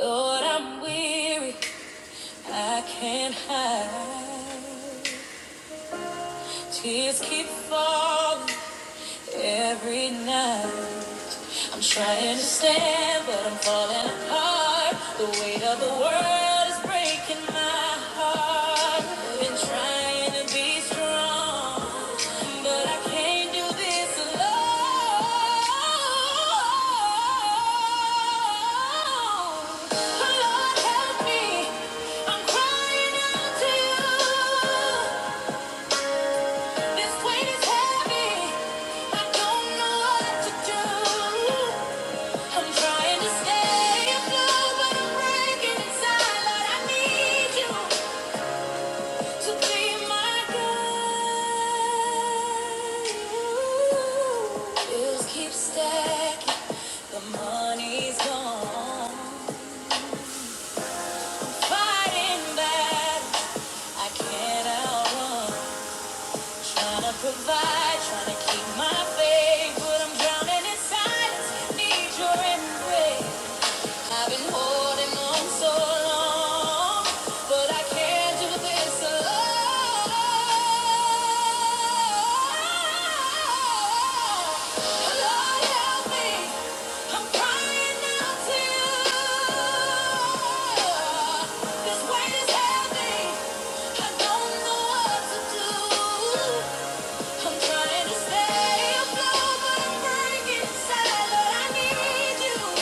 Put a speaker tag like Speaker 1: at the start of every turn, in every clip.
Speaker 1: Lord, I'm weary, I can't hide. Tears keep falling every night. I'm trying to stand, but I'm falling apart. The weight of the world is breaking my heart. I've been trying to be strong, but I can't do this alone. Oh, Lord, help me. I'm crying out to you. This weight is heavy. I don't know what to do. I'm trying to stay afloat, but I'm breaking inside. Lord, I need you to be my guide. Bills keep stacking, the money's gone. Fighting back, I can't Trying to provide, trying to keep my faith, but I'm drowning in silence. Need your embrace. I've been holding on so long, but I can't do this alone. Lord, help me. I'm crying out to you. This weight is heavy. I don't know what to do. I'm trying to stay afloat, but I'm breaking inside. Lord, I need you.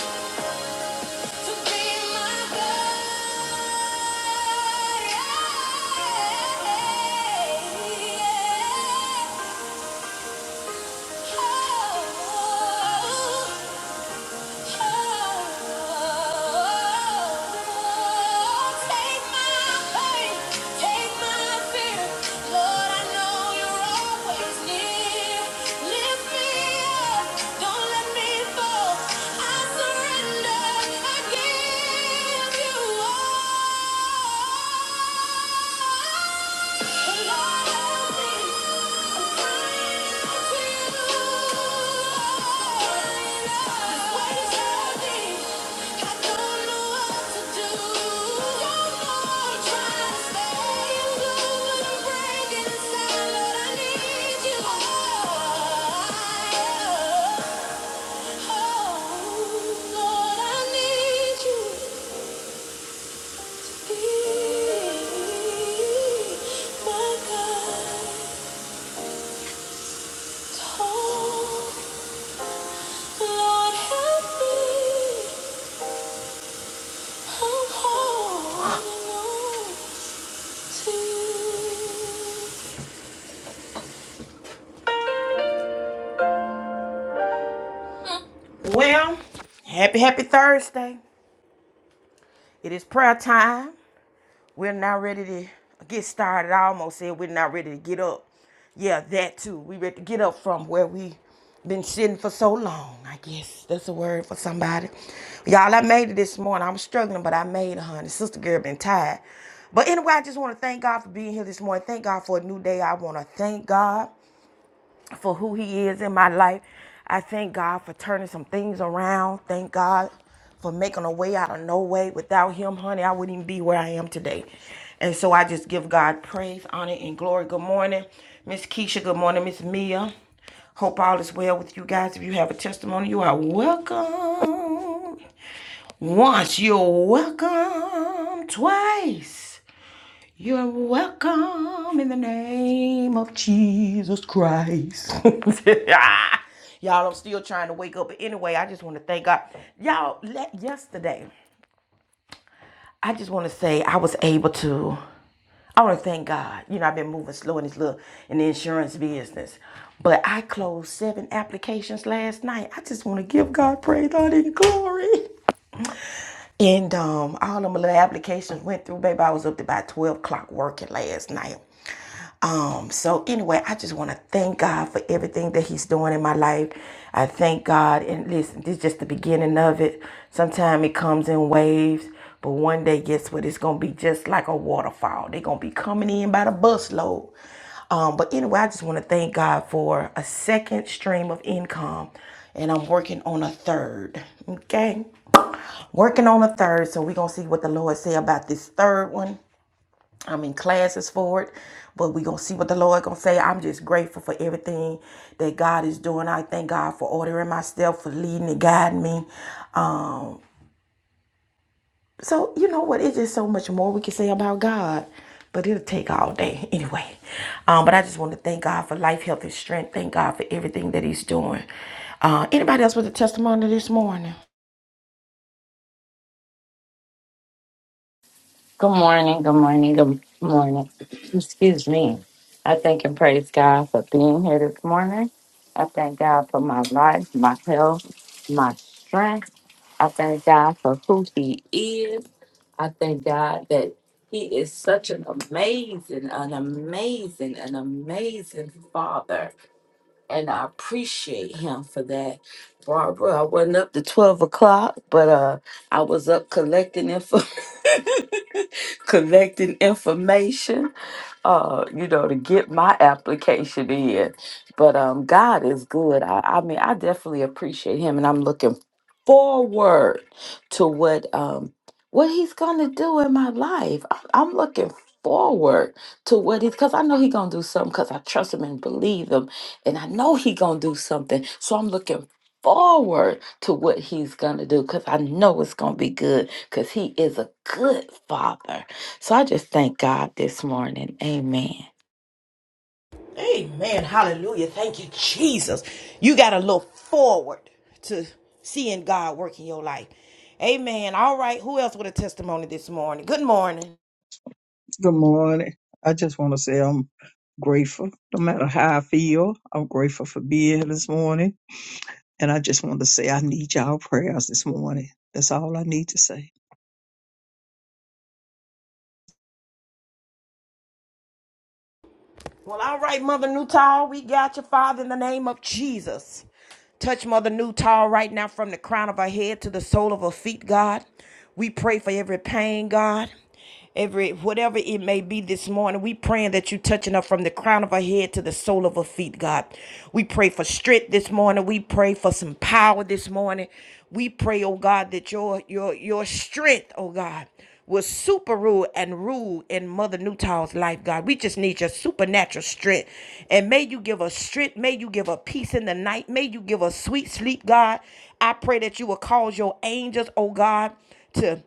Speaker 1: To be my I surrender, I give you all. Be my God. Well, happy, happy Thursday. It is prayer time. We're not ready to get started. I almost said we're not ready to get up. Yeah, that too. We ready to get up from where we been sitting for so long. I guess that's a word for somebody. Y'all, I made it this morning. I'm struggling, but I made it, honey. Sister girl been tired. But anyway, I just want to thank God for being here this morning. Thank God for a new day. I want to thank God for who he is in my life. I thank God for turning some things around. Thank God for making a way out of no way. Without him, honey, I wouldn't even be where I am today. And so I just give God praise, honor, and glory. Good morning, Miss Keisha. Good morning, Miss Mia. Hope all is well with you guys. If you have a testimony, you are welcome. Once you're welcome, twice. You are welcome in the name of Jesus Christ. Y'all, I'm still trying to wake up. But anyway, I just want to thank God. Y'all, let, yesterday, I just want to say I was able to, I want to thank God. You know, I've been moving slow in this little, in the insurance business. But I closed seven applications last night. I just want to give God praise, honor, and glory. And um, all them little applications went through, baby. I was up to about 12 o'clock working last night. Um, so anyway, I just want to thank God for everything that He's doing in my life. I thank God, and listen, this is just the beginning of it. Sometimes it comes in waves, but one day, guess what? It's gonna be just like a waterfall. They're gonna be coming in by the busload. Um, but anyway, I just want to thank God for a second stream of income, and I'm working on a third. Okay working on a third, so we're gonna see what the Lord say about this third one. I'm in classes for it, but we're gonna see what the Lord gonna say. I'm just grateful for everything that God is doing. I thank God for ordering myself, for leading and guiding me. Um, so you know what, it's just so much more we can say about God. But it'll take all day anyway. Um, but I just want to thank God for life, health, and strength. Thank God for everything that He's doing. Uh, anybody else with a testimony this morning?
Speaker 2: Good morning, good morning, good morning. Excuse me. I thank and praise God for being here this morning. I thank God for my life, my health, my strength. I thank God for who He is. I thank God that He is such an amazing, an amazing, an amazing Father. And I appreciate Him for that. Barbara, I wasn't up to 12 o'clock, but uh, I was up collecting information. collecting information, uh, you know, to get my application in. But um, God is good. I, I mean, I definitely appreciate Him, and I'm looking forward to what um what He's gonna do in my life. I, I'm looking forward to what He's because I know He's gonna do something because I trust Him and believe Him, and I know He gonna do something. So I'm looking. Forward to what he's gonna do because I know it's gonna be good because he is a good father so I just thank God this morning. Amen.
Speaker 1: Amen. Hallelujah. Thank you, Jesus. You got to look forward to seeing God work in your life. Amen. All right. Who else with a testimony this morning? Good morning.
Speaker 3: Good morning. I just want to say I'm grateful. No matter how I feel, I'm grateful for being here this morning. And I just want to say I need y'all prayers this morning. That's all I need to say.
Speaker 1: Well, all right, Mother Newtall, we got you, Father, in the name of Jesus. Touch Mother Newtall right now from the crown of her head to the sole of her feet, God. We pray for every pain, God. Every whatever it may be this morning, we praying that you touching her from the crown of her head to the sole of her feet, God. We pray for strength this morning. We pray for some power this morning. We pray, oh God, that your your your strength, oh God will super rule and rule in Mother Newtown's life, God. We just need your supernatural strength. And may you give us strength. May you give us peace in the night. May you give us sweet sleep, God. I pray that you will cause your angels, oh God, to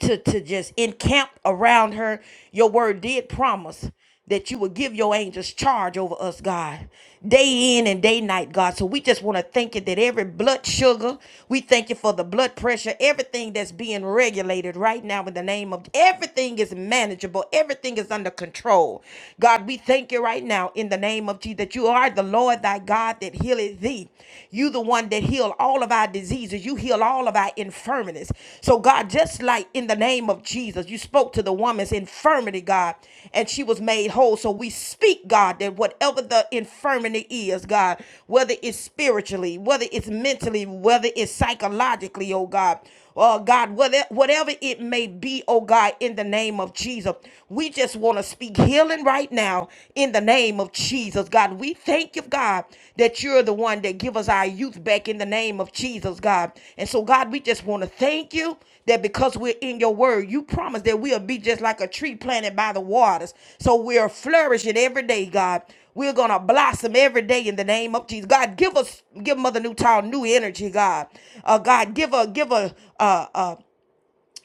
Speaker 1: to to just encamp around her. Your word did promise that you would give your angels charge over us, God, day in and day night, God. So we just want to thank you that every blood sugar, we thank you for the blood pressure, everything that's being regulated right now in the name of everything is manageable, everything is under control. God, we thank you right now in the name of Jesus that you are the Lord thy God that healeth thee. You the one that heal all of our diseases. You heal all of our infirmities. So God, just like in the name of Jesus, you spoke to the woman's infirmity, God, and she was made whole. So we speak, God, that whatever the infirmity is, God, whether it's spiritually, whether it's mentally, whether it's psychologically, oh God, oh God, whether, whatever it may be, oh God, in the name of Jesus, we just want to speak healing even right now in the name of Jesus, God. We thank you, God, that you're the one that give us our youth back in the name of Jesus, God. And so, God, we just want to thank you that because we're in your word, you promise that we'll be just like a tree planted by the waters. So we're flourishing every day, God. We're gonna blossom every day in the name of Jesus. God, give us, give Mother Newtown new energy, God. Uh, God, give her, give her, uh, uh,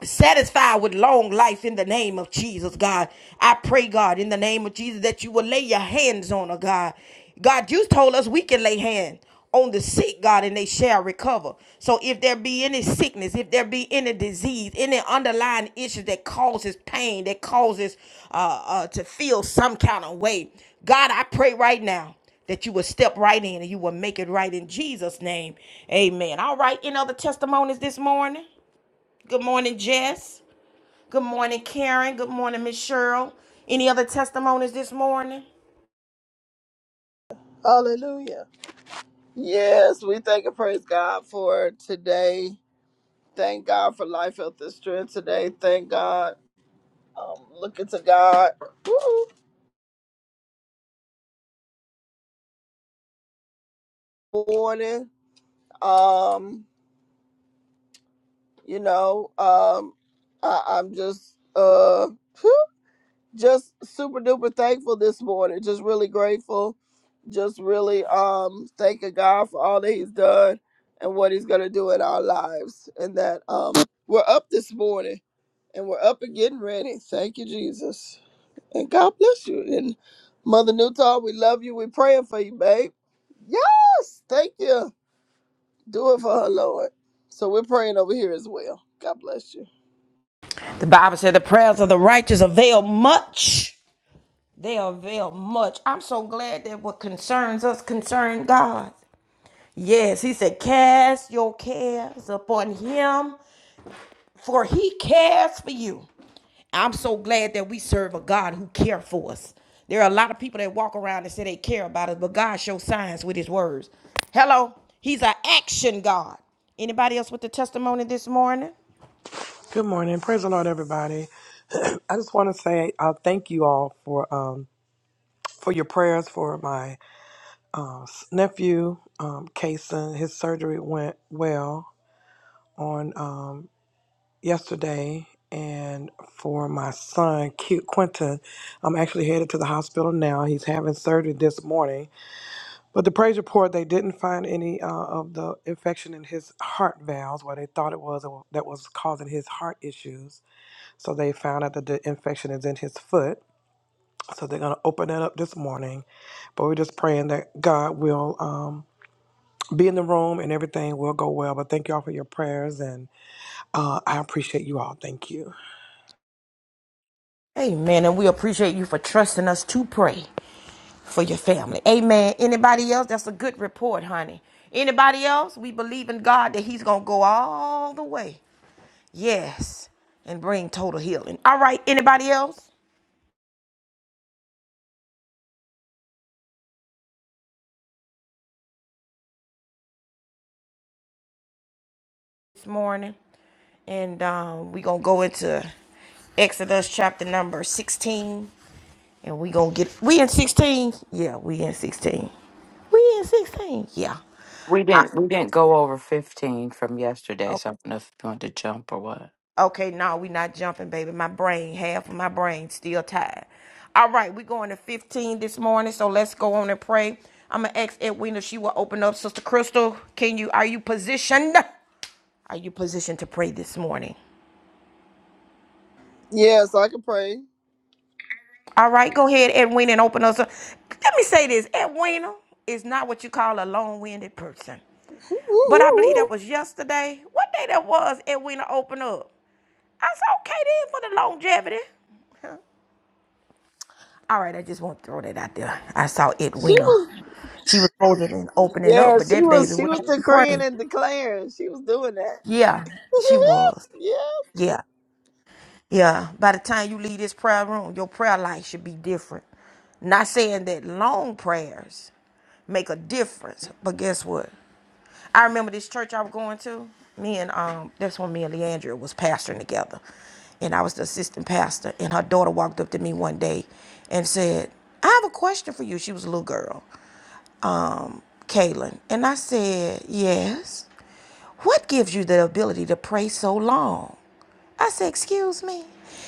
Speaker 1: satisfied with long life in the name of Jesus, God. I pray, God, in the name of Jesus, that you will lay your hands on her, God. God, you told us we can lay hands on the sick, God, and they shall recover. So if there be any sickness, if there be any disease, any underlying issue that causes pain, that causes uh, uh, to feel some kind of way, God, I pray right now that you will step right in and you will make it right in Jesus' name. Amen. All right, any other testimonies this morning? Good morning, Jess. Good morning, Karen. Good morning, Miss Cheryl. Any other testimonies this morning?
Speaker 4: Hallelujah. Yes, we thank and praise God for today. Thank God for life, health, and strength today. Thank God. Um, looking to God. Woo! Morning. Um, you know, um, I, I'm just uh whew, just super duper thankful this morning. Just really grateful. Just really um thanking God for all that He's done and what He's gonna do in our lives. And that um we're up this morning And we're up and getting ready. Thank you, Jesus. And God bless you. And Mother Newton, we love you. We're praying for you, babe. Yes. Thank you. Do it for her, Lord. So we're praying over here as well. God bless you.
Speaker 1: The Bible said the prayers of the righteous avail much. They avail much. I'm so glad that what concerns us concern God. Yes, he said, cast your cares upon him, for he cares for you. I'm so glad that we serve a God who cares for us. There are a lot of people that walk around and say they care about us, but God shows signs with his words. Hello, he's an action God. Anybody else with the testimony this morning?
Speaker 5: Good morning. Praise the Lord, everybody. I just want to say I thank you all for um, for your prayers for my uh, s- nephew, um, Kason. His surgery went well on um, yesterday, and for my son, Q- Quentin. I'm actually headed to the hospital now. He's having surgery this morning. But the praise report, they didn't find any uh, of the infection in his heart valves, where they thought it was that was causing his heart issues So they found out that the infection is in his foot. So they're going to open that up this morning. But we're just praying that God will um, be in the room and everything will go well. But thank you all for your prayers. And uh, I appreciate you all. Thank you.
Speaker 1: Amen. And we appreciate you for trusting us to pray for your family. Amen. Anybody else? That's a good report, honey. Anybody else? We believe in God that He's going to go all the way. Yes. And bring total healing. All right. Anybody else this morning? and um, we gonna go into Exodus chapter number sixteen, and we gonna get we in sixteen. Yeah, we in sixteen. We in sixteen. Yeah.
Speaker 2: We
Speaker 1: I,
Speaker 2: didn't we didn't go over fifteen from yesterday,
Speaker 1: o-
Speaker 2: so I don't know if you want to jump or what.
Speaker 1: okay, no, we not jumping, baby. My brain, half of my brain, still tired. All right, we going to fifteen this morning, so let's go on and pray. I'm gonna ask Edwina if she will open up. Sister Crystal, can you? Are you positioned? Are you positioned to pray this morning?
Speaker 4: Yes, I can pray.
Speaker 1: All right, go ahead, Edwina, and open us up. Let me say this Edwina is not what you call a long winded person. But I believe that was yesterday. What day that was, Edwina opened up? I said, okay then for the longevity. Huh. All right, I just want to throw that out there. I saw
Speaker 4: She
Speaker 1: Edwina.
Speaker 4: was
Speaker 1: She was holding and opening up,
Speaker 4: yeah,
Speaker 1: but
Speaker 4: she
Speaker 1: that baby
Speaker 4: was she
Speaker 1: went
Speaker 4: was
Speaker 1: on and
Speaker 4: decreeing
Speaker 1: prayed.
Speaker 4: and declaring. She was doing that.
Speaker 1: Yeah, she was.
Speaker 4: yeah.
Speaker 1: Yeah. Yeah. By the time you leave this prayer room, your prayer life should be different. Not saying that long prayers. make a difference. But guess what? I remember this church I was going to. Me and um, that's when me and Leandra was pastoring together, and I was the assistant pastor. And her daughter walked up to me one day and said, "I have a question for you." She was a little girl, um, Kaylin, and I said, "Yes." What gives you the ability to pray so long? I said, Excuse me.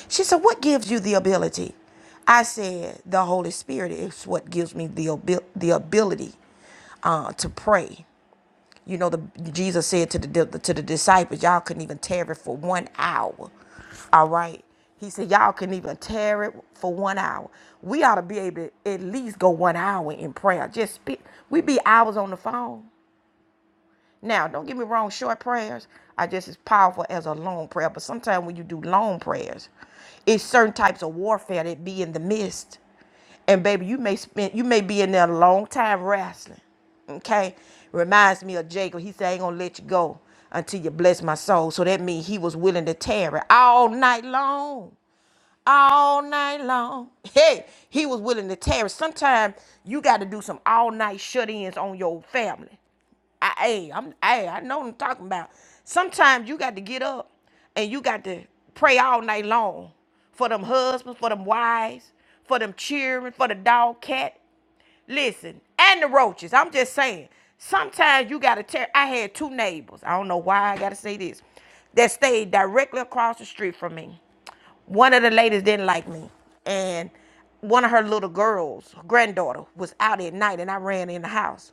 Speaker 1: She said, What gives you the ability? I said, The Holy Spirit is what gives me the, abil- the ability uh, to pray. You know, the, Jesus said to the, di- to the disciples, Y'all couldn't even tarry for one hour. All right. He said, Y'all couldn't even tarry for one hour. We ought to be able to at least go one hour in prayer. Just speak. We be hours on the phone. Now, don't get me wrong, short prayers are just as powerful as a long prayer. But sometimes when you do long prayers, it's certain types of warfare that be in the midst. And baby, you may spend you may be in there a long time wrestling. Okay? Reminds me of Jacob. He said, I ain't gonna let you go until you bless my soul. So that means he was willing to tarry all night long all night long. Hey, he was willing to tear. it. Sometimes you got to do some all night shut ins on your family. I, hey, I'm, hey, I know what I'm talking about. Sometimes you got to get up and you got to pray all night long for them husbands, for them wives, for them children, for the dog, cat. Listen, and the roaches. I'm just saying. Sometimes you gotta tear. I had two neighbors. I don't know why I gotta say this. That stayed directly across the street from me. One of the ladies didn't like me, and one of her little girls, her granddaughter, was out at night, and I ran in the house.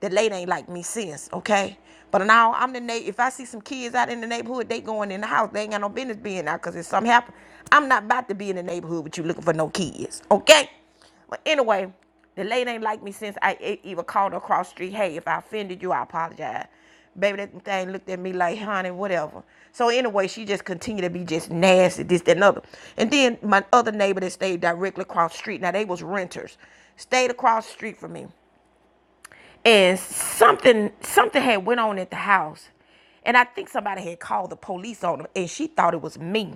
Speaker 1: That lady ain't like me since, okay? But now I'm the neighbor. If I see some kids out in the neighborhood, they going in the house. They ain't got no business being out because if something happen, I'm not about to be in the neighborhood with you looking for no kids, okay? But anyway, the lady ain't like me since I e- even called her across the street. Hey, if I offended you, I apologize. Baby, that thing looked at me like, honey, whatever. So anyway, she just continued to be just nasty, this, that, and other. And then my other neighbor that stayed directly across the street, now they was renters, stayed across the street from me and something something had went on at the house and i think somebody had called the police on them and she thought it was me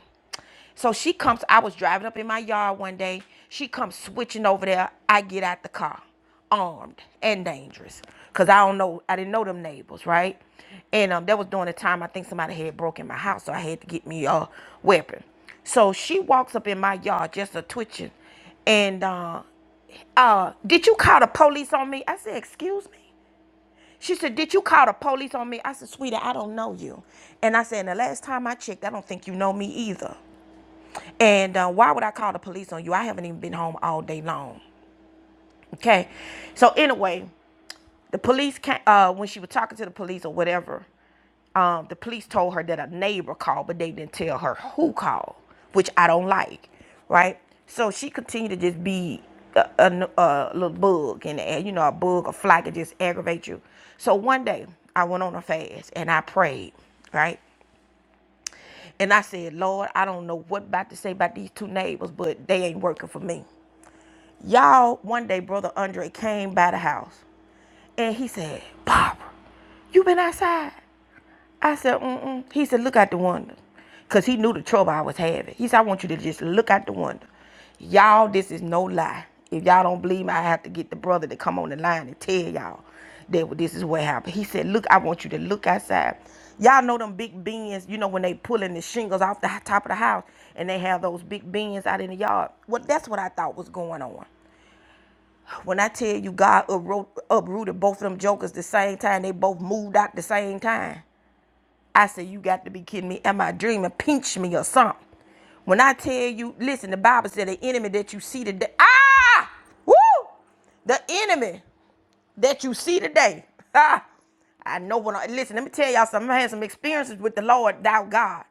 Speaker 1: so she comes i was driving up in my yard one day she comes switching over there i get out the car armed and dangerous because i don't know i didn't know them neighbors right and um, that was during the time i think somebody had broken my house so i had to get me a weapon so she walks up in my yard just a twitching and uh uh did you call the police on me i said excuse me she said, Did you call the police on me? I said, Sweetie, I don't know you. And I said, And the last time I checked, I don't think you know me either. And uh, why would I call the police on you? I haven't even been home all day long. Okay. So, anyway, the police came, uh, when she was talking to the police or whatever, um, the police told her that a neighbor called, but they didn't tell her who called, which I don't like, right? So she continued to just be a, a- a little bug in the air, you know, a bug, a fly could just aggravate you. So one day I went on a fast and I prayed, right? And I said, Lord, I don't know what about to say about these two neighbors, but they ain't working for me. Y'all, one day, Brother Andre came by the house and he said, Barbara, you been outside? I said, mm-mm. He said, look out the window. Because he knew the trouble I was having. He said, I want you to just look out the window. Y'all, this is no lie. If y'all don't believe me, I have to get the brother to come on the line and tell y'all that this is what happened. He said, look, I want you to look outside. Y'all know them big bins, you know, when they pulling the shingles off the top of the house and they have those big bins out in the yard. Well, that's what I thought was going on. When I tell you God uprooted both of them jokers the same time, they both moved out the same time. I said, You got to be kidding me. Am I dreaming? Pinch me or something. When I tell you, listen, the Bible said the enemy that you see today, ah, woo, the enemy that you see today, ah, I know when I, listen, let me tell y'all something. I had some experiences with the Lord, thou God.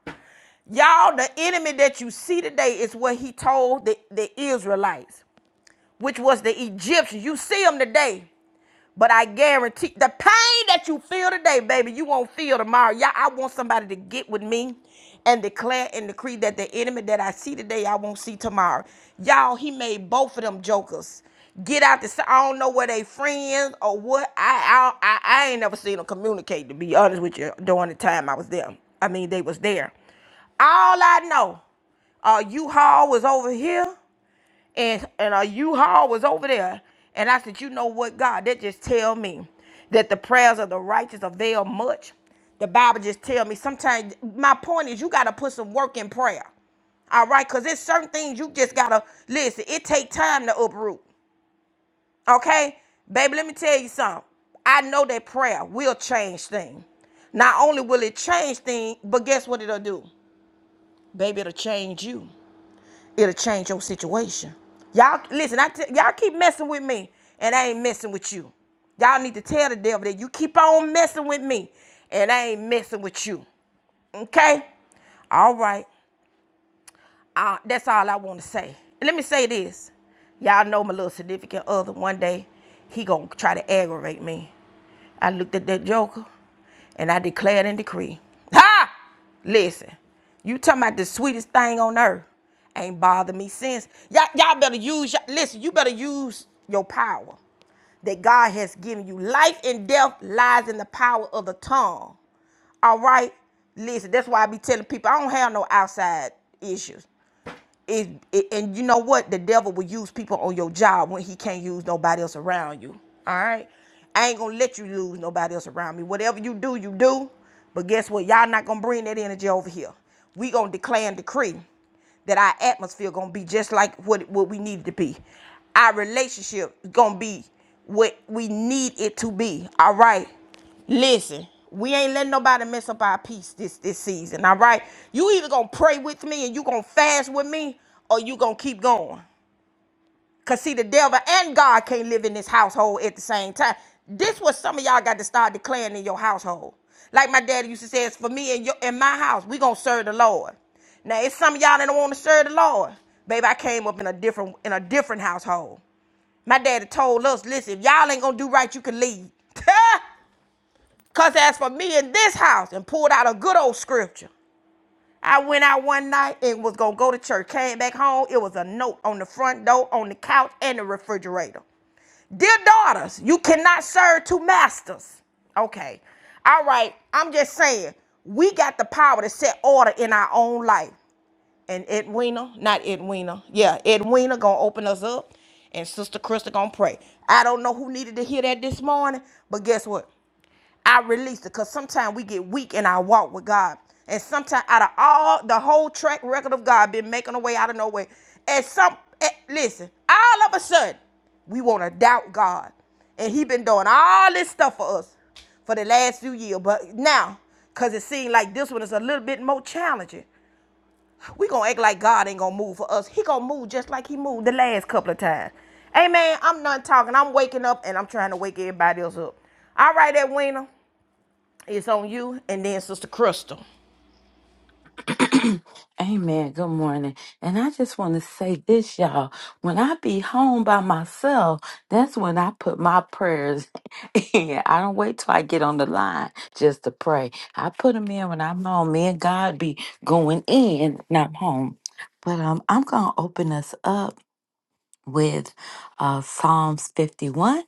Speaker 1: Y'all, the enemy that you see today is what he told the, the Israelites, which was the Egyptians. You see them today. But I guarantee the pain that you feel today, baby, you won't feel tomorrow. Y'all, I want somebody to get with me and declare and decree that the enemy that I see today, I won't see tomorrow. Y'all, he made both of them jokers get out the. I I don't know where they friends or what. I I I, I ain't never seen them communicate. To be honest with you, during the time I was there, I mean they was there. All I know, uh, U-Haul was over here and and a U-Haul was over there. And I said, you know what, God, that just tell me that the prayers of the righteous avail much. The Bible just tell me sometimes my point is you gotta put some work in prayer. All right, because there's certain things you just gotta listen, it take time to uproot. Okay? Baby, let me tell you something. I know that prayer will change things. Not only will it change things, but guess what it'll do? Baby, it'll change you. It'll change your situation. Y'all, listen, I t- y'all keep messing with me, and I ain't messing with you. Y'all need to tell the devil that you keep on messing with me, and I ain't messing with you. Okay? All right. Uh, that's all I want to say. Let me say this. Y'all know my little significant other. One day, he gonna try to aggravate me. I looked at that joker, and I declared and decreed: Ha! Listen, you talking about the sweetest thing on earth? Ain't bothered me since. Y'all, y'all better use. listen, you better use your power that God has given you. Life and death lies in the power of the tongue. All right? Listen, that's why I be telling people I don't have no outside issues it, it and you know what the devil will use people on your job when he can't use nobody else around you all right i ain't gonna let you lose nobody else around me whatever you do you do but guess what y'all not gonna bring that energy over here we gonna declare and decree that our atmosphere gonna be just like what what we need it to be our relationship is gonna be what we need it to be all right Listen, we ain't letting nobody mess up our peace this this season. All right, you either gonna pray with me and you gonna fast with me, or you gonna keep going. Cause see, the devil and God can't live in this household at the same time. This what some of y'all got to start declaring in your household. Like my daddy used to say, it's for me and your in my house. We gonna serve the Lord. Now it's some of y'all that don't want to serve the Lord. Baby, I came up in a different in a different household. My daddy told us, listen, if y'all ain't gonna do right, you can leave. Cause as for me in this house, and pulled out a good old scripture. I went out one night and was gonna go to church. Came back home, it was a note on the front door, on the couch, and the refrigerator. Dear daughters, you cannot serve two masters. Okay. All right. I'm just saying, we got the power to set order in our own life. And Edwina, not Edwina, yeah, Edwina gonna open us up, and Sister Krista gonna pray. I don't know who needed to hear that this morning, but guess what? I release it because sometimes we get weak in our walk with God. And sometimes out of all the whole track record of God been making a way out of no way. And some eh, listen, all of a sudden, we want to doubt God. And he been doing all this stuff for us for the last few years. But now, because it seems like this one is a little bit more challenging, we going to act like God ain't going to move for us. He going to move just like he moved the last couple of times. Amen. I'm not talking. I'm waking up and I'm trying to wake everybody else up. All right, Edwina. It's on you and then Sister Crystal.
Speaker 2: Amen. Good morning. And I just want to say this, y'all. When I be home by myself, that's when I put my prayers in. I don't wait till I get on the line just to pray. I put them in when I'm home. Me and God be going in when I'm home. But um, I'm gonna open us up with uh, Psalms 51.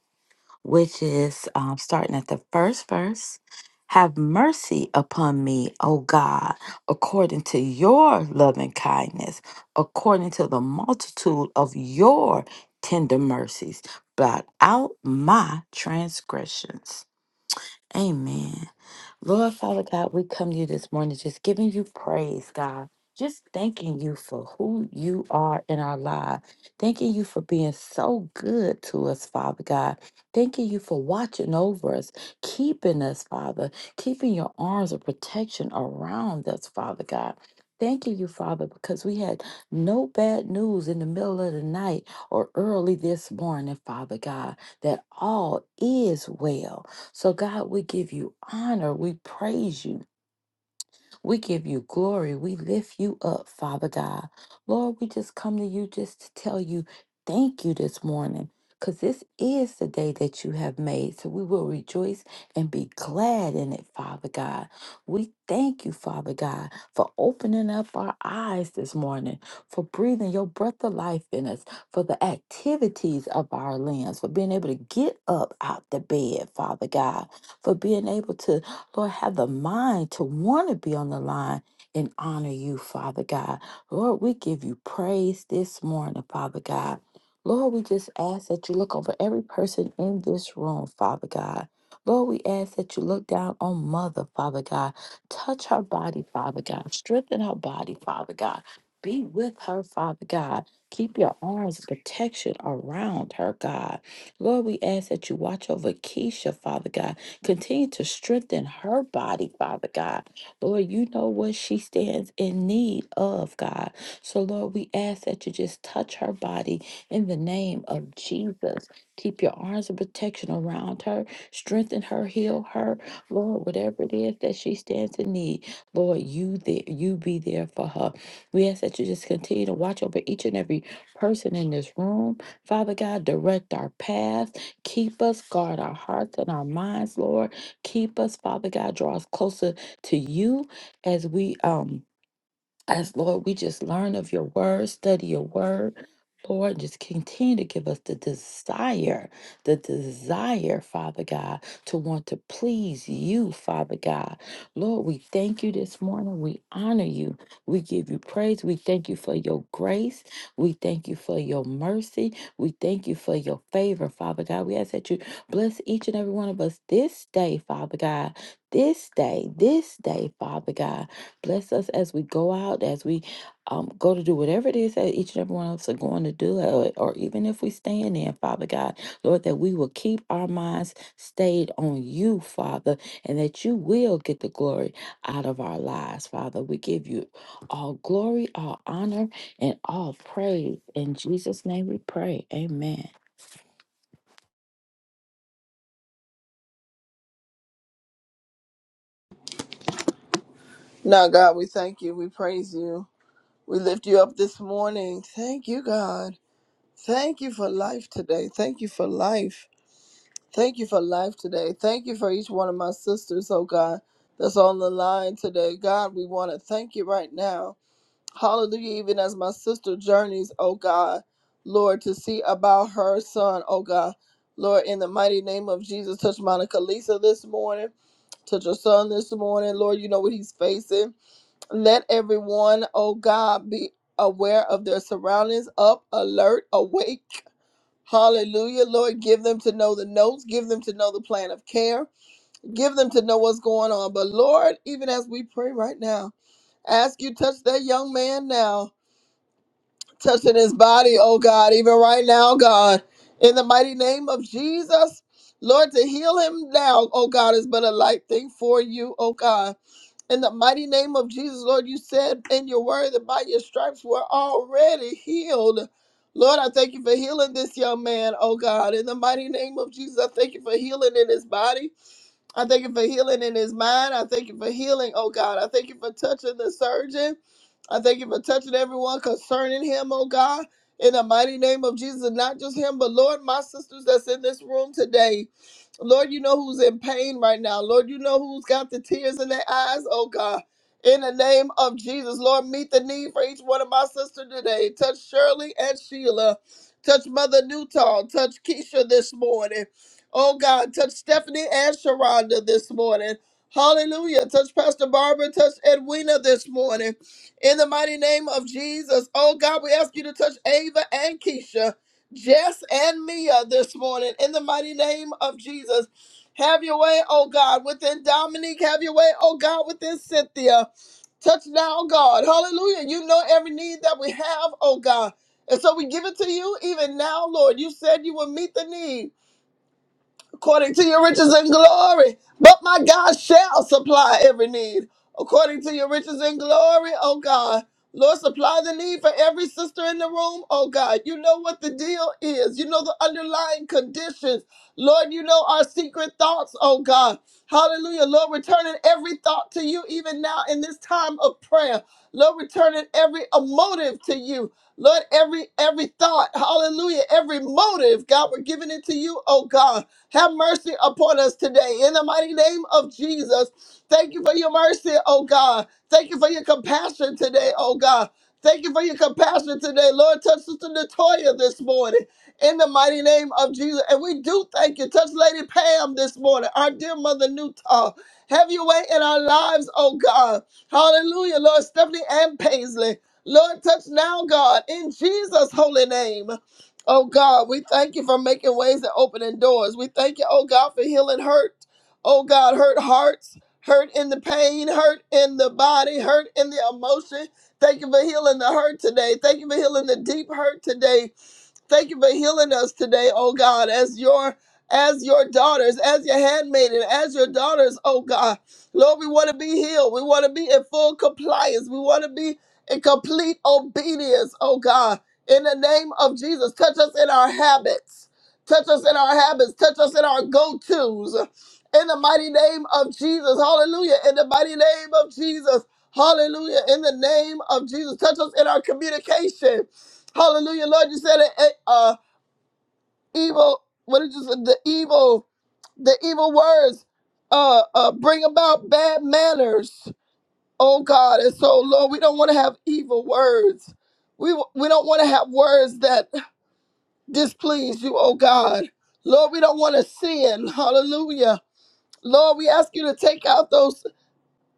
Speaker 2: which is um, starting at the first verse. Have mercy upon me, O God, according to your loving kindness, according to the multitude of your tender mercies. Blot out my transgressions. Amen. Lord Father God, we come to you this morning just giving you praise, God. Just thanking you for who you are in our life. Thanking you for being so good to us, Father God. Thanking you for watching over us, keeping us, Father, keeping your arms of protection around us, Father God. Thanking you, Father, because we had no bad news in the middle of the night or early this morning, Father God, that all is well. So, God, we give you honor. We praise you. We give you glory. We lift you up, Father God. Lord, we just come to you just to tell you thank you this morning because this is the day that you have made. So we will rejoice and be glad in it, Father God. We thank you, Father God, for opening up our eyes this morning, for breathing your breath of life in us, for the activities of our limbs, for being able to get up out the bed, Father God, for being able to Lord, have the mind to want to be on the line and honor you, Father God. Lord, we give you praise this morning, Father God. Lord, we just ask that you look over every person in this room, Father God. Lord, we ask that you look down on Mother, Father God. Touch her body, Father God. Strengthen her body, Father God. Be with her, Father God. Keep your arms of protection around her, God. Lord, we ask that you watch over Keisha, Father God. Continue to strengthen her body, Father God. Lord, you know what she stands in need of, God. So, Lord, we ask that you just touch her body in the name of Jesus. Keep your arms of protection around her, strengthen her, heal her. Lord, whatever it is that she stands in need, Lord, you there, you be there for her. We ask that you just continue to watch over each and every person in this room. Father God, direct our path. Keep us, guard our hearts and our minds, Lord. Keep us, Father God. Draw us closer to you as we um as Lord, we just learn of your word, study your word. Lord, just continue to give us the desire, the desire, Father God, to want to please you, Father God. Lord, we thank you this morning. We honor you. We give you praise. We thank you for your grace. We thank you for your mercy. We thank you for your favor, Father God. We ask that you bless each and every one of us this day, Father God. This day, this day, Father God. Bless us as we go out, as we um, go to do whatever it is that each and every one of us are going to do, or, or even if we stand in, Father God, Lord, that we will keep our minds stayed on you, Father, and that you will get the glory out of our lives, Father. We give you all glory, all honor, and all praise. In Jesus' name we pray. Amen.
Speaker 4: Now God, we thank you. We praise you. We lift you up this morning. Thank you, God. Thank you for life today. Thank you for life. Thank you for life today. Thank you for each one of my sisters, oh God, that's on the line today. God, we want to thank you right now. Hallelujah. Even as my sister journeys, oh God, Lord, to see about her son, oh God. Lord, in the mighty name of Jesus, touch Monica Lisa this morning. Touch her son this morning. Lord, you know what he's facing. Let everyone, oh God, be aware of their surroundings, up, alert, awake Hallelujah. Lord, give them to know the notes, give them to know the plan of care, give them to know what's going on. But Lord, even as we pray right now, ask you touch that young man now, touching his body, oh God, even right now, God, in the mighty name of Jesus. Lord, to heal him now, oh God, is but a light thing for you, oh God. In the mighty name of Jesus, Lord, you said in your word that by your stripes we're already healed. Lord, I thank you for healing this young man, oh God. In the mighty name of Jesus, I thank you for healing in his body. I thank you for healing in his mind. I thank you for healing, oh God. I thank you for touching the surgeon. I thank you for touching everyone concerning him, oh God. In the mighty name of Jesus, not just him, but Lord, my sisters that's in this room today. Lord, you know who's in pain right now. Lord, you know who's got the tears in their eyes, oh God. In the name of Jesus, Lord, meet the need for each one of my sisters today. Touch Shirley and Sheila. Touch Mother Newton. Touch Keisha this morning. Oh God, touch Stephanie and Sharonda this morning. Hallelujah. Touch Pastor Barbara, touch Edwina this morning. In the mighty name of Jesus. Oh God, we ask you to touch Ava and Keisha, Jess and Mia this morning. In the mighty name of Jesus. Have your way, oh God, within Dominique. Have your way, oh God, within Cynthia. Touch now, God. Hallelujah. You know every need that we have, oh God. And so we give it to you even now, Lord. You said you will meet the need according to your riches and glory. But my God shall supply every need according to your riches and glory, oh God. Lord, supply the need for every sister in the room, oh God. You know what the deal is. You know the underlying conditions. Lord, you know our secret thoughts, oh God. Hallelujah. Lord, returning every thought to you even now in this time of prayer. Lord, returning every emotive to you. Lord, every every thought, hallelujah, every motive, God, we're giving it to you, oh God. Have mercy upon us today. In the mighty name of Jesus, thank you for your mercy, oh God. Thank you for your compassion today, oh God. Thank you for your compassion today. Lord, touch Sister Natoya this morning in the mighty name of Jesus. And we do thank you. Touch Lady Pam this morning, our dear mother Newtall. Have your way in our lives, oh God. Hallelujah, Lord Stephanie and Paisley. Lord, touch now, God, in Jesus' holy name. Oh God, we thank you for making ways and opening doors. We thank you, oh God, for healing hurt. Oh God, hurt hearts, hurt in the pain, hurt in the body, hurt in the emotion. Thank you for healing the hurt today. Thank you for healing the deep hurt today. Thank you for healing us today, oh God, as your as your daughters, as your handmaiden, as your daughters, oh God. Lord, we want to be healed. We want to be in full compliance. We want to be in complete obedience, oh God. In the name of Jesus, touch us in our habits. Touch us in our habits. Touch us in our go-tos. In the mighty name of Jesus. Hallelujah. In the mighty name of Jesus. Hallelujah. In the name of Jesus. Touch us in our communication. Hallelujah, Lord. You said it. it, Uh, evil. What did you say? The evil. The evil words. Uh, uh, bring about bad manners. Oh God, and so Lord, we don't want to have evil words. We we don't want to have words that displease you. Oh God, Lord, we don't want to sin. Hallelujah, Lord. We ask you to take out those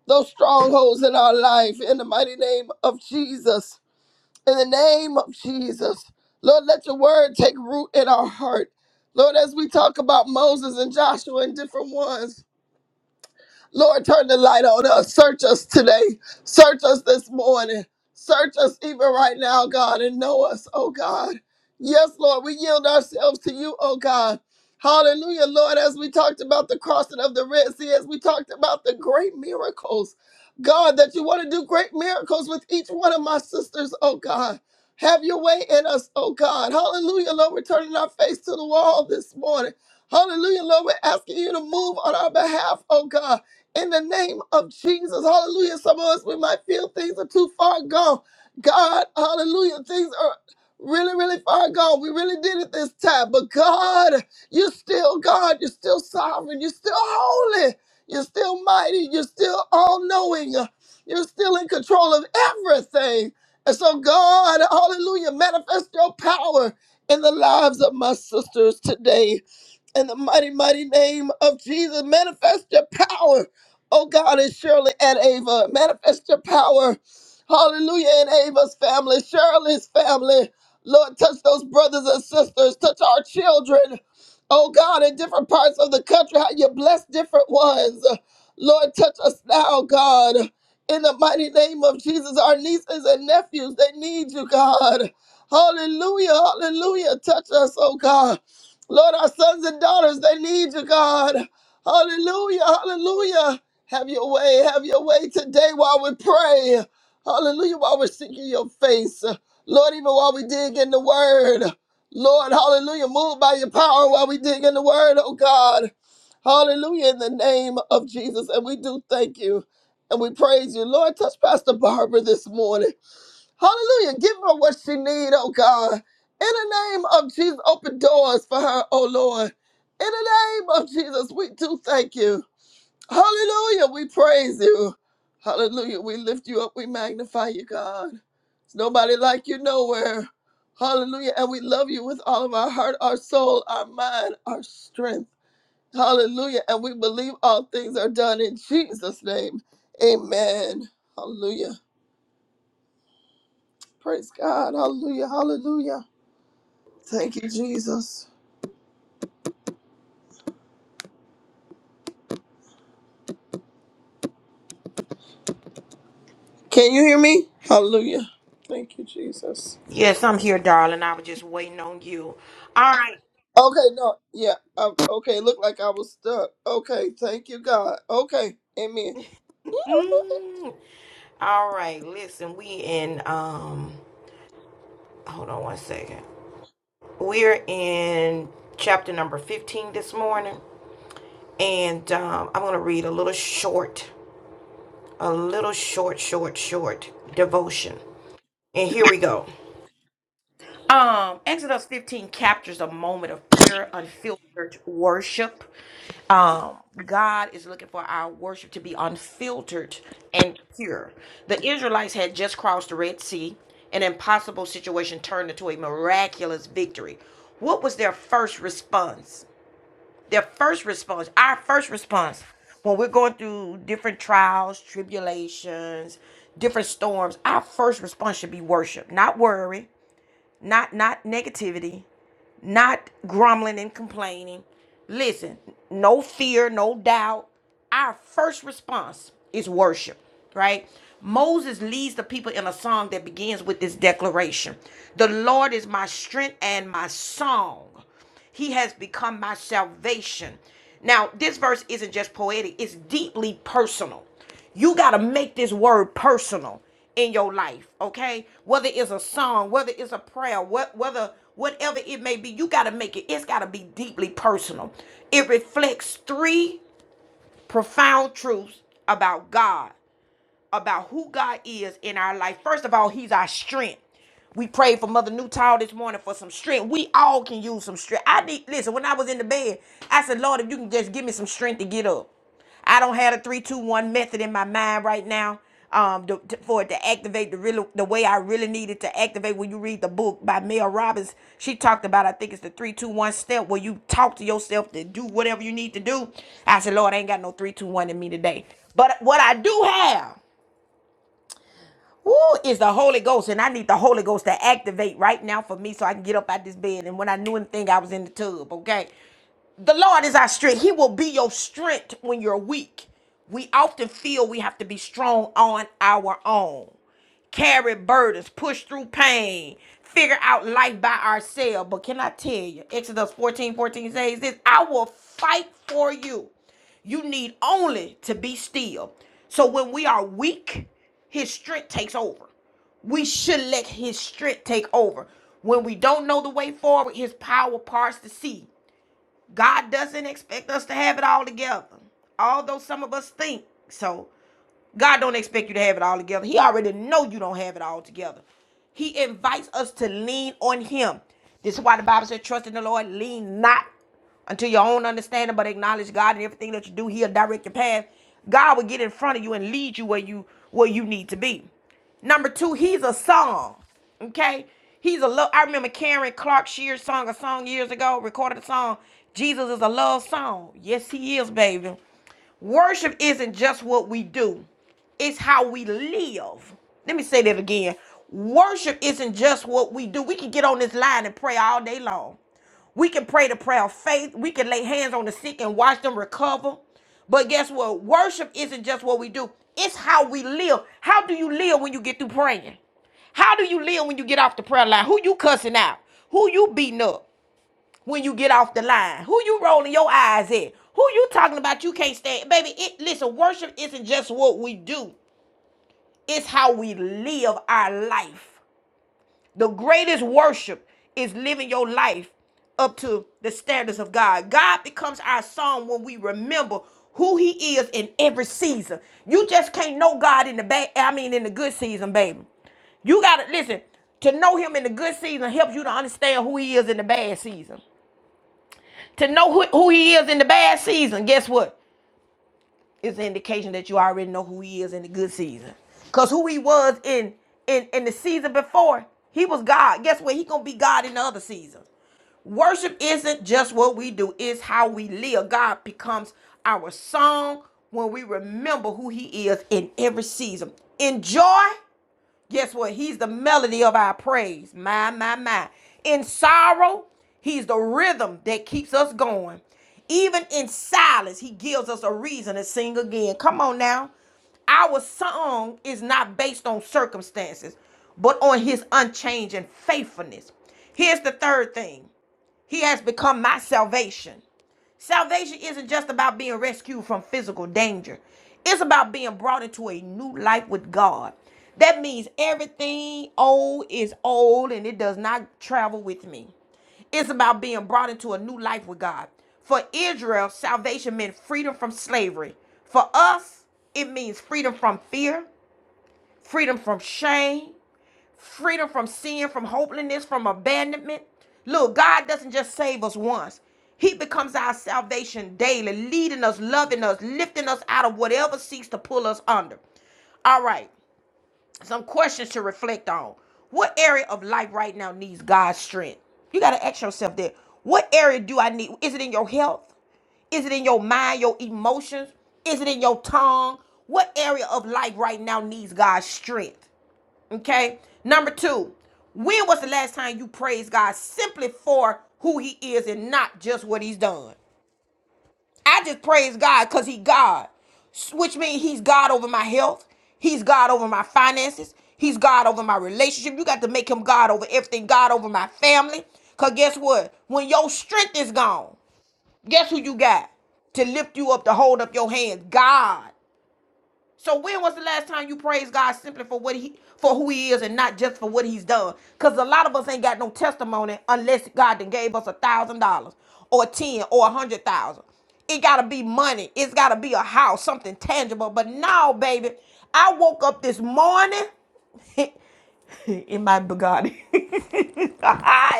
Speaker 4: those strongholds in our life in the mighty name of Jesus. In the name of Jesus, Lord, let your word take root in our heart. Lord, as we talk about Moses and Joshua and different ones, Lord, turn the light on us. Search us today. Search us this morning. Search us even right now, God, and know us, oh God. Yes, Lord, we yield ourselves to you, oh God. Hallelujah, Lord, as we talked about the crossing of the Red Sea, as we talked about the great miracles, God, that you want to do great miracles with each one of my sisters, oh God. Have your way in us, oh God. Hallelujah, Lord, we're turning our face to the wall this morning. Hallelujah, Lord. We're asking you to move on our behalf, oh God in the name of Jesus. Hallelujah. Some of us, we might feel things are too far gone. God, hallelujah. Things are really, really far gone. We really did it this time. But God, you're still God. You're still sovereign. You're still holy. You're still mighty. You're still all knowing. You're still in control of everything. And so, God, hallelujah, manifest your power in the lives of my sisters today in the mighty, mighty name of Jesus. Manifest your power, oh God, in Shirley and Ava. Manifest your power, hallelujah, in Ava's family, Shirley's family. Lord, touch those brothers and sisters, touch our children, oh God, in different parts of the country, how you bless different ones. Lord, touch us now, God. In the mighty name of Jesus, our nieces and nephews, they need you, God. Hallelujah, hallelujah. Touch us, oh God. Lord, our sons and daughters, they need you, God. Hallelujah, hallelujah. Have your way, have your way today while we pray. Hallelujah, while we're seeking your face. Lord, even while we dig in the word. Lord, hallelujah, move by your power while we dig in the word, oh God. Hallelujah, in the name of Jesus. And we do thank you and we praise you. Lord, touch Pastor Barbara this morning. Hallelujah. Give her what she need, oh God. In the name of Jesus, open doors for her, oh Lord. In the name of Jesus, we do thank you. Hallelujah. We praise you. Hallelujah. We lift you up. We magnify you, God. There's nobody like you nowhere. Hallelujah. And we love you with all of our heart, our soul, our mind, our strength. Hallelujah. And we believe all things are done in Jesus' name. Amen. Hallelujah. Praise God. Hallelujah. Hallelujah. Thank you, Jesus. Can you hear me? Hallelujah. Thank you, Jesus.
Speaker 1: Yes, I'm here, darling. I was just waiting on you. All right.
Speaker 4: Okay, no, yeah. Um, okay, looked like I was stuck. Okay, thank you, God. Okay, amen.
Speaker 1: Mm. All right. Listen, we in um hold on one second. We're in chapter number 15 this morning, and um I'm going to read a little short, a little short, short, short devotion. And here we go. Um, Exodus 15 captures a moment of pure, unfiltered worship. Um, God is looking for our worship to be unfiltered and pure. The Israelites had just crossed the Red Sea. An impossible situation turned into a miraculous victory. What was their first response? Their first response, our first response, when we're going through different trials, tribulations, different storms, our first response should be worship, not worry not not negativity, not grumbling and complaining. Listen, no fear, no doubt. Our first response is worship, right? Moses leads the people in a song that begins with this declaration. The Lord is my strength and my song. He has become my salvation. Now, this verse isn't just poetic, it's deeply personal. You got to make this word personal in your life, okay? Whether it's a song, whether it's a prayer, what whether whatever it may be, you got to make it it's got to be deeply personal. It reflects three profound truths about God about who God is in our life. First of all, He's our strength. We prayed for Mother Newtall this morning for some strength. We all can use some strength. I need listen. When I was in the bed, I said, "Lord, if you can just give me some strength to get up." I don't have a three, two, one method in my mind right now. Um, to, to- for it to activate the real the way I really needed to activate. When you read the book by Mel Robbins, she talked about I think it's the three, two, one step where you talk to yourself to do whatever you need to do. I said, Lord, I ain't got no three, two, one in me today. But what I do have who is the Holy Ghost? And I need the Holy Ghost to activate right now for me so I can get up out this bed. And when I knew anything, I was in the tub, okay? The Lord is our strength. He will be your strength when you're weak. We often feel we have to be strong on our own, carry burdens, push through pain, figure out life by ourselves. But can I tell you, Exodus 14 14 says this I will fight for you. You need only to be still. So when we are weak, his strength takes over. We should let his strength take over. When we don't know the way forward, his power parts the sea. God doesn't expect us to have it all together, although some of us think so. God don't expect you to have it all together. He already know you don't have it all together. He invites us to lean on him. This is why the Bible says, trust in the Lord, lean not unto your own understanding, but acknowledge God in everything that you do. He'll direct your path. God will get in front of you and lead you where you where you need to be. Number two, he's a song. Okay? He's a love. I remember Karen Clark Shears song a song years ago, recorded a song. Jesus is a love song. Yes, he is, baby. Worship isn't just what we do, it's how we live. Let me say that again. Worship isn't just what we do. We can get on this line and pray all day long. We can pray the prayer of faith. We can lay hands on the sick and watch them recover. But guess what? Worship isn't just what we do, it's how we live. How do you live when you get through praying? How do you live when you get off the prayer line? Who you cussing out? Who you beating up? when you get off the line? Who you rolling your eyes at? Who you talking about you can't stand? Baby, it listen, worship isn't just what we do. It's how we live our life. The greatest worship is living your life up to the standards of God. God becomes our song when we remember who he is in every season. You just can't know God in the bad, I mean in the good season, baby. You gotta listen, to know him in the good season helps you to understand who he is in the bad season to know who, who he is in the bad season, guess what? It's an indication that you already know who he is in the good season. Cause who he was in in in the season before, he was God. Guess what? He gonna be God in the other season. Worship isn't just what we do, it's how we live. God becomes our song when we remember who he is in every season. Enjoy Guess what? He's the melody of our praise. My, my, my. In sorrow, he's the rhythm that keeps us going. Even in silence, he gives us a reason to sing again. Come on now. Our song is not based on circumstances, but on his unchanging faithfulness. Here's the third thing he has become my salvation. Salvation isn't just about being rescued from physical danger, it's about being brought into a new life with God. That means everything old is old and it does not travel with me. It's about being brought into a new life with God. For Israel, salvation meant freedom from slavery. For us, it means freedom from fear, freedom from shame, freedom from sin, from hopelessness, from abandonment. Look, God doesn't just save us once. He becomes our salvation daily, leading us, loving us, lifting us out of whatever seeks to pull us under. All right, some questions to reflect on. What area of life right now needs God's strength? You got to ask yourself that. What area do I need? Is it in your health? Is it in your mind, your emotions? Is it in your tongue? What area of life right now needs God's strength? Okay. Number two, when was the last time you praised God simply for who He is and not just what He's done? I just praise God because He God, which means He's God over my health. He's God over my finances. He's God over my relationship. You got to make Him God over everything. God over my family. Cause guess what? When your strength is gone, guess who you got to lift you up to hold up your hands? God. So when was the last time you praised God simply for what he for who he is and not just for what he's done? Because a lot of us ain't got no testimony unless God then gave us a thousand dollars or ten or a hundred thousand. It gotta be money. It's gotta be a house, something tangible. But now, baby, I woke up this morning in my Bugatti. in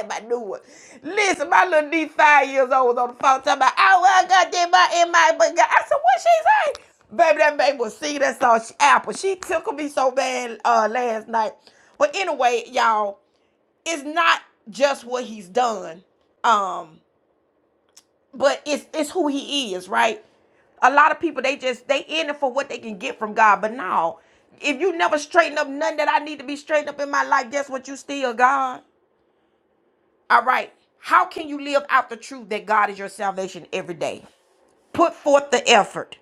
Speaker 1: my new one. Listen, my little D five years old was on the phone talking about, oh, well, I got that my in my Bugatti. I said, what she say? Baby, that baby was singing that song, she, Apple. She tickled me so bad uh, last night. But anyway, y'all, it's not just what he's done. Um, but it's it's who he is, right? A lot of people they just they in it for what they can get from God. But no, if you never straighten up nothing that I need to be straightened up in my life, guess what? You still God. All right. How can you live out the truth that God is your salvation every day? put forth the effort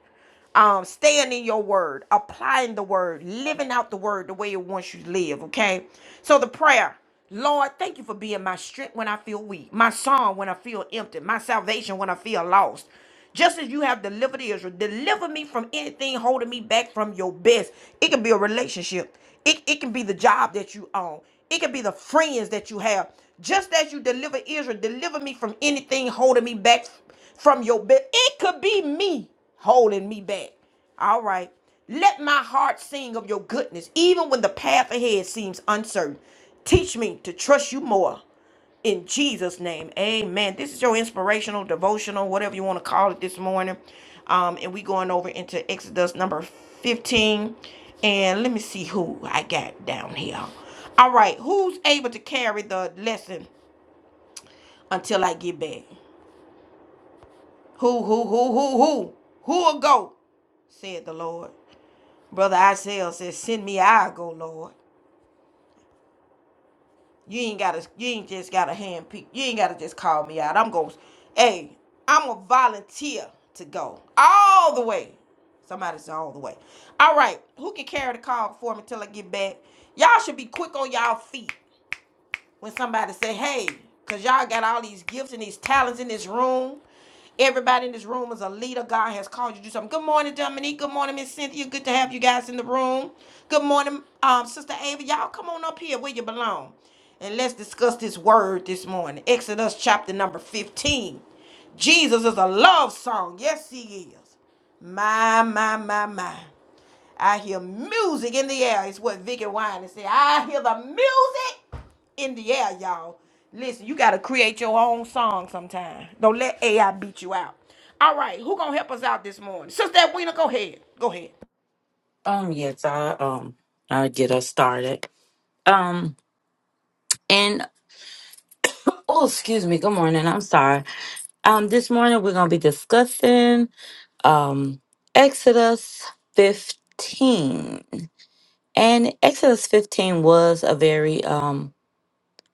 Speaker 1: um staying in your word applying the word living out the word the way it wants you to live okay so the prayer lord thank you for being my strength when i feel weak my song when i feel empty my salvation when i feel lost just as you have delivered israel deliver me from anything holding me back from your best it can be a relationship it, it can be the job that you own it can be the friends that you have just as you deliver israel deliver me from anything holding me back from your bed. It could be me holding me back. All right. Let my heart sing of your goodness, even when the path ahead seems uncertain. Teach me to trust you more. In Jesus' name, amen. This is your inspirational, devotional, whatever you want to call it this morning. Um, and we going over into Exodus number 15. And let me see who I got down here. All right, who's able to carry the lesson until I get back? Who, who, who, who, who, who will go? said the Lord. Brother Isaiah says, Send me, I'll go, Lord. You ain't gotta you ain't just gotta hand pick you ain't gotta just call me out. I'm going hey, I'm a volunteer to go. All the way. Somebody said all the way. All right, who can carry the call for me till I get back? Y'all should be quick on y'all feet. when somebody say, hey, because y'all got all these gifts and these talents in this room. Everybody in this room is a leader. God has called you to do something. Good morning, Dominique. Good morning, Miss Cynthia. Good to have you guys in the room. Good morning, um, Sister Ava. Y'all come on up here where you belong. And let's discuss this word this morning. Exodus chapter number 15. Jesus is a love song. Yes, he is. My, my, my, my. I hear music in the air. It's what Vicky Wine said. I hear the music in the air, y'all. Listen, you gotta create your own song sometime. Don't let AI beat you out. All right, who gonna help us out this morning? Sister Edwina, go ahead. Go ahead.
Speaker 2: Um, yes, I um i get us started. Um and oh excuse me, good morning. I'm sorry. Um, this morning we're gonna be discussing um Exodus 15. And Exodus 15 was a very um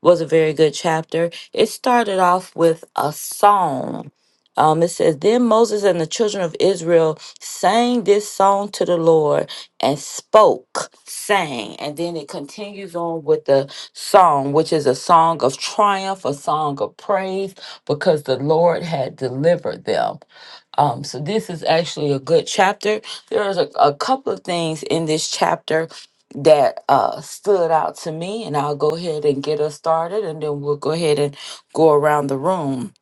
Speaker 2: was a very good chapter. It started off with a song. Um, it says, Then Moses and the children of Israel sang this song to the Lord and spoke, sang. And then it continues on with the song, which is a song of triumph, a song of praise, because the Lord had delivered them. Um, so this is actually a good chapter. There's a, a couple of things in this chapter that uh, stood out to me, and I'll go ahead and get us started, and then we'll go ahead and go around the room.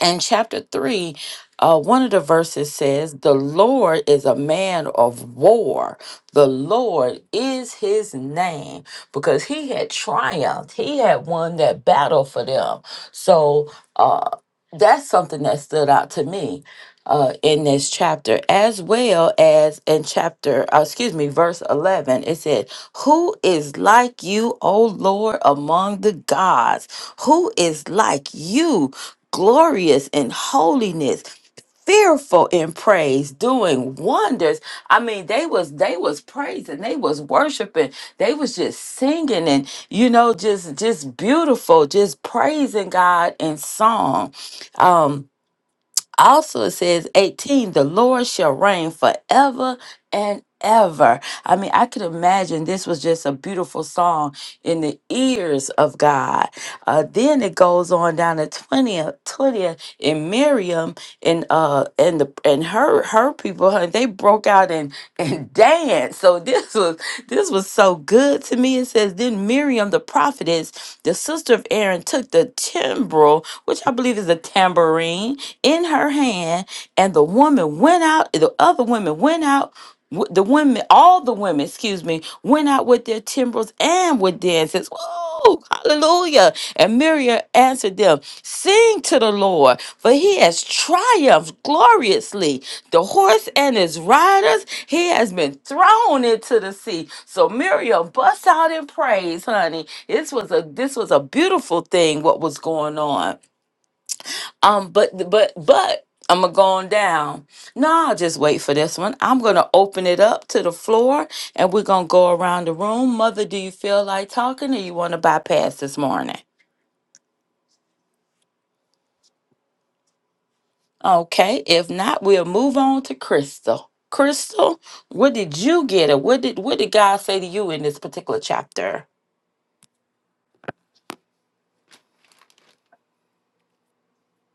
Speaker 2: And chapter 3, uh, one of the verses says, The Lord is a man of war. The Lord is his name because he had triumphed. He had won that battle for them. So uh, that's something that stood out to me uh, in this chapter, as well as in chapter, uh, excuse me, verse 11. It said, Who is like you, O Lord, among the gods? Who is like you, glorious in holiness? fearful in praise doing wonders i mean they was they was praising they was worshiping they was just singing and you know just just beautiful just praising god in song um also, it says 18, the Lord shall reign forever and ever. I mean, I could imagine this was just a beautiful song in the ears of God. Uh, then it goes on down to 20th, 20th, and Miriam and uh and the and her her people, huh? they broke out and and danced. So this was this was so good to me. It says, Then Miriam the prophetess, the sister of Aaron, took the timbrel, which I believe is a tambourine, in her hand, and the woman went out, the other women went out. w- The women, all the women, excuse me, went out with their timbrels and with dances. Oh, hallelujah. And Miriam answered them, Sing to the Lord, for he has triumphed gloriously. The horse and his riders, he has been thrown into the sea. So Miriam busts out in praise, honey. This was a this was a beautiful thing, what was going on. Um, but but but I'm gonna go on down. No, I'll just wait for this one. I'm gonna open it up to the floor and we're gonna go around the room. Mother, do you feel like talking or you wanna bypass this morning? Okay, if not, we'll move on to Crystal. Crystal, what did you get or what did what did God say to you in this particular chapter?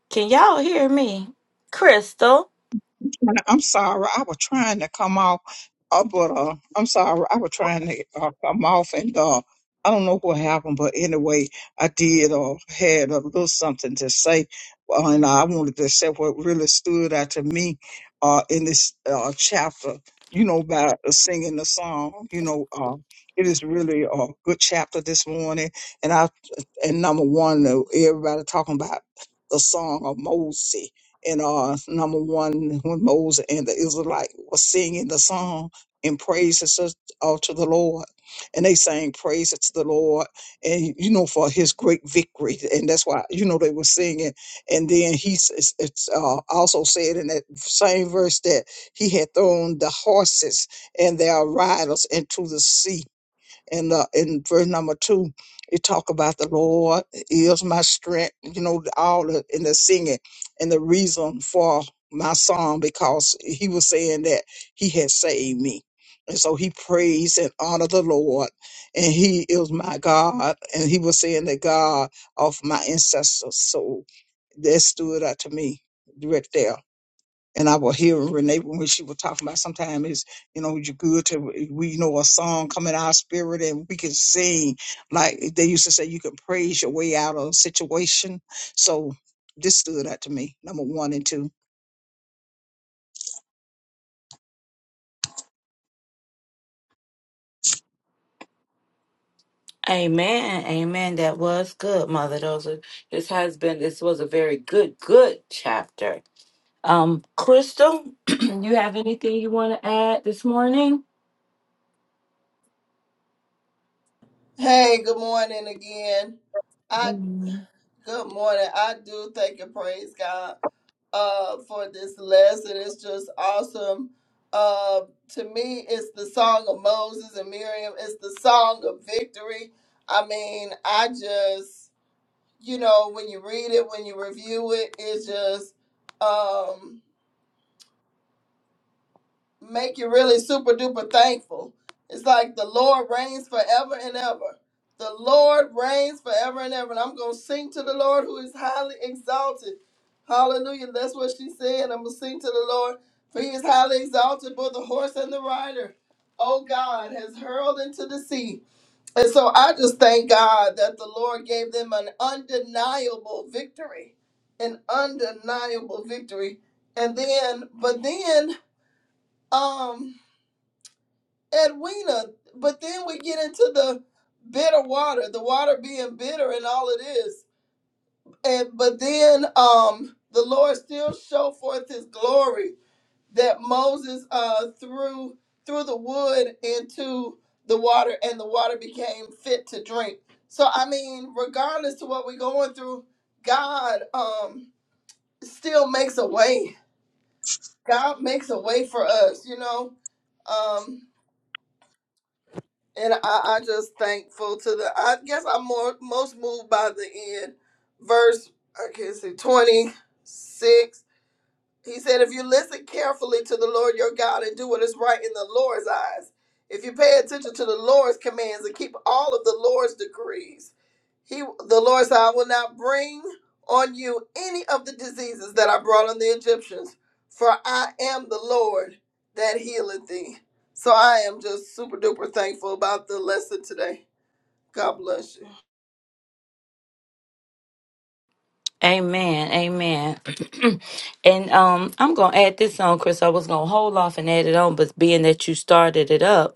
Speaker 2: Can y'all hear me? Crystal.
Speaker 3: trying to- I'm sorry. I was trying to come off. Uh, but uh, I'm sorry. I was trying to uh, come off, and uh, I don't know what happened. But anyway, I did uh, had a little something to say, uh, and I wanted to say what really stood out to me uh, in this uh, chapter. You know, about singing the song. You know, uh, it is really a good chapter this morning, and I and number one, uh, everybody talking about the song of Moses and uh number one when Moses and the Israelite was singing the song in praises to uh, to the Lord. And they sang praises to the Lord and you know for his great victory. And that's why you know they were singing. And then he s- it's, it's, uh, also said in that same verse that he had thrown the horses and their riders into the sea and uh, in verse number two, it talk about the Lord is my strength. You know, all the, in the singing and the reason for my song because he was saying that he had saved me. And so he praised and honored the Lord, and he is my God, and he was saying the God of my ancestors. So that stood out to me right there and I will hear Renee when she was talking about sometimes it's you know you're good to we know a song come in our spirit and we can sing like they used to say you can praise your way out of a situation. So this stood out to me. Number one and two.
Speaker 2: Amen. Amen. That was good, Mother. Those are this has been this was a very good, good chapter. Um, Crystal, you have anything you want to add this morning?
Speaker 4: Hey, good morning again. I
Speaker 2: Mm.
Speaker 4: good morning. I do thank and praise God uh for this lesson. It's just awesome. Uh, to me, it's the song of Moses and Miriam. It's the song of victory. I mean, I just you know, when you read it, when you review it, it just um, make you really super duper thankful. It's like the Lord reigns forever and ever. The Lord reigns forever and ever. And I'm going to sing to the Lord who is highly exalted. Hallelujah. That's what she said. I'm going to sing to the Lord for he is highly exalted, both the horse and the rider. Oh, God has hurled into the sea. And so I just thank God that the Lord gave them an undeniable victory, an undeniable victory. And then, but then, um, Edwina, but then we get into the bitter water, the water being bitter and all it is. And but then, um, the Lord still show forth His glory that Moses uh, threw threw the wood into the water, and the water became fit to drink. So I mean, regardless to what we're going through, God um, still makes a way. God makes a way for us, you know. Um, and I, I just thankful to the. I guess I'm more most moved by the end verse. I can't see twenty six He said, if you listen carefully to the Lord your God and do what is right in the Lord's eyes, if you pay attention to the Lord's commands and keep all of the Lord's decrees, he, the Lord said, I will not bring on you any of the diseases that I brought on the Egyptians, for I am the Lord that healeth thee. So I am just super duper thankful about the lesson today. God bless you.
Speaker 2: Amen, amen. and um, I'm gonna add this on, Chris. I was gonna hold off and add it on, but being that you started it up,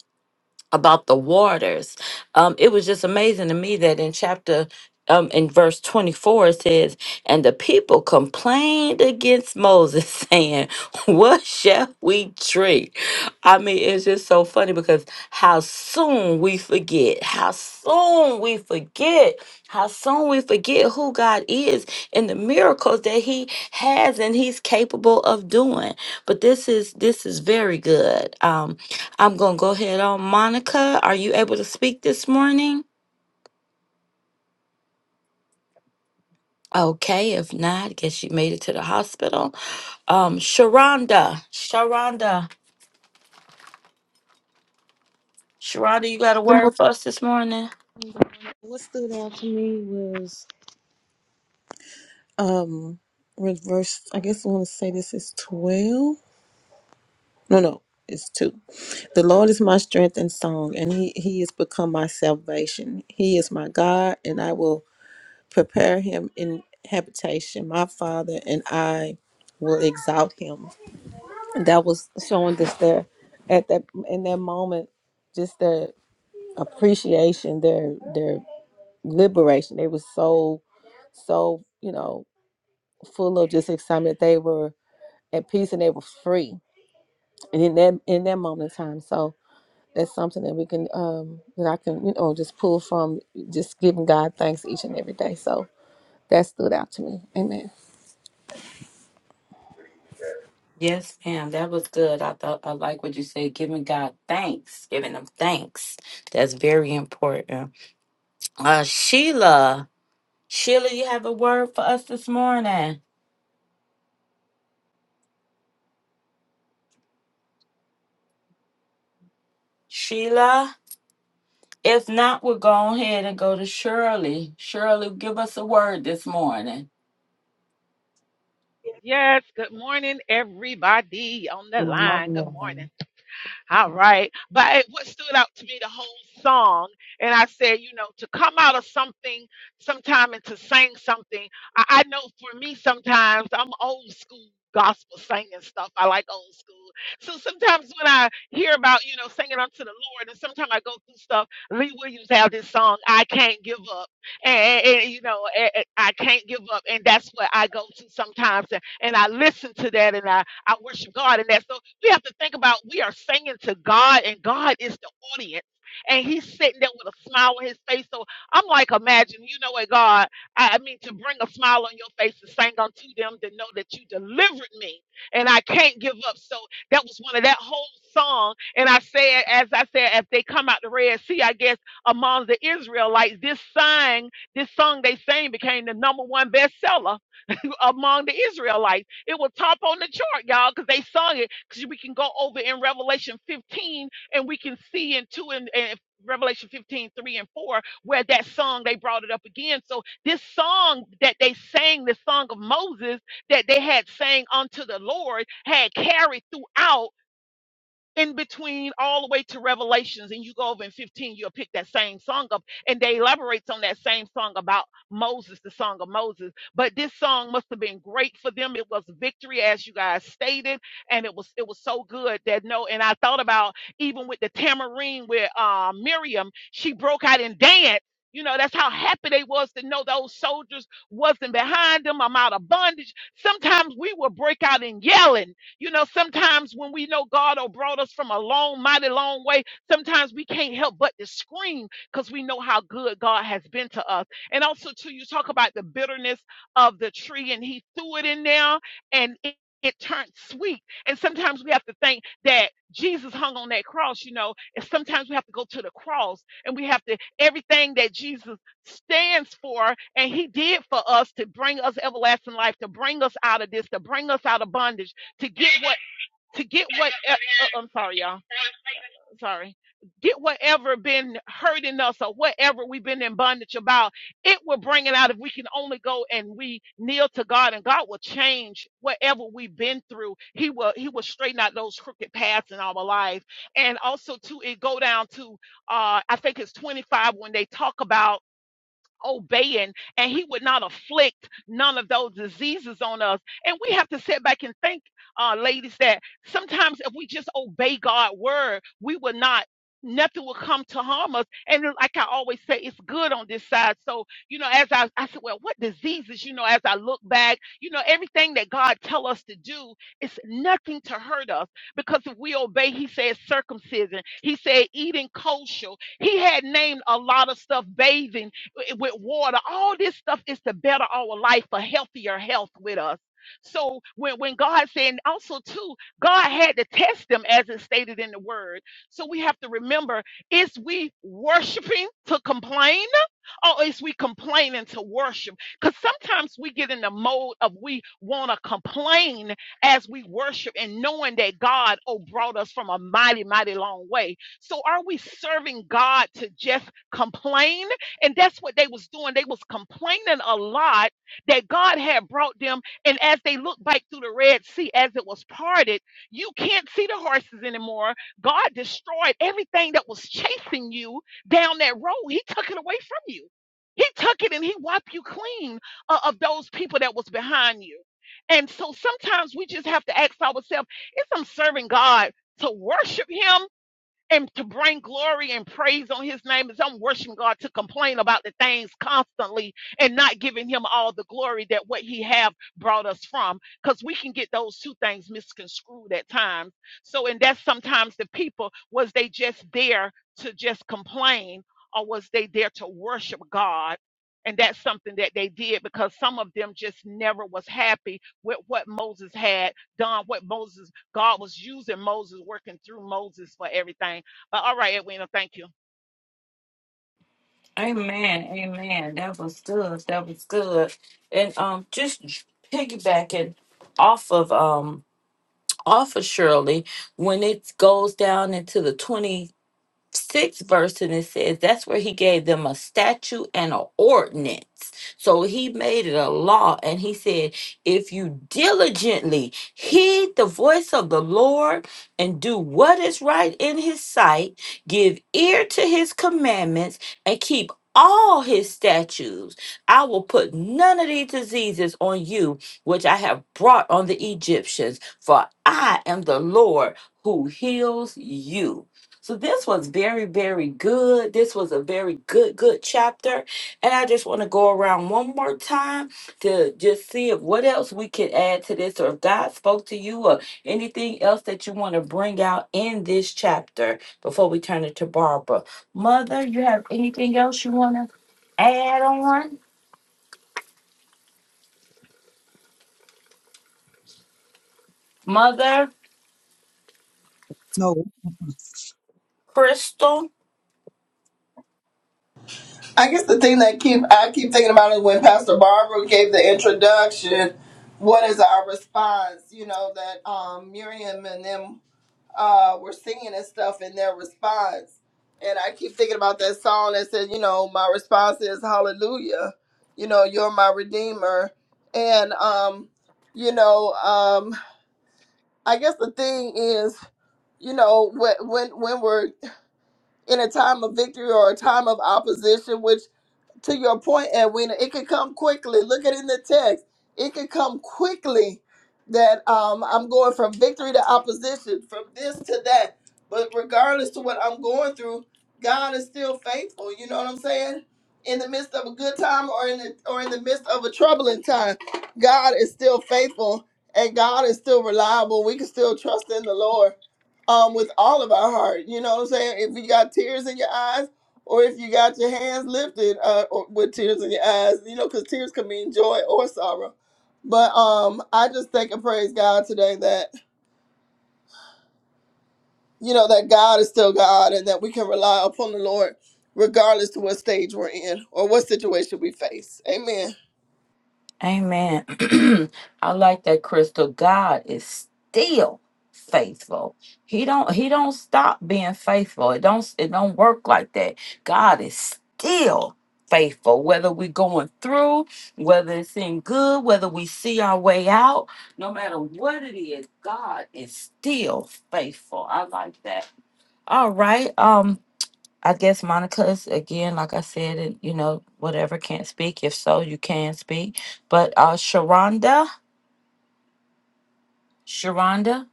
Speaker 2: about the waters. Um, it was just amazing to me that in chapter um, in verse 24 it says, And the people complained against Moses, saying, What shall we drink? I mean, it's just so funny because how soon we forget, how soon we forget, how soon we forget who God is and the miracles that He has and He's capable of doing. But this is this is very good. Um, I'm going to go ahead on. Monica, are you able to speak this morning? Okay, if not, I guess you made it to the hospital. Um, Sharonda, Sharonda, Sharonda, you got a
Speaker 6: What
Speaker 2: word for us this morning?
Speaker 6: stood out to me was um when verse I guess I want to say this is twelve. No, no, it's two. The Lord is my strength and song, and he he has become my salvation. He is my God, and I will prepare him in habitation, my father, and I will exalt him. And that was showing just their at that in that moment, just their appreciation, their their liberation. They were so so you know full of just excitement. They were at peace and they were free. And in that in that moment in time, so that's something that we can um that I can you know just pull from just giving God thanks each and every day. So that stood out to me. Amen.
Speaker 2: Yes, ma'am. That was good. I thought I like what you said. Giving God thanks, giving them thanks. That's very important. Uh, Sheila, Sheila, you have a word for us this morning? Sheila, if not, we'll go ahead and go to Shirley. Shirley, give us a word this morning.
Speaker 7: Yes, good morning, everybody on the line. Good morning.
Speaker 2: Amen.
Speaker 7: All right. But it, what stood out to me the whole song, and I said, you know, to come out of something sometime and to sing something. I, I know for me sometimes I'm old school gospel singing stuff. I like old school. So sometimes when I hear about, you know, singing unto the Lord, and sometimes I go through stuff, Lee Williams had this song, I Can't Give Up. And, and- and, you know, and- and I can't give up. And that's what I go to sometimes. And, and I listen to that. and I. I worship God and that. So we have to think about we are singing to God and God is the audience. And he's sitting there with a smile on his face. So I'm like, imagine, you know what, God, I, I mean, to bring a smile on your face and sing unto them to know that you delivered me and I can't give up. So that was one of that whole song. And I said, as I said, as they come out the Red Sea, I guess among the Israelites, this song, this song they sang became the number one bestseller among the Israelites. It was top on the chart, y'all, because they sung it. Because we can go over in Revelation 15 and we can see in 2 and, and Revelation 15:3 and 4, where that song they brought it up again. So this song that they sang, the song of Moses that they had sang unto the Lord, had carried throughout in between all the way to revelations and you go over in 15 you'll pick that same song up and they elaborates on that same song about moses the song of moses but this song must have been great for them it was victory as you guys stated and it was it was so good that no and i thought about even with the tamarind where uh, miriam she broke out and danced you know that's how happy they was to know those soldiers wasn't behind them i'm out of bondage sometimes we will break out in yelling you know, sometimes when we know God or brought us from a long, mighty long way, sometimes we can't help but to scream because we know how good God has been to us. And also, too, you talk about the bitterness of the tree, and He threw it in there, and it it turned sweet. And sometimes we have to think that Jesus hung on that cross, you know, and sometimes we have to go to the cross and we have to, everything that Jesus stands for and he did for us to bring us everlasting life, to bring us out of this, to bring us out of bondage to get what to get what uh, uh, I'm sorry, y'all. Sorry. Get whatever been hurting us or whatever we've been in bondage about. It will bring it out if we can only go and we kneel to God and God will change whatever we've been through. He will He will straighten out those crooked paths in our life. And also too, it go down to uh I think it's 25 when they talk about obeying and he would not afflict none of those diseases on us and we have to sit back and think uh ladies that sometimes if we just obey god's word we will not nothing will come to harm us and like i always say it's good on this side so you know as i, I said well what diseases you know as i look back you know everything that god tell us to do is nothing to hurt us because if we obey he said circumcision he said eating kosher he had named a lot of stuff bathing with water. All this stuff is to better our life for healthier health with us. So when, when God said, and also too, God had to test them as it's stated in the word. So we have to remember, is we worshiping to complain? or is we complaining to worship? Because sometimes we get in the mode of we want to complain as we worship and knowing that God, oh, brought us from a mighty, mighty long way. So are we serving God to just complain? And that's what they was doing. They was complaining a lot that God had brought them. And as they looked back through the Red Sea, as it was parted, you can't see the horses anymore. God destroyed everything that was chasing you down that road. He took it away from you. He took it and he wiped you clean o- of those people that was behind you. And so sometimes we just have to ask ourselves, if I'm serving God to worship him and to bring glory and praise on his name is I'm worshiping God to complain about the things constantly and not giving him all the glory that what he have brought us from because we can get those two things misconstrued at times so and that's sometimes the people was they just there to just complain or was they there to worship God and that's something that they did because some of them just never was happy with what Moses had done what Moses God was using Moses working through Moses for everything but all right, Edwina, thank you.
Speaker 2: Amen. Amen. That was good. That was good. And um just piggybacking off of um off of Shirley, when it goes down into the 20 sixth verse and it says that's where he gave them a statute and an ordinance. So he made it a law and he said, if you diligently heed the voice of the Lord and do what is right in his sight, give ear to his commandments and keep all his statutes, I will put none of these diseases on you, which I have brought on the Egyptians, for I am the Lord who heals you. So this was very, very good. This was a very good, good chapter. And I just want to go around one more time to just see if what else we could add to this or if God spoke to you or anything else that you want to bring out in this chapter before we turn it to Barbara. Mother, you have anything else you want to add on? Mother,
Speaker 3: No.
Speaker 2: Crystal?
Speaker 4: I guess the thing that keep I keep thinking about it when Pastor Barbara gave the introduction. What is our response? You know that um, Miriam and them uh, were singing and stuff in their response, and I keep thinking about that song that said, you know, my response is Hallelujah. You know, you're my redeemer, and um, you know, um, I guess the thing is, you know, when when when we're in a time of victory or a time of opposition, which to your point, Edwina, it could come quickly. Look at it in the text. It could come quickly that um, I'm going from victory to opposition, from this to that. But regardless to what I'm going through, God is still faithful. You know what I'm saying? In the midst of a good time or in the, or in the midst of a troubling time, God is still faithful and God is still reliable. We can still trust in the Lord um, with all of our heart. You know what I'm saying? If you got tears in your eyes, or if you got your hands lifted uh, or with tears in your eyes, you know, because tears can mean joy or sorrow. But um, I just thank and praise God today that you know that God is still God and that we can rely upon the Lord regardless to what stage we're in or what situation we face. Amen.
Speaker 2: Amen. I like that crystal. God is still faithful. He don't he don't stop being faithful. It don't it don't work like that. God is still faithful whether we're going through whether it's in good whether we see our way out no matter what it is god is still faithful i like that all right Um. I guess Monica's again, like I said, it- you know, whatever can't speak. If so, you can speak. But uh Sharonda, Sharonda,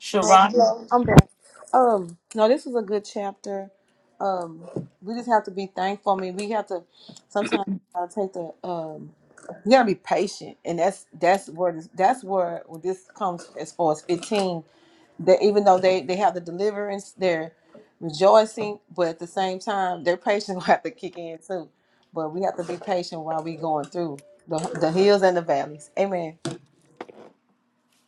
Speaker 2: Sharonda.
Speaker 6: Um, no, this is a good chapter. Um, we just have to be thankful. I mean, we have to sometimes we gotta take the um, we gotta be patient, and that's that's where this, that's where this comes as far as fifteen. That even though they they have the deliverance, they're rejoicing, but at the same time, their patience will have to kick in too. But we have to be patient while we going through the the hills and the valleys. Amen.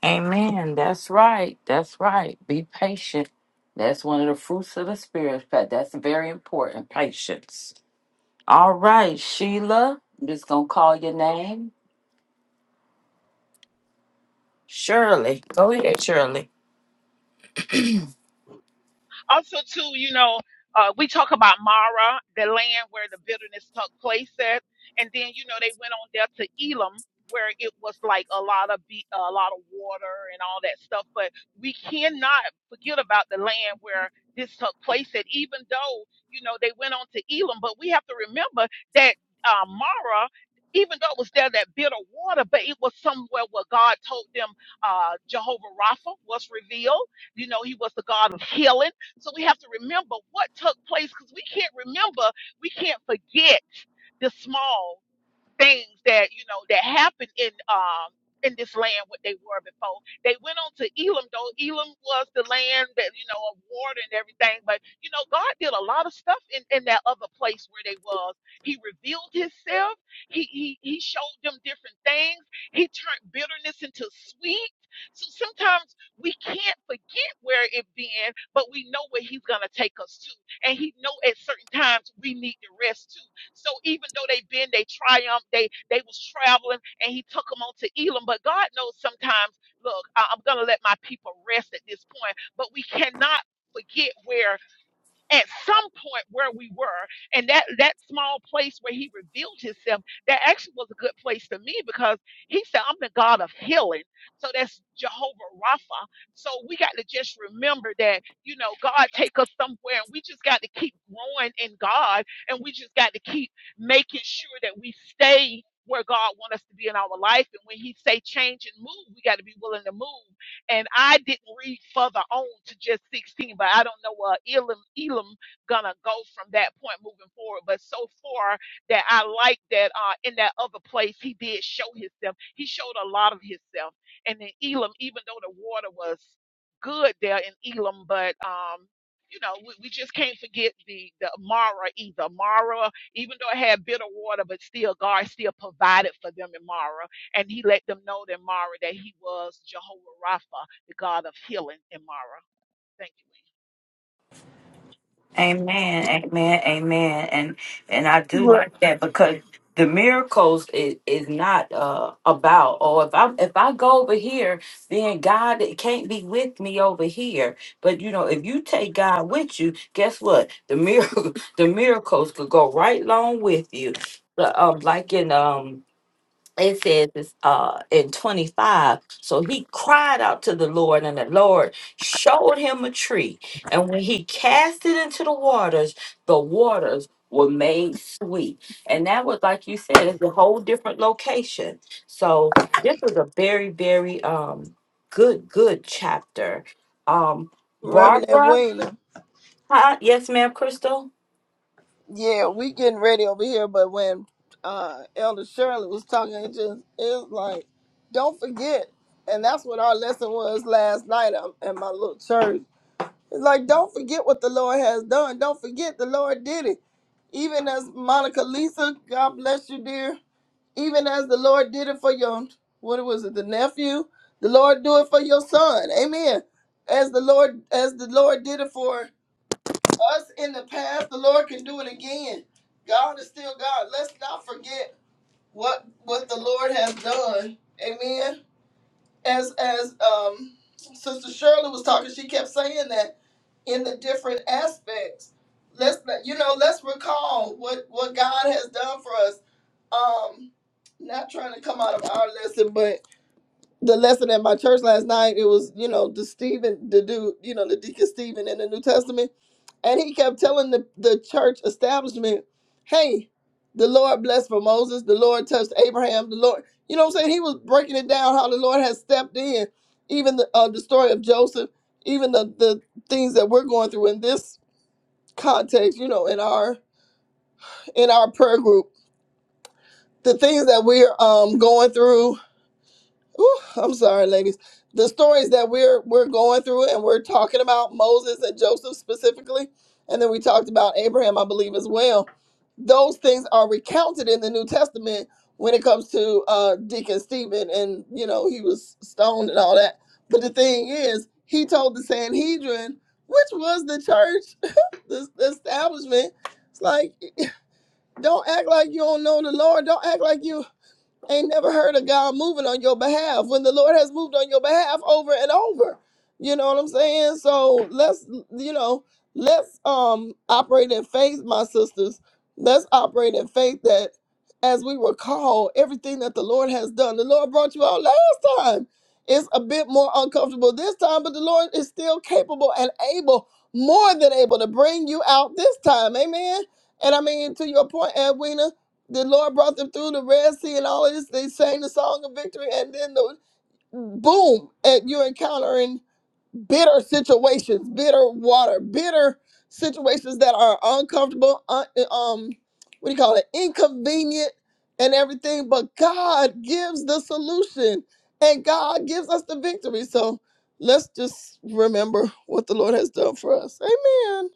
Speaker 2: Amen. That's right. That's right. Be patient. That's one of the fruits of the spirit. But that's very important. Patience. All right, Sheila. I'm just gonna call your name. Shirley. Go ahead, Shirley.
Speaker 7: Also, too, you know, uh, we talk about Mara, the land where the bitterness took place at, and then you know they went on there to Elam, where it was like a lot of be- a lot of water and all that stuff. But we cannot forget about the land where this took place at, even though you know they went on to Elam. But we have to remember that uh, Mara. Even though it was there that bitter water, but it was somewhere where God told them uh, Jehovah Rapha was revealed. You know, he was the God of healing. So we have to remember what took place because we can't remember, we can't forget the small things that you know that happened in um in this land what they were before they went on to elam though elam was the land that you know of water and everything but you know god did a lot of stuff in in that other place where they was he revealed himself he he, he showed them different things he turned bitterness into sweet so sometimes we can't forget where it been but we know where he's gonna take us to and he know at certain times we need to rest too so even though they been, they triumphed, they they was traveling, and he took them on to Elam. But God knows sometimes, look, I, I'm gonna let my people rest at this point, but we cannot forget where at some point where we were and that that small place where he revealed himself that actually was a good place to me because he said i'm the god of healing so that's jehovah rapha so we got to just remember that you know god take us somewhere and we just got to keep growing in god and we just got to keep making sure that we stay where god wants us to be in our life and when he say change and move we got to be willing to move and I didn't read further on to just 16, but I don't know where Elam Elam gonna go from that point moving forward. But so far that I like that uh in that other place he did show himself. He showed a lot of himself. And then Elam, even though the water was good there in Elam, but um you know, we, we just can't forget the the Mara either. Mara, even though it had bitter water, but still God still provided for them in Mara and he let them know that Mara that he was Jehovah Rapha, the God of healing in Mara. Thank you.
Speaker 2: Amen, amen, amen. And and I do
Speaker 4: Right.
Speaker 2: like that because the miracles is, is not uh about oh if I if I go over here, then God it can't be with me over here. But you know, if you take God with you, guess what? The miracle the miracles could go right along with you. But, Um, like in um it says it's uh in 25 so he cried out to the lord and the lord showed him a tree and when he cast it into the waters the waters were made sweet and that was like you said it's a whole different location so this was a very very um good good chapter um
Speaker 4: Reverend
Speaker 2: barbara
Speaker 4: Edwina,
Speaker 2: huh? yes ma'am crystal
Speaker 4: yeah, we getting ready over here, but when uh, Elder Shirley was talking, it just it was like, don't forget, and that's what our lesson was last night um, at my little church It's like, don't forget what the Lord has done. Don't forget the Lord did it. Even as Monica Lisa, God bless you, dear. Even as the Lord did it for your, what was it, the nephew? The Lord do it for your son. Amen. As the Lord, as the Lord did it for us in the past, the Lord can do it again. God is still God. Let's not forget what what the Lord has done. Amen as as um Sister Shirley was talking, she kept saying that in the different aspects. Let's you know, let's recall what what God has done for us. Um, not trying to come out of our lesson, but the lesson at my church last night, it was you know the Stephen, the dude, you know the deacon Stephen in the New Testament and he kept telling the, the church establishment, hey, the Lord blessed for Moses, the Lord touched Abraham, the Lord, you know what I'm saying? He was breaking it down how the Lord has stepped in, even the, uh, the story of Joseph, even the, the things that we're going through in this context, you know, in our in our prayer group, the things that we're um going through Ooh, I'm sorry, ladies. The stories that we're we're going through and we're talking about Moses and Joseph specifically, and then we talked about Abraham, I believe, as well. Those things are recounted in the New Testament when it comes to uh, Deacon Stephen, and you know he was stoned and all that. But the thing is, he told the Sanhedrin, which was the church, the, the establishment, it's like, don't act like you don't know the Lord. Don't act like you ain't never heard of God moving on your behalf when the Lord has moved on your behalf over and over. You know what I'm saying? So let's you know, let's um operate in faith, my sisters. Let's operate in faith that as we recall, everything that the Lord has done, the Lord brought you out last time. It's a bit more uncomfortable this time, but the Lord is still capable and able, more than able to bring you out this time. Amen. And I mean, to your point, Edwina, the Lord brought them through the Red Sea and all of this. They sang the song of victory, and then the boom, and you're encountering bitter situations, bitter water, bitter situations that are uncomfortable, un, um, what do you call it, inconvenient, and everything. But God gives the solution, and God gives us the victory. So let's just remember what the Lord has done for us. Amen.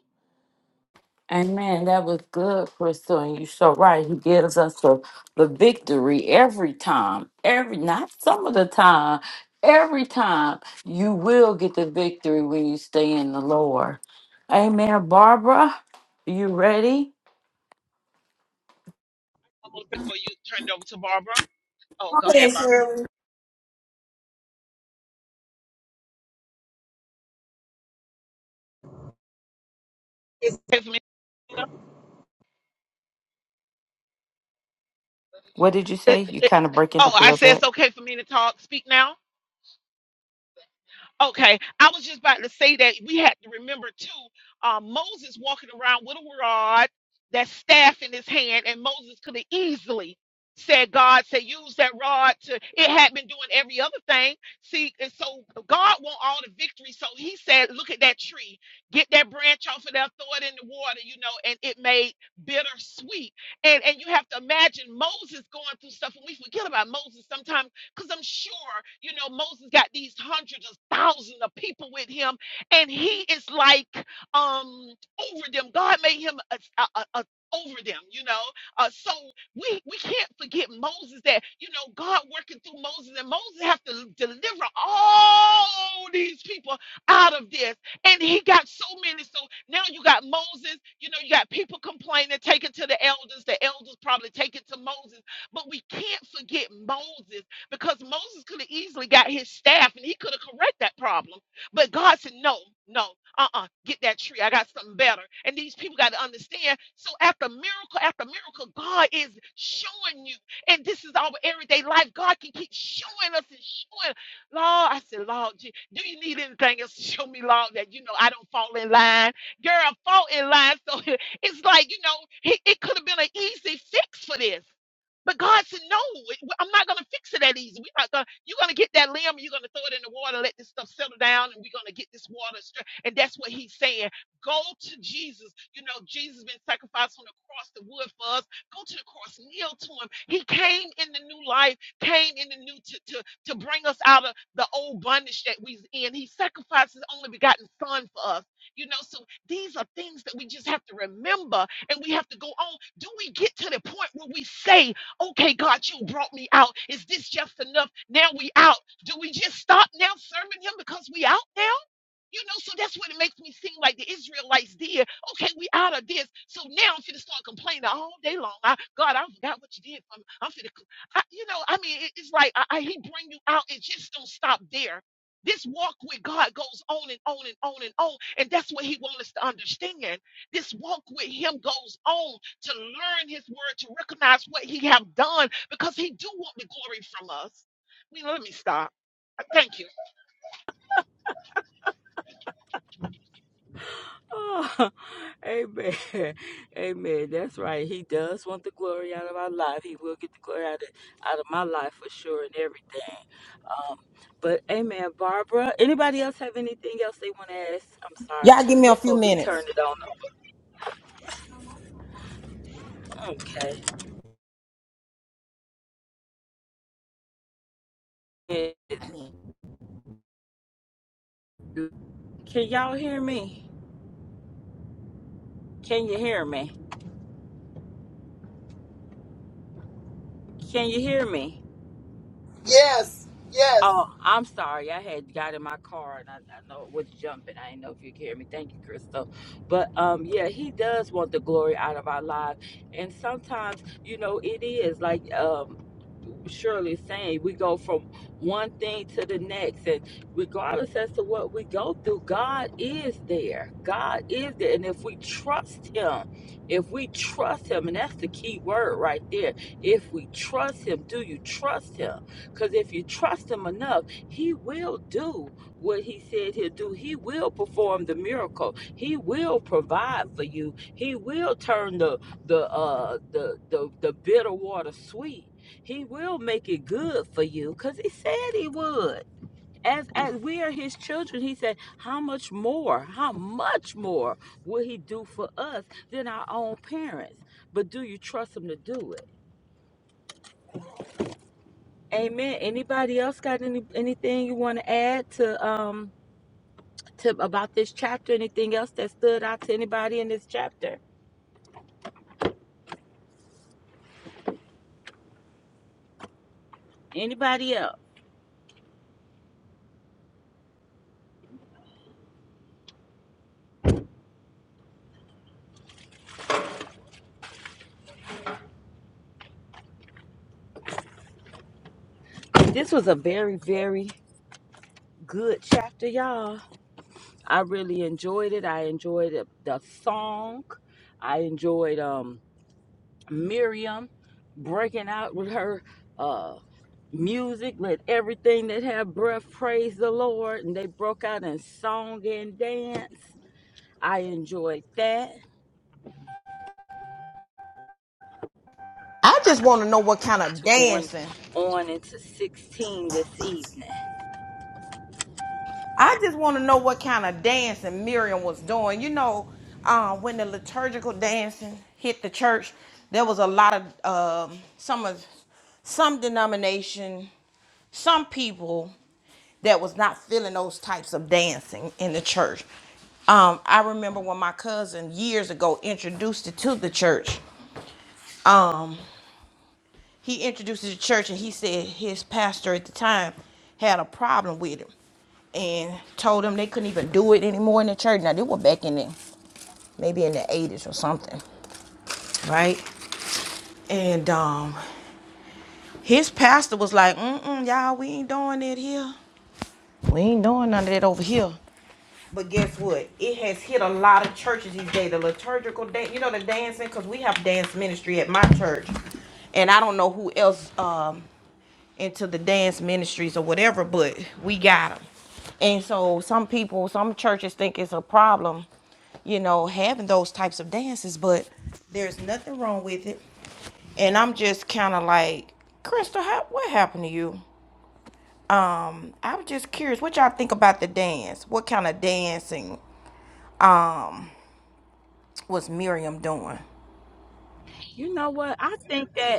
Speaker 2: Amen. That was good, Crystal. And you're so right. He gives us the, the victory every time. Every not some of the time. Every time you will get the victory when you stay in the Lord. Amen. Barbara, you ready?
Speaker 7: One more Before you turn it over to Barbara. Oh,
Speaker 1: Go
Speaker 7: go ahead,
Speaker 1: ahead,
Speaker 7: Barbara.
Speaker 1: Shirley.
Speaker 7: It's Okay for me.
Speaker 2: What did you say?
Speaker 7: It-
Speaker 2: You kind of
Speaker 7: it-
Speaker 2: breaking
Speaker 7: oh,
Speaker 2: up a
Speaker 7: I
Speaker 2: little
Speaker 7: said
Speaker 2: bit.
Speaker 7: it's okay for me to talk. Speak now. Okay, I was just about to say that we had to remember too. Uh, Moses walking around with a rod, that staff in his hand, and Moses could have easily said, "God said use that rod to." It had been doing every other thing. See, and so God want all the victory. So He said, "Look at that tree. Get that branch off of there. Throw it in the water. You know." And it made bittersweet. And and you have to imagine Moses going through stuff, and we forget about Moses sometimes because I'm sure, you know, Moses got these hundreds of thousands of people with him, and he is like um over them. God made him a, a, a, a- over them, you know. Uh, so we we can't forget Moses that you know God working through Moses, and Moses have to deliver all these people out of this and he got so many. So now you got Moses, you know, you got people complaining, take it to the elders. The elders probably take it to Moses. But we can't forget Moses because Moses could have easily got his staff and he could have correct that problem. But God said, no, no, uh-uh, get that tree. I got something better. And these people got to understand. So after miracle after miracle, God is showing you. And this is our everyday life. God can keep showing us and showing. Lord, I said, Lord, Je- do you need anything else to show me, Lord, that you know I don't fall in line? Girl, fall in line. So it's like, you know, it, it could have been an easy fix for this. But God said, No, I'm not gonna fix it that easy. We're not gonna, you're gonna get that limb, you're gonna throw it in the water, let this stuff settle down, and we're gonna get this water straight. And that's what he's saying. Go to Jesus. You know, Jesus been sacrificed on the cross, the wood for us. Go to the cross, kneel to him. He came in the new life, came in the new to, to, to bring us out of the old bondage that we's in. He sacrificed his only begotten son for us. You know, so these are things that we just have to remember and we have to go on. Do we get to the point where we say Okay, God, you brought me out. Is this just enough? Now we out. Do we just stop now serving him because we out now? You know, so that's what it makes me seem like the Israelites did. Okay, we out of this. So now I'm finna start complaining all day long. I, God, I forgot what you did for me. I'm finna, co- I, you know, I mean, it- it's like I, I, he bring you out. It just don't stop there. This walk with God goes on and on and on and on. And that's what he wants us to understand. This walk with him goes on to learn his word, to recognize what he have done, because he do want the glory from us. I mean, let me stop. Thank you.
Speaker 2: Oh, amen. Amen. That's right. He does want the glory out of our life. He will get the glory out of, out of my life for sure and everything. Um, but amen, Barbara. Anybody else have anything else they want to ask? I'm sorry.
Speaker 1: Y'all give me a few
Speaker 2: Before we turn
Speaker 1: minutes.
Speaker 2: it on. Okay. Can y'all hear me? Can you hear me? Can you hear me?
Speaker 4: Yes, yes.
Speaker 2: Oh, I'm sorry. I had got in my car and I, I know it was jumping. I didn't know if you could hear me. Thank you, Crystal. But um, yeah, he does want the glory out of our lives, and sometimes you know it is like um surely saying we go from one thing to the next and regardless as to what we go through god is there god is there and if we trust him if we trust him and that's the key word right there if we trust him do you trust him because if you trust him enough he will do what he said he'll do he will perform the miracle he will provide for you he will turn the the uh the the, the bitter water sweet he will make it good for you because he said he would. As, as we are his children, he said, How much more, how much more will he do for us than our own parents? But do you trust him to do it? Amen. Anybody else got any anything you want to add to um to about this chapter? Anything else that stood out to anybody in this chapter? Anybody else? This was a very, very good chapter, y'all. I really enjoyed it. I enjoyed it, the song. I enjoyed um, Miriam breaking out with her uh, music. Let everything that have breath praise the Lord. And they broke out in song and dance. I enjoyed that.
Speaker 1: I just
Speaker 2: I'm
Speaker 1: want
Speaker 2: just
Speaker 1: to know what kind of
Speaker 2: going
Speaker 1: dancing.
Speaker 2: on into 16 this evening.
Speaker 1: I just want to know what kind of dancing Miriam was doing. You know, um, when the liturgical dancing hit the church, there was a lot of um, some of some denomination, some people that was not feeling those types of dancing in the church. Um, I remember when my cousin years ago introduced it to the church. Um, he introduced the church and he said his pastor at the time had a problem with him and told him they couldn't even do it anymore in the church. Now they were back in the maybe in the 80s or something, right? And um his pastor was like, mm mm, y'all, we ain't doing that here. We ain't doing none of that over here. But guess what? It has hit a lot of churches these days. The liturgical dance, you know, the dancing, because we have dance ministry at my church, and I don't know who else um, into the dance ministries or whatever, but we got them. And so some people, some churches think it's a problem, you know, having those types of dances, but there's nothing wrong with it. And I'm just kind of like, Crystal, how, what happened to you? Um, I'm just curious, what y'all think about the dance? What kind of dancing was Miriam doing?
Speaker 2: You know what? I think that.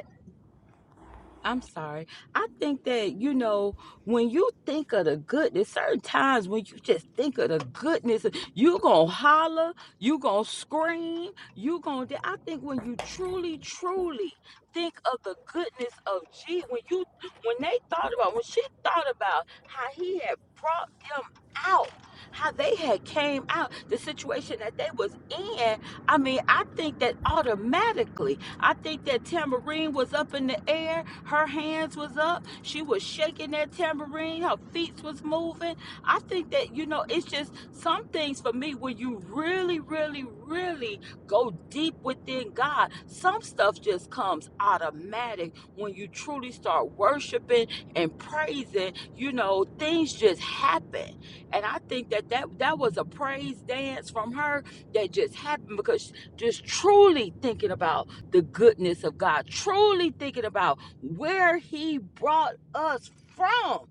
Speaker 2: I'm sorry. I think that, you know, when you think of the goodness, certain times when you just think of the goodness, you going to holler, you going to scream, you going to. I think when you truly, truly think of the goodness of G, when you, when they thought about, when she thought about how he had brought them out, how they had came out, the situation that they was in, I mean, I think that automatically. I think that tambourine was up in the air. Her hands was up. She was shaking that tambourine. Her feet was moving. I think that, you know, it's just some things for me when you really, really, really go deep within God, some stuff just comes automatic when you truly start worshiping and praising. You know, things just happen. And I think that that, that was a praise dance from her that just happened because just truly thinking about the goodness of God, truly thinking about where He brought us from.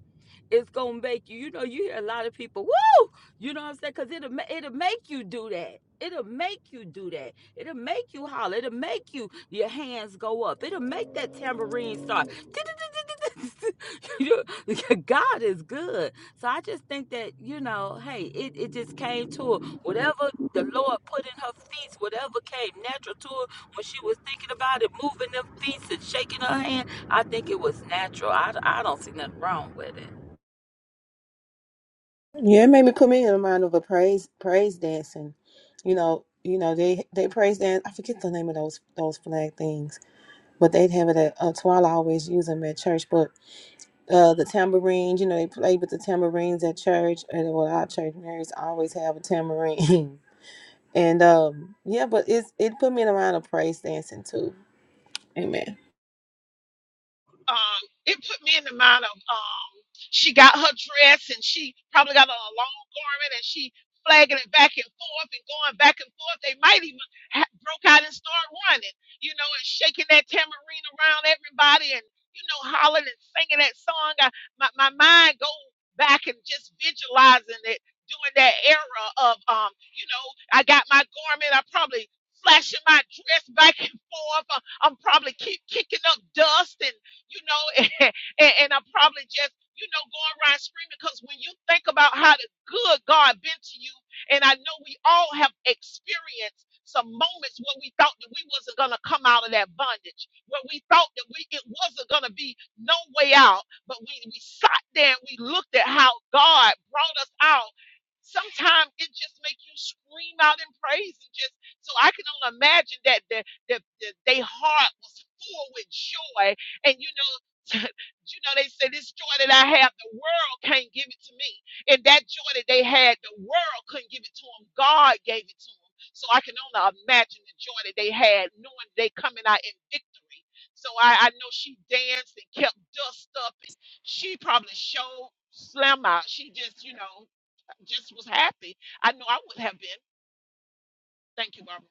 Speaker 2: is gonna make you, you know, you hear a lot of people, woo, you know what I'm saying? Cause it'll it'll make you do that. It'll make you do that. It'll make you holler. It'll make you your hands go up. It'll make that tambourine start. You- know, God is good. So I just think that, you know, hey, it, it just came to her. Whatever the Lord put in her feet, whatever came natural to her when she was thinking about it, moving them feet and shaking her hand, I think it was natural. I, I don't see nothing wrong with it.
Speaker 6: Yeah, it made me put me in the mind of a praise praise dancing. You know, you know they they praise dance. I forget the name of those those flag things, but they'd have it at uh, Twala. Always use them at church. But uh, the tambourines, you know, they play with the tambourines at church. And well, our church Mary's always have a tambourine. and um, yeah, but it's it put me in the mind of praise dancing too. Amen.
Speaker 7: um, it put me in the mind of um, she got her dress and she probably got on a long garment and she flagging it back and forth and going back and forth. They might even ha- broke out and start running, you know, and shaking that tambourine around everybody and you know hollering and singing that song. I, my my mind go back and just visualizing it during that era of um, you know, I got my garment. I probably flashing my dress back and forth. Uh, I'm probably keep kicking up dust and you know, and, and I'm probably just, you know, going around screaming because when you think about how the good God been to you, and I know we all have experienced some moments where we thought that we wasn't gonna come out of that bondage, where we thought that we it wasn't gonna be no way out, but we we sat there and we looked at how God brought us out sometimes it just make you scream out in praise and just so I can only imagine that the, the, the they heart was full with joy and you know, you know, they say this joy that I have, the world can't give it to me. And that joy that they had, the world couldn't give it to them. God gave it to them. So I can only imagine the joy that they had, knowing they coming out in victory. So I, I know she danced and kept dust up, and she probably showed slam out. She just, you know, just was happy. I know I would have been. Thank you, Barbara.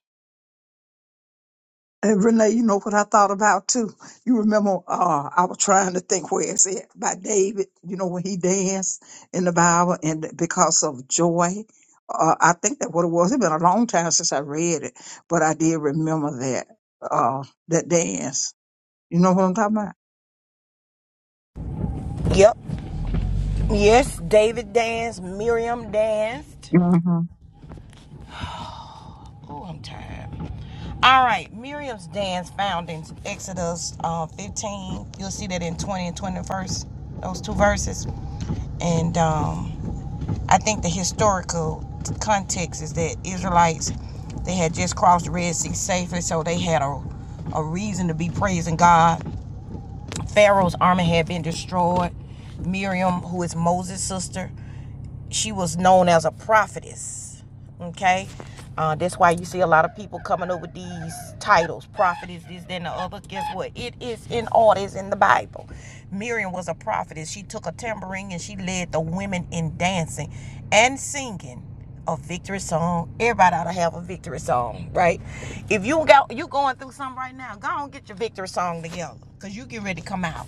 Speaker 3: And Renee, you know what I thought about too? You remember uh I was trying to think where it's at by David, you know, when he danced in the Bible and because of joy. Uh I think that what it was. It's been a long time since I read it, but I did remember that uh that dance. You know what I'm talking
Speaker 1: Yep. Yes, David danced. Miriam danced.
Speaker 3: about?
Speaker 1: Oh, I'm tired. All right. Miriam's dance found in Exodus uh, 15. You'll see that in 20 and 21st, those two verses. And um, I think the historical context is that Israelites, they had just crossed the Red Sea safely, so they had a, a reason to be praising God. Pharaoh's army had been destroyed. Miriam, who is Moses' sister, she was known as a prophetess. Okay, uh, that's why you see a lot of people coming up with these titles, prophetess, this, then the other. Guess what? It is in order. It's in the Bible. Miriam was a prophetess. She took a tambourine and she led the women in dancing and singing a victory song. Everybody ought to have a victory song, right? If you got you going through something right now, go on and get your victory song together, cause you get ready to come out.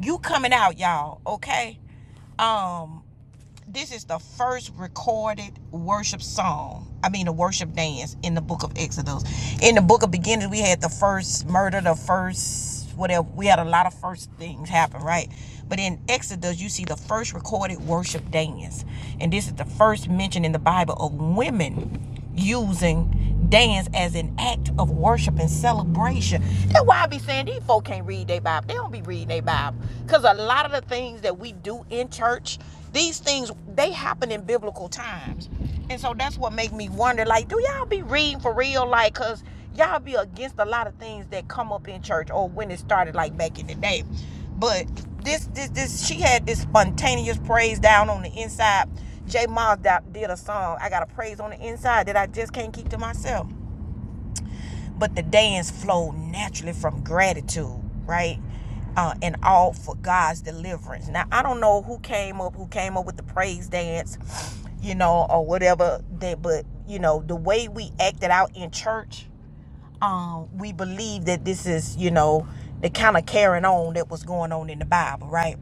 Speaker 1: You coming out, y'all. Okay. Um, this is the first recorded worship song. I mean, a worship dance in the book of Exodus. In the book of beginnings, we had the first murder, the first whatever. We had a lot of first things happen, right? But in Exodus, you see the first recorded worship dance. And this is the first mention in the Bible of women using dance as an act of worship and celebration. That's why I be saying these folk can't read their Bible. They don't be reading their Bible. Because a lot of the things that we do in church, these things, they happen in biblical times. And so that's what make me wonder, like, do y'all be reading for real? Like, because y'all be against a lot of things that come up in church or when it started, like back in the day. But this, this, this, she had this spontaneous praise down on the inside. J. Miles did a song, I got a praise on the inside that I just can't keep to myself. But the dance flowed naturally from gratitude, right? Uh, and all for God's deliverance. Now, I don't know who came up, who came up with the praise dance, you know, or whatever, that, but, you know, the way we acted out in church um, we believe that this is, you know, the kind of carrying on that was going on in the Bible, right?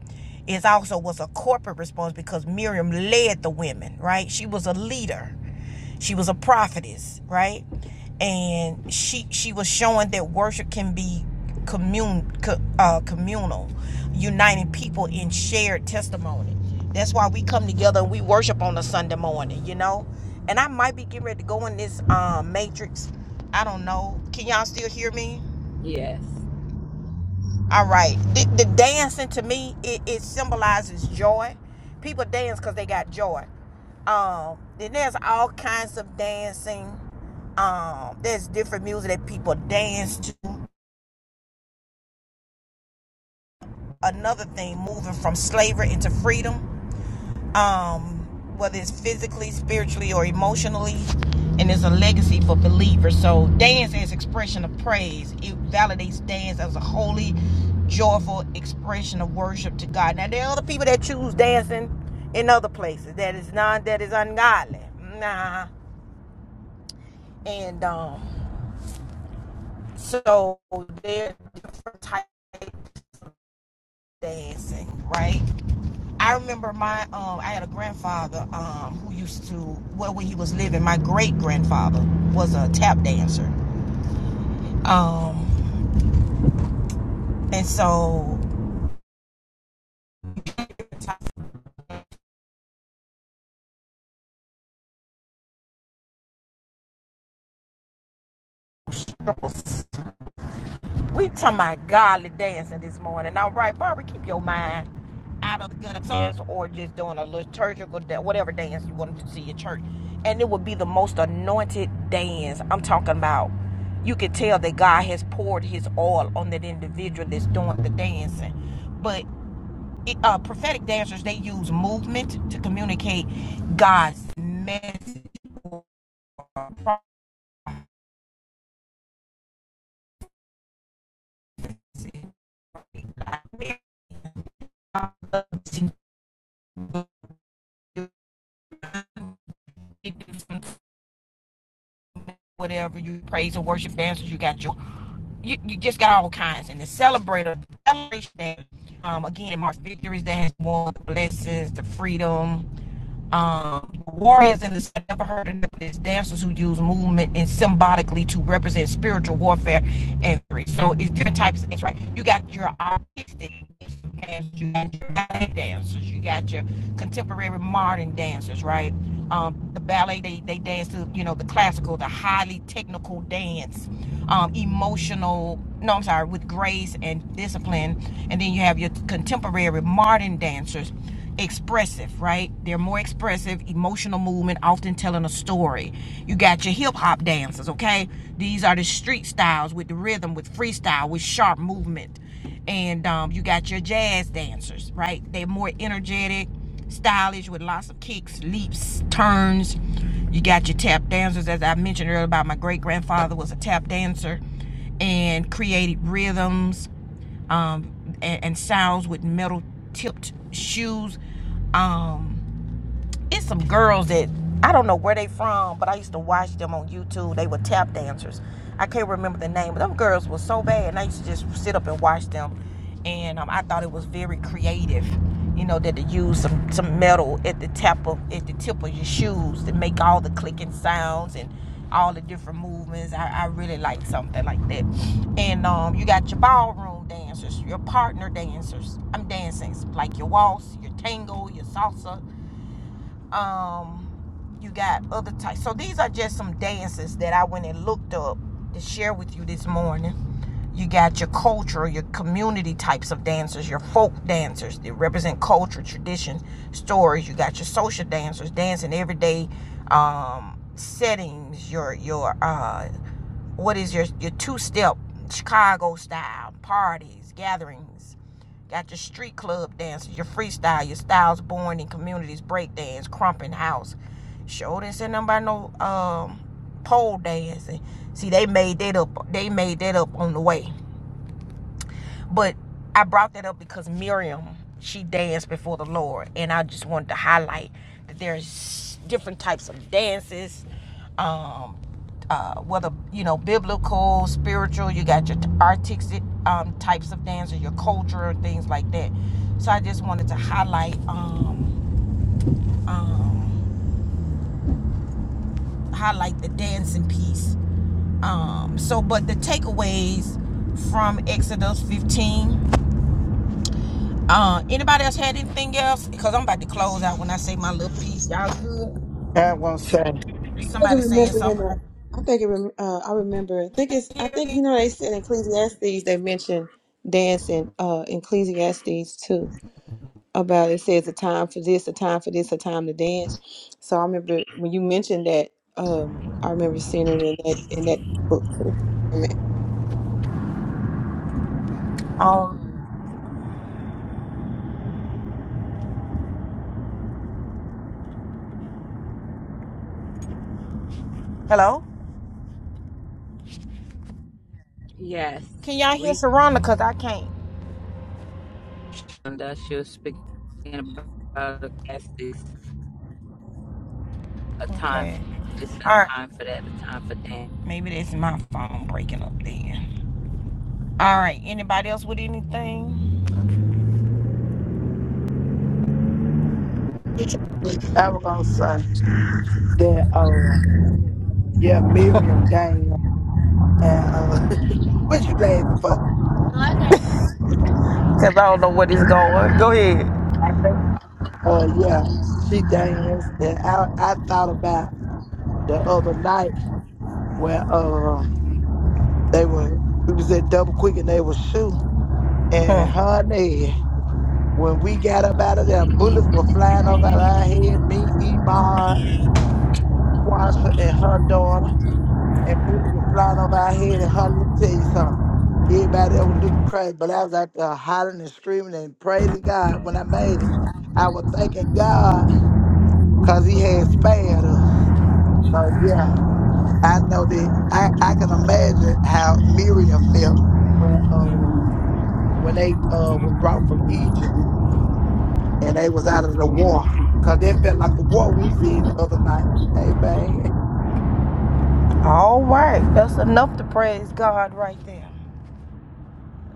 Speaker 1: It also was a corporate response because Miriam led the women, right? She was a leader. She was a prophetess, right? And she she was showing that worship can be commune co- uh, communal, uniting people in shared testimony. That's why we come together and we worship on a Sunday morning, you know. And I might be getting ready to go in this um, matrix I don't know. Can y'all still hear me?
Speaker 2: Yes.
Speaker 1: All right. The, the dancing to me, it, it symbolizes joy. People dance because they got joy. Um, then there's all kinds of dancing. Um, there's different music that people dance to. Another thing, moving from slavery into freedom. um, whether it's physically, spiritually, or emotionally, and it's a legacy for believers. So, dance is expression of praise, it validates dance as a holy, joyful expression of worship to God. Now, there are other people that choose dancing in other places. That is not that is ungodly. Nah, and um, so there are different types of dancing, right? I remember my um I had a grandfather um who used to well when he was living, my great grandfather was a tap dancer. Um and so we talking about godly dancing this morning. All right, Barbara, keep your mind out of the gutter dance or just doing a liturgical da- whatever dance you want to see at church. And it would be the most anointed dance. I'm talking about you could tell that God has poured his oil on that individual that's doing the dancing. But uh, prophetic dancers they use movement to communicate God's message, whatever you praise and worship dancers. You got your you, you just got all kinds and the celebrator celebration dance, um again it marks victories that has won the blessings the freedom um warriors in this i have never heard of this dancers who use movement and symbolically to represent spiritual warfare and victory so it's different types of things right you got your artistic dancers, you got your ballet dancers, you got your contemporary modern dancers, right? Um, the ballet, they, they dance to, you know, the classical, the highly technical dance, um, emotional, no, I'm sorry, with grace and discipline. And then you have your contemporary modern dancers, expressive, right? They're more expressive, emotional movement, often telling a story. You got your hip hop dancers, okay? These are the street styles with the rhythm, with freestyle, with sharp movement and um, you got your jazz dancers, right? They're more energetic, stylish with lots of kicks, leaps, turns. You got your tap dancers, as I mentioned earlier about my great grandfather was a tap dancer and created rhythms um, and, and sounds with metal tipped shoes. Um, it's some girls that I don't know where they from, but I used to watch them on YouTube. They were tap dancers. I can't remember the name, but them girls were so bad, and I used to just sit up and watch them. And um, I thought it was very creative, you know, that to use some, some metal at the tap of at the tip of your shoes to make all the clicking sounds and all the different movements. I, I really like something like that. And um, you got your ballroom dancers, your partner dancers. I'm dancing like your waltz, your tango, your salsa, um, you got other types. So these are just some dances that I went and looked up to share with you this morning. You got your culture, your community types of dancers, your folk dancers that represent culture, tradition, stories. You got your social dancers, dancing everyday um, settings. Your your uh, what is your your two step Chicago style parties, gatherings. Got your street club dances, your freestyle, your styles born in communities, breakdance, crumping house. Sure didn't send them by no um pole dancing. See, they made that up. They made that up on the way. But I brought that up because Miriam, she danced before the Lord, and I just wanted to highlight that there's different types of dances. Um, uh, whether you know biblical, spiritual, you got your artistic um, types of dance or your culture and things like that. So I just wanted to highlight um, um, highlight the dancing piece. Um, so, but the takeaways from Exodus 15. Uh, anybody else had anything else? Because I'm about to close out when I say my little piece. Y'all good?
Speaker 8: I won't say.
Speaker 6: think I can
Speaker 1: Somebody saying
Speaker 6: remember in
Speaker 1: something.
Speaker 6: the,
Speaker 1: I
Speaker 6: I think it, rem- uh, I remember. I think it's. I think you know they said in Ecclesiastes they mentioned dancing. Uh, in Ecclesiastes too about it says a time for this, a time for this, a time to dance. So I remember when you mentioned that. Um, I remember seeing it in that in that book too. Amen.
Speaker 1: Um, hello?
Speaker 2: Yes.
Speaker 1: Can y'all hear
Speaker 2: We
Speaker 1: Saranda? Because I can't.
Speaker 2: and uh, she was speaking about a time for
Speaker 1: Okay.
Speaker 2: this, a
Speaker 1: All right.
Speaker 2: time for that, a time for that.
Speaker 1: Maybe that's my phone breaking up then. All right. Anybody else with anything?
Speaker 8: I was gonna say that. Um, yeah, Miriam, Daniel, and uh, what you laughing for? No, I can't.
Speaker 1: Because I don't know what is going Go ahead.
Speaker 8: I said, Uh, yeah, she danced. And I I thought about the other night when uh they were we was at Double Quick and they was shooting and
Speaker 1: Hmm.
Speaker 8: honey. When we got up out of there, bullets were flying over our head. Me, Iman, Quasha, and her daughter. and bully was flying over our head and hollering. Let me tell you something. Everybody else was looking crazy, but I was out there hollering and screaming and praising God when I made it. I was thanking God because He had spared us. So yeah, I know that I, I can imagine how Miriam felt when um when they uh was brought from Egypt and they was out of the war. Cause they felt like a war we was in the other night. Amen.
Speaker 1: All right. That's enough to praise God right there.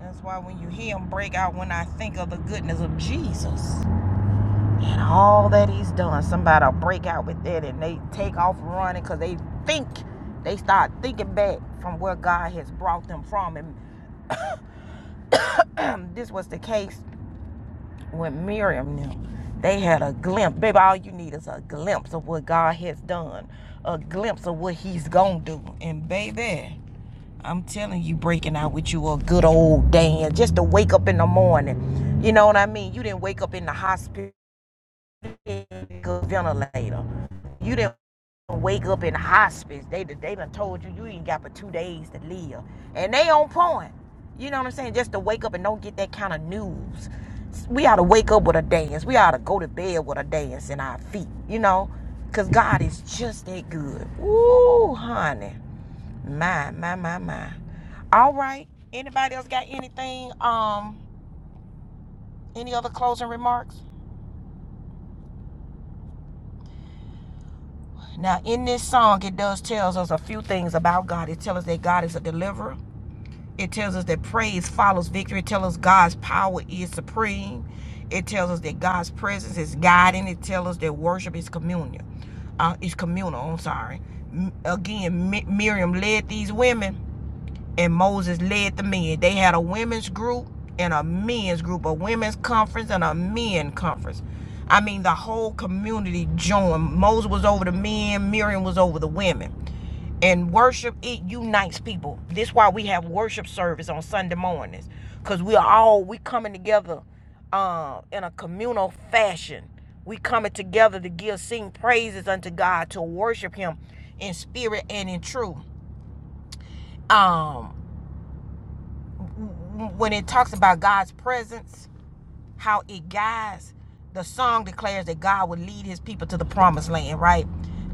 Speaker 1: That's why when you hear him break out, when I think of the goodness of Jesus. and all that he's done. Somebody'll break out with that and they take off running because they think they start thinking back from where God has brought them from. And this was the case with Miriam now. They had a glimpse. Baby, all you need is a glimpse of what God has done. A glimpse of what he's gonna do. And baby, I'm telling you, breaking out with you a good old dance Just to wake up in the morning. You know what I mean? You didn't wake up in the hospital ventilator. You didn't wake up in the hospice. They they done told you you ain't got but two days to live, and they on point. You know what I'm saying? Just to wake up and don't get that kind of news. We ought to wake up with a dance. We ought to go to bed with a dance in our feet. You know, cause God is just that good. Ooh, honey, my my my my. All right. Anybody else got anything? Um, any other closing remarks? Now, in this song, it does tells us a few things about God. It tells us that God is a deliverer. It tells us that praise follows victory. It tells us God's power is supreme. It tells us that God's presence is guiding. It tells us that worship is communion. Uh, is communal. I'm sorry. M- again, Mi- Miriam led these women and Moses led the men. They had a women's group and a men's group, a women's conference and a men conference. I mean, the whole community joined. Moses was over the men, Miriam was over the women. And worship, it unites people. This is why we have worship service on Sunday mornings. Because we are all, we coming together uh, in a communal fashion. We coming together to give, sing praises unto God, to worship him in spirit and in truth. Um, when it talks about God's presence, how it guides, the song declares that God will lead his people to the promised land, right?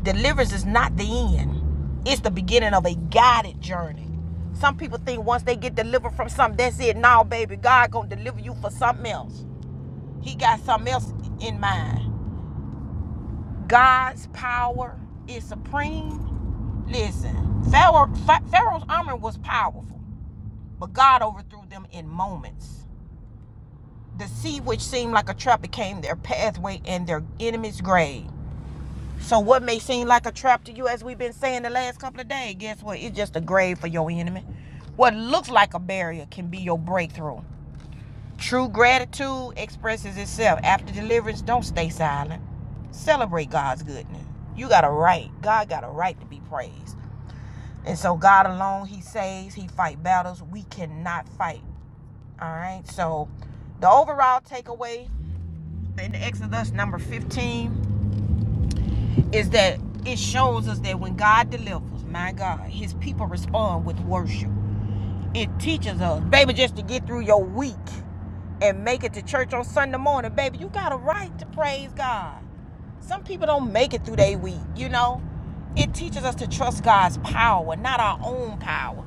Speaker 1: Deliverance is not the end, it's the beginning of a guided journey. Some people think once they get delivered from something, that's it. No, baby, God gonna deliver you for something else. He got something else in mind. God's power is supreme. Listen, Pharaoh, Pharaoh's armor was powerful, but God overthrew them in moments. The sea which seemed like a trap became their pathway and their enemy's grave. So what may seem like a trap to you, as we've been saying the last couple of days, guess what? It's just a grave for your enemy. What looks like a barrier can be your breakthrough. True gratitude expresses itself after deliverance. Don't stay silent. Celebrate God's goodness. You got a right. God got a right to be praised. And so God alone, He saves, He fights battles. We cannot fight. All right. So the overall takeaway in Exodus number 15 is that it shows us that when God delivers, my God, his people respond with worship. It teaches us, baby, just to get through your week and make it to church on Sunday morning, baby, you got a right to praise God. Some people don't make it through their week, you know? It teaches us to trust God's power, not our own power.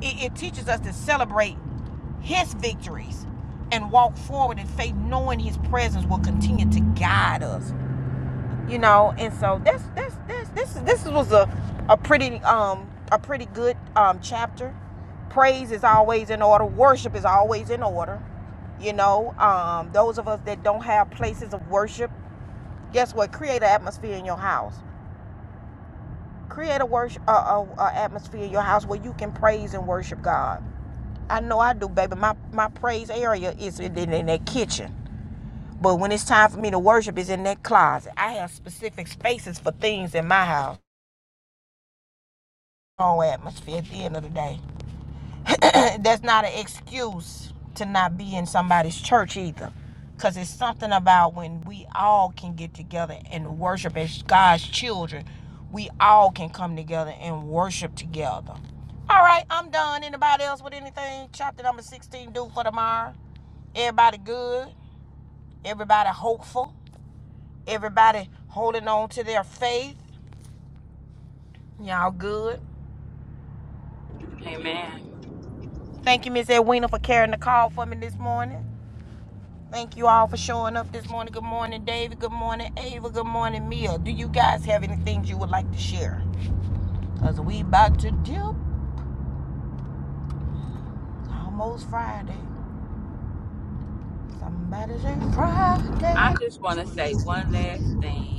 Speaker 1: It, it teaches us to celebrate his victories and walk forward in faith, knowing his presence will continue to guide us. you know and so that's that's that's this this was a a pretty um a pretty good um chapter praise is always in order worship is always in order you know um those of us that don't have places of worship guess what create an atmosphere in your house create a worship uh, uh, uh, atmosphere in your house where you can praise and worship god i know i do baby my my praise area is in, in in that kitchen but when it's time for me to worship it's in that closet i have specific spaces for things in my house own atmosphere at the end of the day. That's not an excuse to not be in somebody's church either. Because it's something about when we all can get together and worship as God's children. We all can come together and worship together. All right, I'm done. Anybody else with anything? Chapter number 16 due for tomorrow. Everybody good. Everybody hopeful. Everybody holding on to their faith. Y'all good.
Speaker 2: Amen.
Speaker 1: Thank you, Miss Edwina, for carrying the call for me this morning. Thank you all for showing up this morning. Good morning, David. Good morning, Ava. Good morning, Mia. Do you guys have any things you would like to share? Cause we about to dip. It's Almost Friday. Somebody say Friday.
Speaker 2: I just want to say one last thing.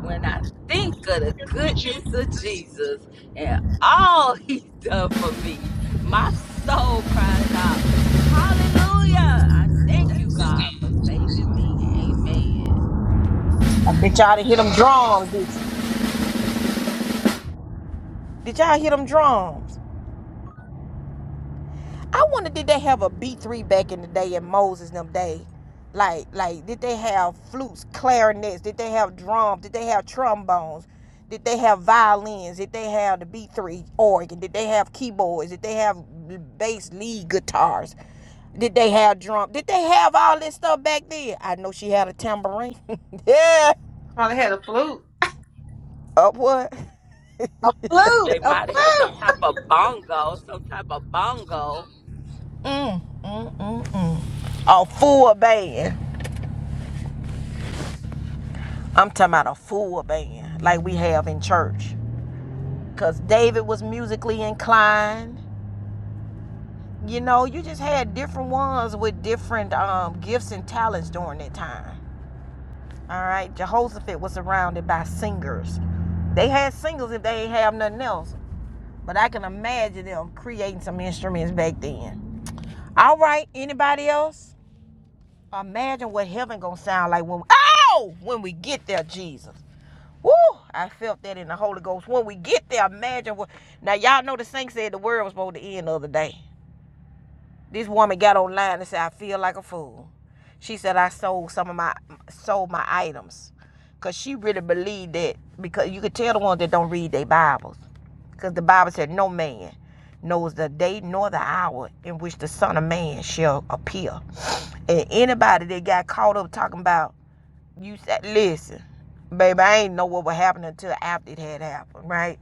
Speaker 2: When I think of the
Speaker 7: with you.
Speaker 2: goodness of Jesus and all he's done for me, my soul cries out, Hallelujah! I thank you, God, for saving me. Amen.
Speaker 1: I bet y'all done hit them drums. Did, did y'all hit them drums? I wonder did they have a B three back in the day in Moses them day? Like like did they have flutes, clarinets, did they have drums, did they have trombones, did they have violins, did they have the B three organ, did they have keyboards, did they have bass lead guitars? Did they have drum? Did they have all this stuff back then? I know she had a tambourine. yeah.
Speaker 6: Probably had a flute.
Speaker 1: Up what?
Speaker 6: A flute,
Speaker 2: They
Speaker 6: a
Speaker 2: might have had
Speaker 6: flute.
Speaker 2: some type of bongo, some type of bongo.
Speaker 1: Mm, mm, mm, mm. A full band. I'm talking about a full band like we have in church. because David was musically inclined. You know, you just had different ones with different um, gifts and talents during that time. All right, Jehoshaphat was surrounded by singers. They had singers if they ain't have nothing else, but I can imagine them creating some instruments back then. All right, anybody else? Imagine what heaven gonna sound like when we, oh when we get there, Jesus. Woo! I felt that in the Holy Ghost. When we get there, imagine what. Now y'all know the saint said the world was supposed to end the other day. This woman got online and said, "I feel like a fool." She said, "I sold some of my sold my items," cause she really believed that. Because you could tell the ones that don't read their Bibles, cause the Bible said, "No man knows the day nor the hour in which the Son of Man shall appear." And anybody that got caught up talking about you said, "Listen, baby, I ain't know what would happen until after it had happened, right?"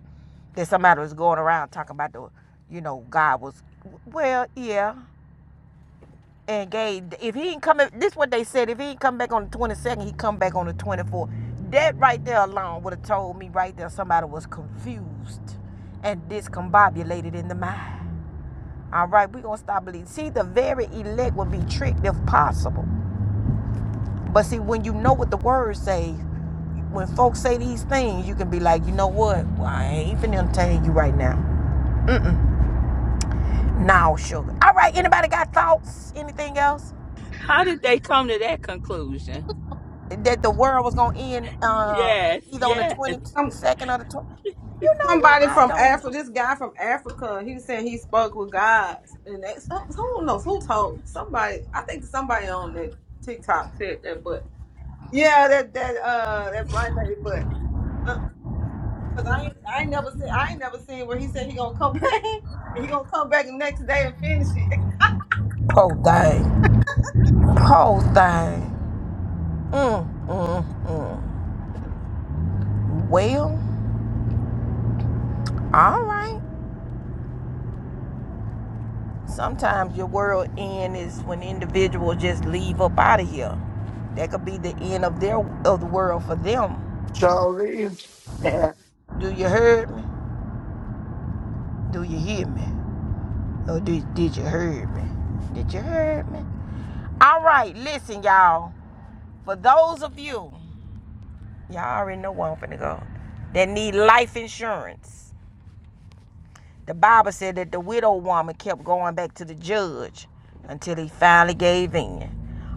Speaker 1: That somebody was going around talking about the, you know, God was, well, yeah and Gabe, if he ain't coming, this is what they said. If he ain't come back on the 22nd, he come back on the 24th. That right there alone would have told me right there somebody was confused and discombobulated in the mind. All right, we gonna stop believing. See, the very elect would be tricked if possible. But see, when you know what the word say, when folks say these things, you can be like, you know what? Well, I ain't even entertain you right now. Mm-mm. Now, sugar. All right, anybody got thoughts? Anything else?
Speaker 2: How did they come to that conclusion?
Speaker 1: that the world was gonna end uh,
Speaker 2: Yes,
Speaker 1: either on the
Speaker 2: yes.
Speaker 1: twenty
Speaker 6: I'm
Speaker 1: second or the twenty. You know what?
Speaker 6: Somebody
Speaker 1: I
Speaker 6: from
Speaker 1: don't
Speaker 6: Africa,
Speaker 1: know.
Speaker 6: this guy from Africa, he was saying he spoke with God, and that's who knows who told somebody. I think somebody on that TikTok said that, but yeah, that that uh that bright lady, but uh, cause I ain't I ain't never seen I ain't never seen where he said he gonna come back, and he gonna come back the next day and finish it.
Speaker 1: Whole thing. Whole thing. Mm, mm, mm. Well, all right. Sometimes your world end is when individuals just leave up out of here. That could be the end of their of the world for them.
Speaker 8: Charlie. Yeah.
Speaker 1: Do you hear me? Do you hear me? Or did, did you hear me? Did you hear me? All right, listen, y'all. For those of you Y'all already know where I'm finna go. That need life insurance. The Bible said that the widow woman kept going back to the judge until he finally gave in.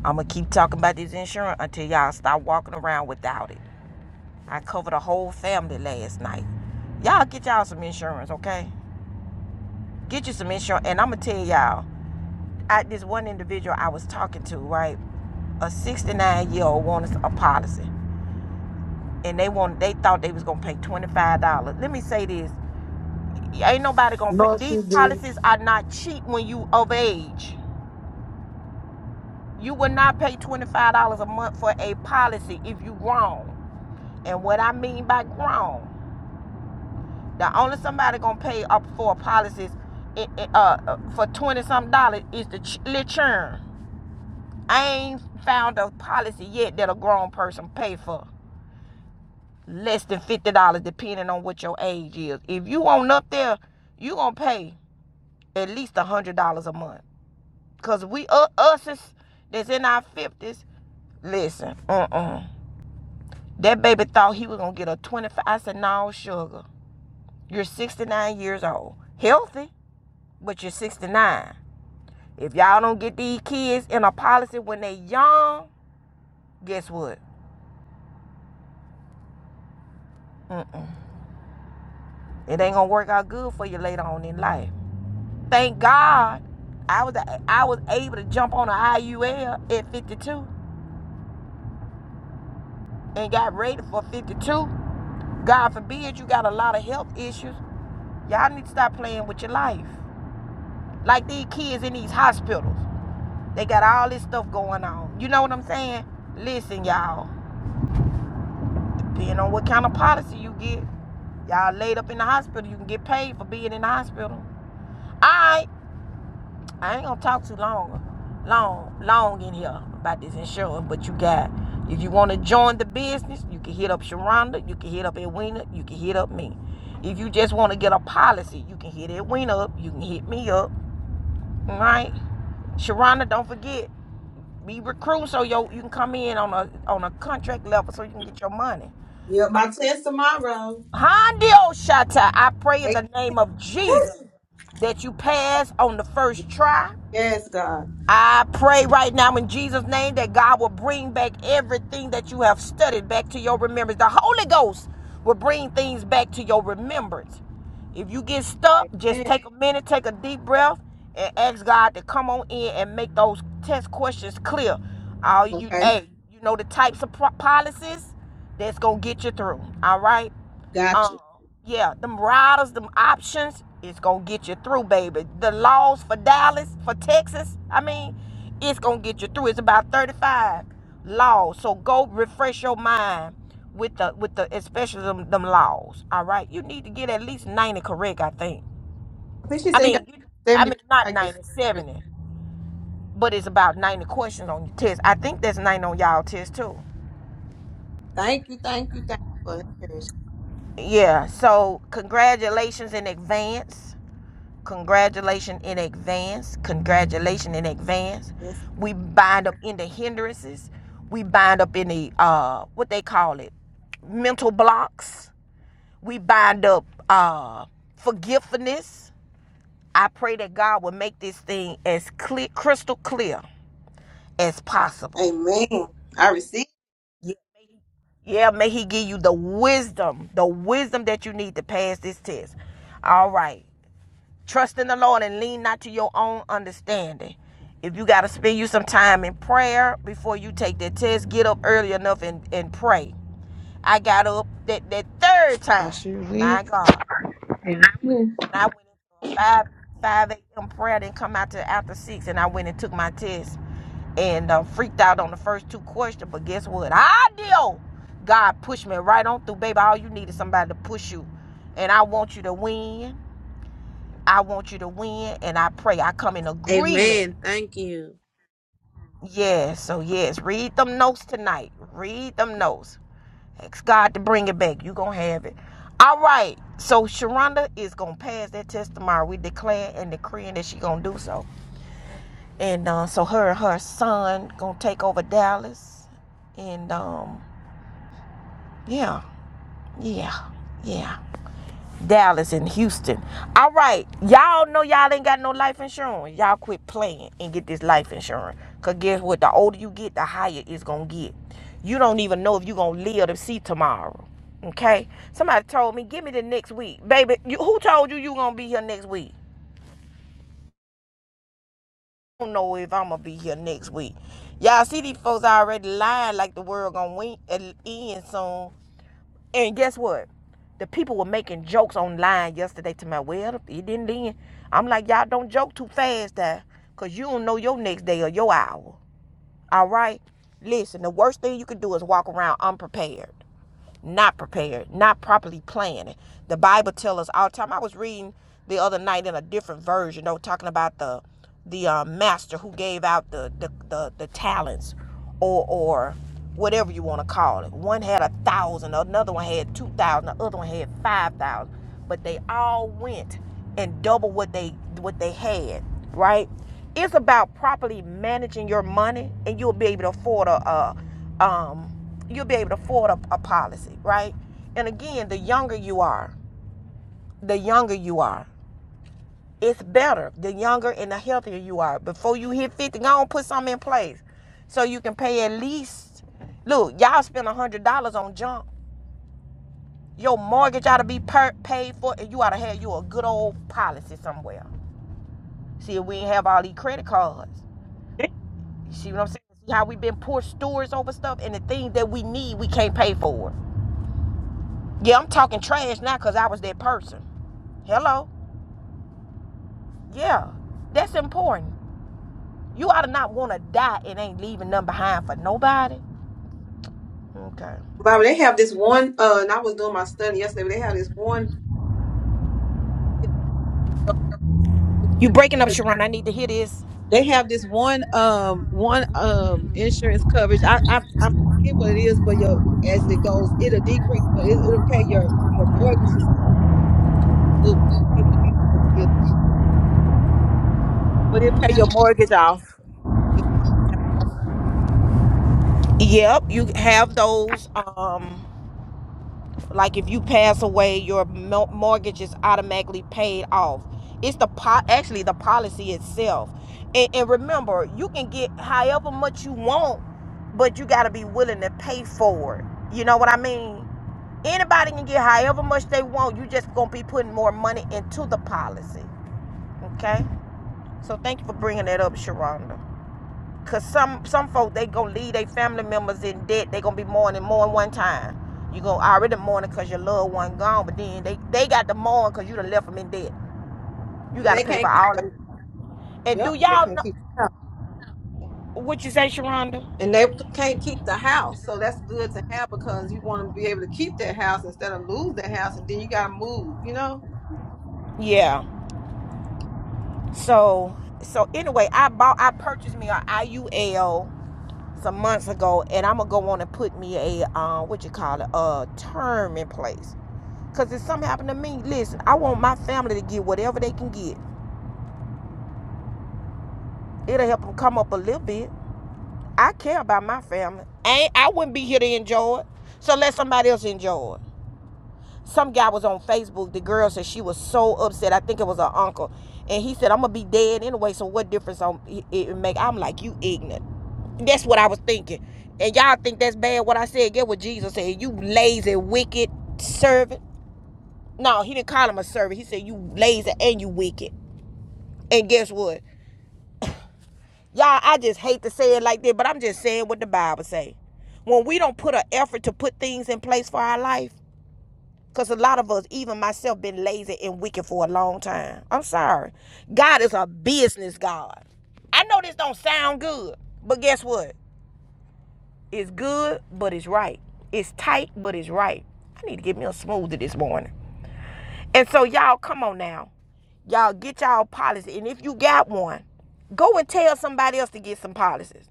Speaker 1: I'ma keep talking about this insurance until y'all stop walking around without it. I covered a whole family last night. Y'all get y'all some insurance, okay? Get you some insurance, and I'ma tell y'all. I, this one individual I was talking to, right? A 69 year old wanted a policy, and they wanted, they thought they was gonna pay $25. Let me say this Ain't nobody gonna pay.
Speaker 8: No,
Speaker 1: These
Speaker 8: she did.
Speaker 1: policies are not cheap when you of age. You will not pay twenty five dollars a month for a policy if you grown. And what I mean by grown, the only somebody gonna pay up for policies i- i- uh, uh, for twenty some dollars is the ch- little churn. I ain't found a policy yet that a grown person pay for less than fifty dollars, depending on what your age is. If you on up there, you gonna pay at least a hundred dollars a month Cause we uh, us is, that's in our fifties. Listen, uh uh That baby thought he was gonna get a twenty five. I said, no, sugar. You're sixty nine years old, healthy, but you're sixty nine. If y'all don't get these kids in a policy when they young, guess what? Mm mm. It ain't gonna work out good for you later on in life. Thank God, I was I was able to jump on an IUL at 52 and got rated for 52. God forbid you got a lot of health issues Y'all need to stop playing with your life. Like these kids in these hospitals, they got all this stuff going on. You know what I'm saying? Listen, y'all. Depending on what kind of policy you get, y'all laid up in the hospital, you can get paid for being in the hospital. All right, I ain't gonna talk too long, long, long in here about this insurance. But you got, if you want to join the business, you can hit up Sharonda, you can hit up Edwina, you can hit up me. If you just want to get a policy, you can hit Edwina up, you can hit me up. All right? Sharana, don't forget, be recruiting so yo you can come in on a on a contract level so you can get your money.
Speaker 6: Yeah, my test tomorrow.
Speaker 1: Handio Shata, I pray in
Speaker 6: Hey,
Speaker 1: the name of Jesus that you pass on the first try.
Speaker 6: yes, God.
Speaker 1: I pray right now in Jesus' name that God will bring back everything that you have studied back to your remembrance. The Holy Ghost will bring things back to your remembrance. If you get stuck, just
Speaker 6: Amen.
Speaker 1: take a minute, take a deep breath, and ask God to come on in and make those test questions clear. Uh, you,
Speaker 6: Okay,
Speaker 1: hey, you know the types of pro- policies that's gonna get you through. All right.
Speaker 6: got
Speaker 1: Um,
Speaker 6: you.
Speaker 1: yeah, them riders, them options, it's gonna get you through, baby. The laws for Dallas, for Texas, I mean, it's gonna get you through. It's about 35 laws. So go refresh your mind with the with the especially them, them laws. All right. You need to get at least 90 correct, I think.
Speaker 6: I think she
Speaker 1: I
Speaker 6: said you got
Speaker 1: mean you- I
Speaker 6: seventy.
Speaker 1: mean not
Speaker 6: I guess.
Speaker 1: 90, 70, But it's about 90 questions on your test. I think that's 90 on y'all test too.
Speaker 6: Thank you, thank you, thank you for encouragement.
Speaker 1: Yeah. So congratulations in advance Congratulations in advance. Congratulations in advance. We bind up in the hindrances. We bind up in the uh what they call it, mental blocks. We bind up uh forgiveness. I pray that God will make this thing as clear, crystal clear as possible.
Speaker 6: Amen. I receive.
Speaker 1: Yeah. Yeah, may He give you the wisdom, the wisdom that you need to pass this test. All right. Trust in the Lord and lean not to your own understanding. If you got to spend you some time in prayer before you take that test, get up early enough and, and pray. I got up that, that third
Speaker 6: I
Speaker 1: time,
Speaker 6: sure will.
Speaker 1: my God,
Speaker 6: Amen.
Speaker 1: and I went into a 5, 5 a.m. prayer, then come out to after 6, and I went and took my test and uh, freaked out on the first two questions. But guess what? I deal. God pushed me right on through, baby. All you need is somebody to push you. And I want you to win. I want you to win and I pray I come in agreement.
Speaker 6: Amen. Thank you.
Speaker 1: Yeah, so yes, read them notes tonight. Read them notes. Ask God to bring it back. you going to have it. All right. So Sharonda is going to pass that test tomorrow. We declare and decreeing that she going to do so. And uh, so her and her son going to take over Dallas. And um, yeah, yeah, yeah. Dallas and Houston. All right, y'all know y'all ain't got no life insurance. Y'all quit playing and get this life insurance. Cause guess what? The older you get, the higher it's gonna get. You don't even know if you gonna live to see tomorrow. Okay? Somebody told me, give me the next week, baby. You, who told you you gonna be here next week? I don't know if I'm gonna be here next week. Y'all see these folks already lying like the world gonna end soon And guess what? The people were making jokes online yesterday to my well, it didn't end. I'm like, y'all don't joke too fast there, cause you don't know your next day or your hour. All right? Listen, the worst thing you can do is walk around unprepared not prepared, not properly planning. The Bible tells us all the time. I was reading the other night in a different version, though, talking about the the uh, master who gave out the the, the, the talents or or whatever you want to call it. One had a thousand, another one had two thousand, the other one had five thousand. But they all went and double what they what they had, right? It's about properly managing your money, and you'll be able to afford a, a um you'll be able to afford a, a policy, right? And again, the younger you are, the younger you are, it's better. The younger and the healthier you are. Before you hit 50, go on put something in place so you can pay at least. Look, y'all spend $100 on junk. Your mortgage ought to be per- paid for, and you ought to have you a good old policy somewhere. See, if we ain't have all these credit cards.
Speaker 6: it.
Speaker 1: You see what I'm saying? See how we been poor stewards over stuff, and the things that we need, we can't pay for. Yeah, I'm talking trash now because I was that person. Hello? Yeah, that's important. You ought to not want to die and ain't leaving nothing behind for nobody. Okay.
Speaker 6: Bible, they have this one. Uh, and I was doing my study yesterday. But they have this one.
Speaker 1: You breaking up, Sharon. I need to hear this.
Speaker 6: They have this one um one um insurance coverage. I I, I forget what it is, but your as it goes, it'll decrease, but it, it'll pay your your mortgage. Is good. I forget what it is, But it'll pay your mortgage off.
Speaker 1: Yep, you have those. Um, like if you pass away, your mortgage is automatically paid off. It's the po- actually the policy itself. And, and remember, you can get however much you want, but you got to be willing to pay for it. You know what I mean? Anybody can get however much they want. You just gonna be putting more money into the policy. Okay. So thank you for bringing that up, Sharonda. Cause some some folk they gonna leave their family members in debt. They gonna be mourning more than one time. You gonna already mourning cause your loved one gone, but then they they got to mourn cause you done left them in debt. You
Speaker 6: And
Speaker 1: gotta
Speaker 6: they
Speaker 1: pay for
Speaker 6: can't keep
Speaker 1: all of it. And do
Speaker 6: Yep, they can
Speaker 1: y'all
Speaker 6: not
Speaker 1: know
Speaker 6: keep. it up.
Speaker 1: what you say, Sharonda?
Speaker 6: and they can't keep the house. So that's good to have because you want to be able to keep that house instead of lose that house and then you gotta move, you know?
Speaker 1: Yeah. So so anyway, I bought I purchased me a IUL some months ago, and I'm gonna go on and put me a uh, what you call it a term in place. Cause if something happened to me, listen, I want my family to get whatever they can get. It'll help them come up a little bit. I care about my family. Ain't I wouldn't be here to enjoy it. So let somebody else enjoy it. Some guy was on Facebook. The girl said she was so upset. I think it was her uncle, and he said, "I'm gonna be dead anyway. So what difference on it make?" I'm like, "You ignorant." That's what I was thinking. And y'all think that's bad what I said. Get what Jesus said. You lazy, wicked servant. No, he didn't call him a servant. He said you lazy and you wicked. And guess what? Y'all, I just hate to say it like that, but I'm just saying what the Bible say. When we don't put an effort to put things in place for our life, because a lot of us, even myself, been lazy and wicked for a long time. I'm sorry. God is a business God. I know this don't sound good, but guess what? It's good, but it's right. It's tight, but it's right. I need to get me a smoothie this morning. And so y'all, come on now. Y'all get y'all policy. And if you got one, go and tell somebody else to get some policies.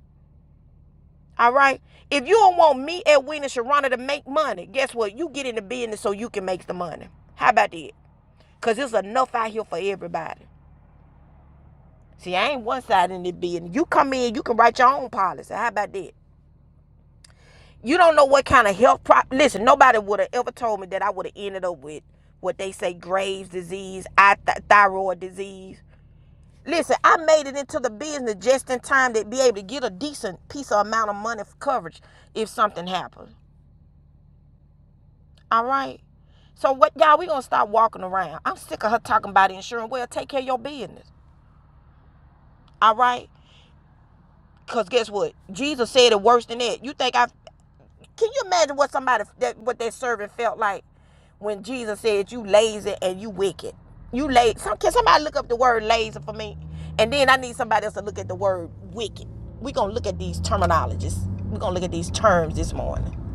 Speaker 1: All right? If you don't want me, Edwin, and Sharona to make money, guess what? You get in the business so you can make the money. How about that? Because there's enough out here for everybody. See, I ain't one side in the business. You come in, you can write your own policy. How about that? You don't know what kind of health prop. Listen, nobody would have ever told me that I would have ended up with what they say Graves' disease, I th- thyroid disease. Listen, I made it into the business just in time to be able to get a decent piece of amount of money for coverage if something happened. All right. So what, y'all? We gonna stop walking around. I'm sick of her talking about insurance. Well, take care of your business. All right. Cause guess what? Jesus said it worse than that. You think I? Can you imagine what somebody that what that servant felt like when Jesus said, "You lazy and you wicked." You lazy. Some, can somebody look up the word lazy for me? And then I need somebody else to look at the word wicked. We're gonna look at these terminologies. We're gonna look at these terms this morning.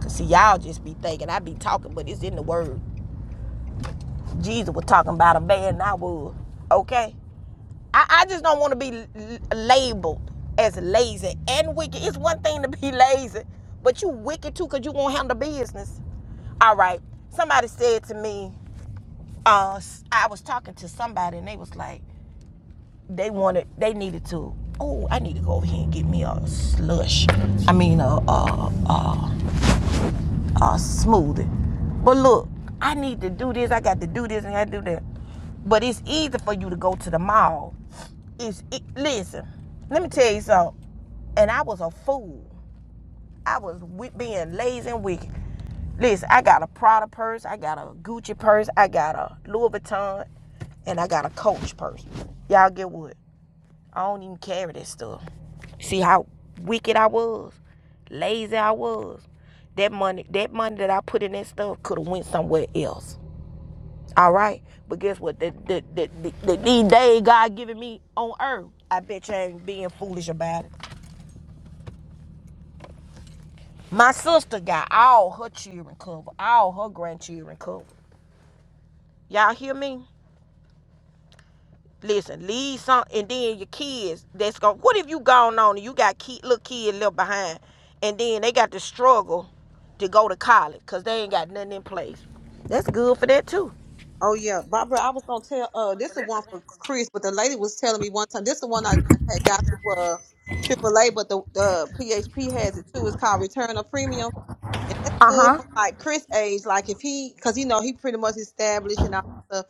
Speaker 1: Cause see, y'all just be thinking I be talking, but it's in the word. Jesus was talking about a man, I was. Okay. I, I just don't want to be l- labeled as lazy and wicked. It's one thing to be lazy, but you wicked too because you won't handle business. All right. Somebody said to me, uh, s- I was talking to somebody and they was like, they wanted, they needed to, oh, I need to go over here and get me a slush. I mean, a, a, uh, smoothie. But look, I need to do this. I got to do this and I do that. But it's easy for you to go to the mall. It's it, listen. Let me tell you something. And I was a fool. I was being lazy and wicked. Listen, I got a Prada purse. I got a Gucci purse. I got a Louis Vuitton, and I got a Coach purse. Y'all get what? I don't even carry that stuff. See how wicked I was, lazy I was. That money, that money that I put in that stuff could have went somewhere else. All right, but guess what? The, the, the, the, the, these days God giving me on earth, I bet you ain't being foolish about it. My sister got all her children covered, all her grandchildren covered. Y'all hear me? Listen, leave some, and then your kids. That's going. What if you gone on and you got kid, little kid left behind, and then they got to struggle to go to college because they ain't got nothing in place. That's good for that too.
Speaker 6: Oh yeah, Barbara. I was gonna tell. Uh, this is one for Chris, but the lady was telling me one time. This is the one I I had got through uh AAA, but the the PHP has it too. It's called Return of Premium. And that's good for like Chris age. Like if he, cause you know he pretty much established and all that stuff,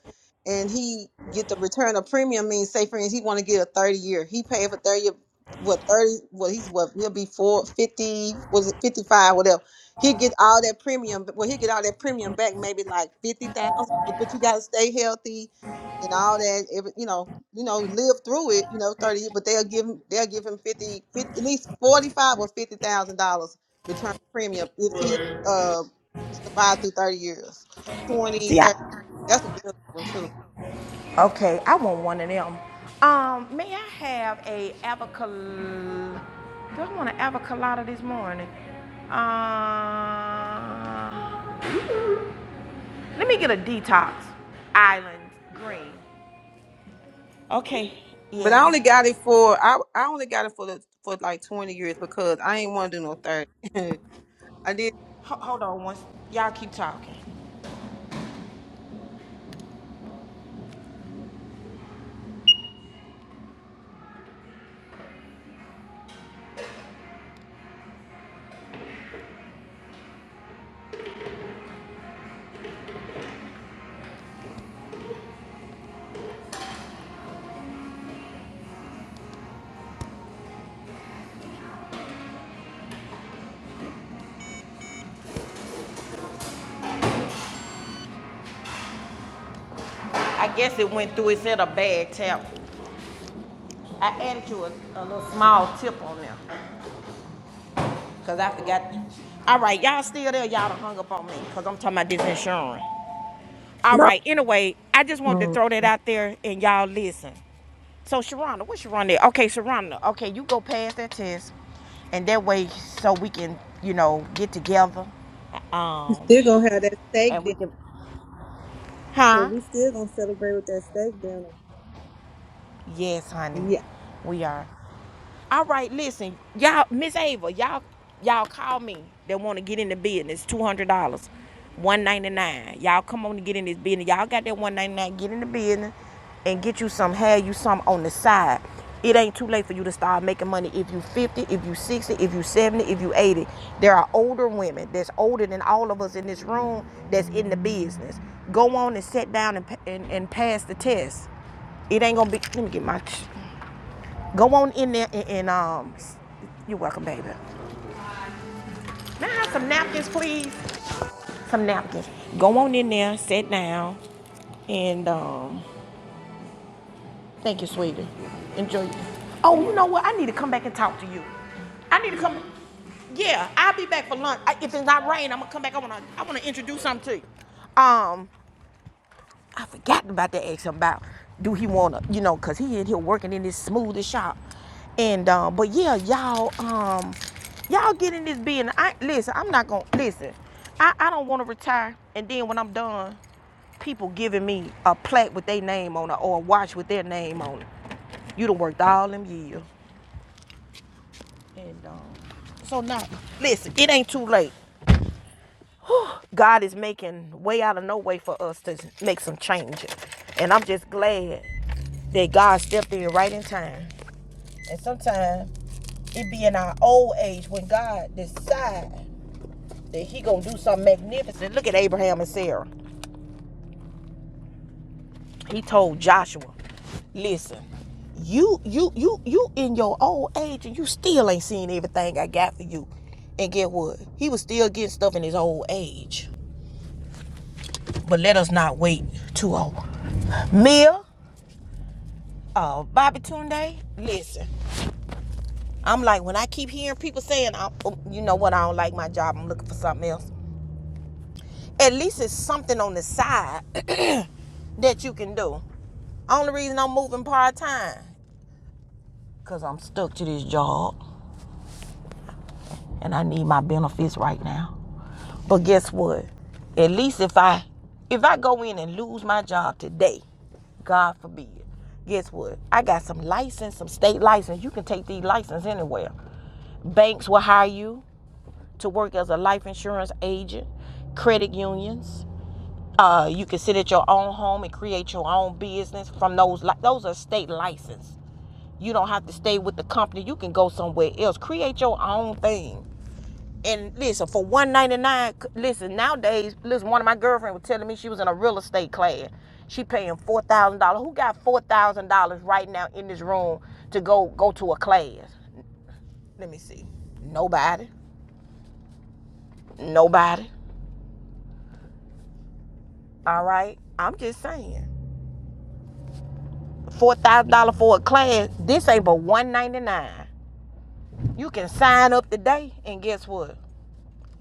Speaker 6: and he get the return of premium. Means say for instance he want to get a thirty year. He paid for thirty. year- What thirty? What he's what he'll be four fifty. Was it fifty five? Whatever. He get all that premium. Well, he get all that premium back. Maybe like fifty thousand. But you gotta stay healthy and all that. Every, you know, you know, live through it. You know, thirty. But they'll give him. They'll give him 50, 50 at least forty five or fifty thousand dollars return premium if he uh survived through 30 years 20
Speaker 1: See,
Speaker 6: 30. that's a real one too
Speaker 1: Okay, I want one of them. Um, may I have a avocado? Do I want an avocado this morning? Uh, let me get a detox island green. Okay.
Speaker 6: but i
Speaker 1: Yeah.
Speaker 6: only got it for i i only got it for the for like 20 years because i ain't want to do no 30 i did
Speaker 1: Hold on once. Y'all keep talking. I guess it went through. It said a bad tap. I added you a, a little small tip on there. Because I forgot. All right, y'all still there. Y'all done hung up on me. Because I'm talking about this insurance. All
Speaker 6: No.
Speaker 1: right, anyway, I just wanted to
Speaker 6: Mm.
Speaker 1: throw that out there and y'all listen. So, Sharonda, what's Sharonda? Okay, Sharonda, okay, you go pass that test. And that way, so we can, you know, get together. Um,
Speaker 6: Still gonna have that steak
Speaker 1: and we
Speaker 6: dinner.
Speaker 1: can.
Speaker 6: So
Speaker 1: Huh?
Speaker 6: we still gonna celebrate with that steak dinner.
Speaker 1: Yes, honey.
Speaker 6: Yeah.
Speaker 1: We are. All right, listen, y'all, Miss Ava, y'all, y'all call me They want to get in the business. Two hundred dollars, one ninety nine. Y'all come on to get in this business. Y'all got that one ninety nine. Get in the business and get you some. Have you some on the side. It ain't too late for you to start making money. If you fifty, if you sixty, if you seventy, if you eighty, there are older women that's older than all of us in this room that's in the business. Go on and sit down and and, and pass the test. It ain't gonna be. Let me get my Go on in there and, and um, you're welcome, baby. Now, have some napkins, please? Some napkins. Go on in there, sit down, and um, thank you, sweetie. Enjoy. Oh, you know what? I need to come back and talk to you. I need to come. Yeah, I'll be back for lunch. I, if it's not rain, I'm gonna come back. I wanna, I wanna introduce something to you. Um, I forgot about to ask him about do he wanna, you know, cause he in here working in this smoothie shop. And um, but yeah, y'all, um, y'all get in this business. I listen, I'm not gonna listen. I, I don't wanna retire and then when I'm done, people giving me a plaque with their name on it or a watch with their name on it. You done worked all them years. And um, so now, listen, it ain't too late. God is making way out of no way for us to make some changes. And I'm just glad that God stepped in right in time. And sometimes it be in our old age when God decide that he gonna do something magnificent. Look at Abraham and Sarah. He told Joshua, listen, you you you you in your old age and you still ain't seen everything I got for you. And get what? He was still getting stuff in his old age. But let us not wait too old. Mia Oh, Bobby Tunde, listen. I'm like, when I keep hearing people saying, oh, you know what, I don't like my job, I'm looking for something else. At least it's something on the side that you can do. Only reason I'm moving part time, because I'm stuck to this job and I need my benefits right now. But guess what? At least if I if I go in and lose my job today, God forbid, guess what? I got some license, some state license. You can take these license anywhere. Banks will hire you. to work as a life insurance agent, credit unions. Uh, you can sit at your own home and create your own business from those. those are state license. You don't have to stay with the company. You can go somewhere else. Create your own thing. And listen, for one ninety nine. Listen, nowadays, listen. One of my girlfriends was telling me she was in a real estate class. She paying four thousand dollars. Who got four thousand dollars right now in this room to go go to a class? Let me see. Nobody. Nobody. All right. I'm just saying. Four thousand dollar for a class. This ain't but one ninety nine. You can sign up today, and guess what?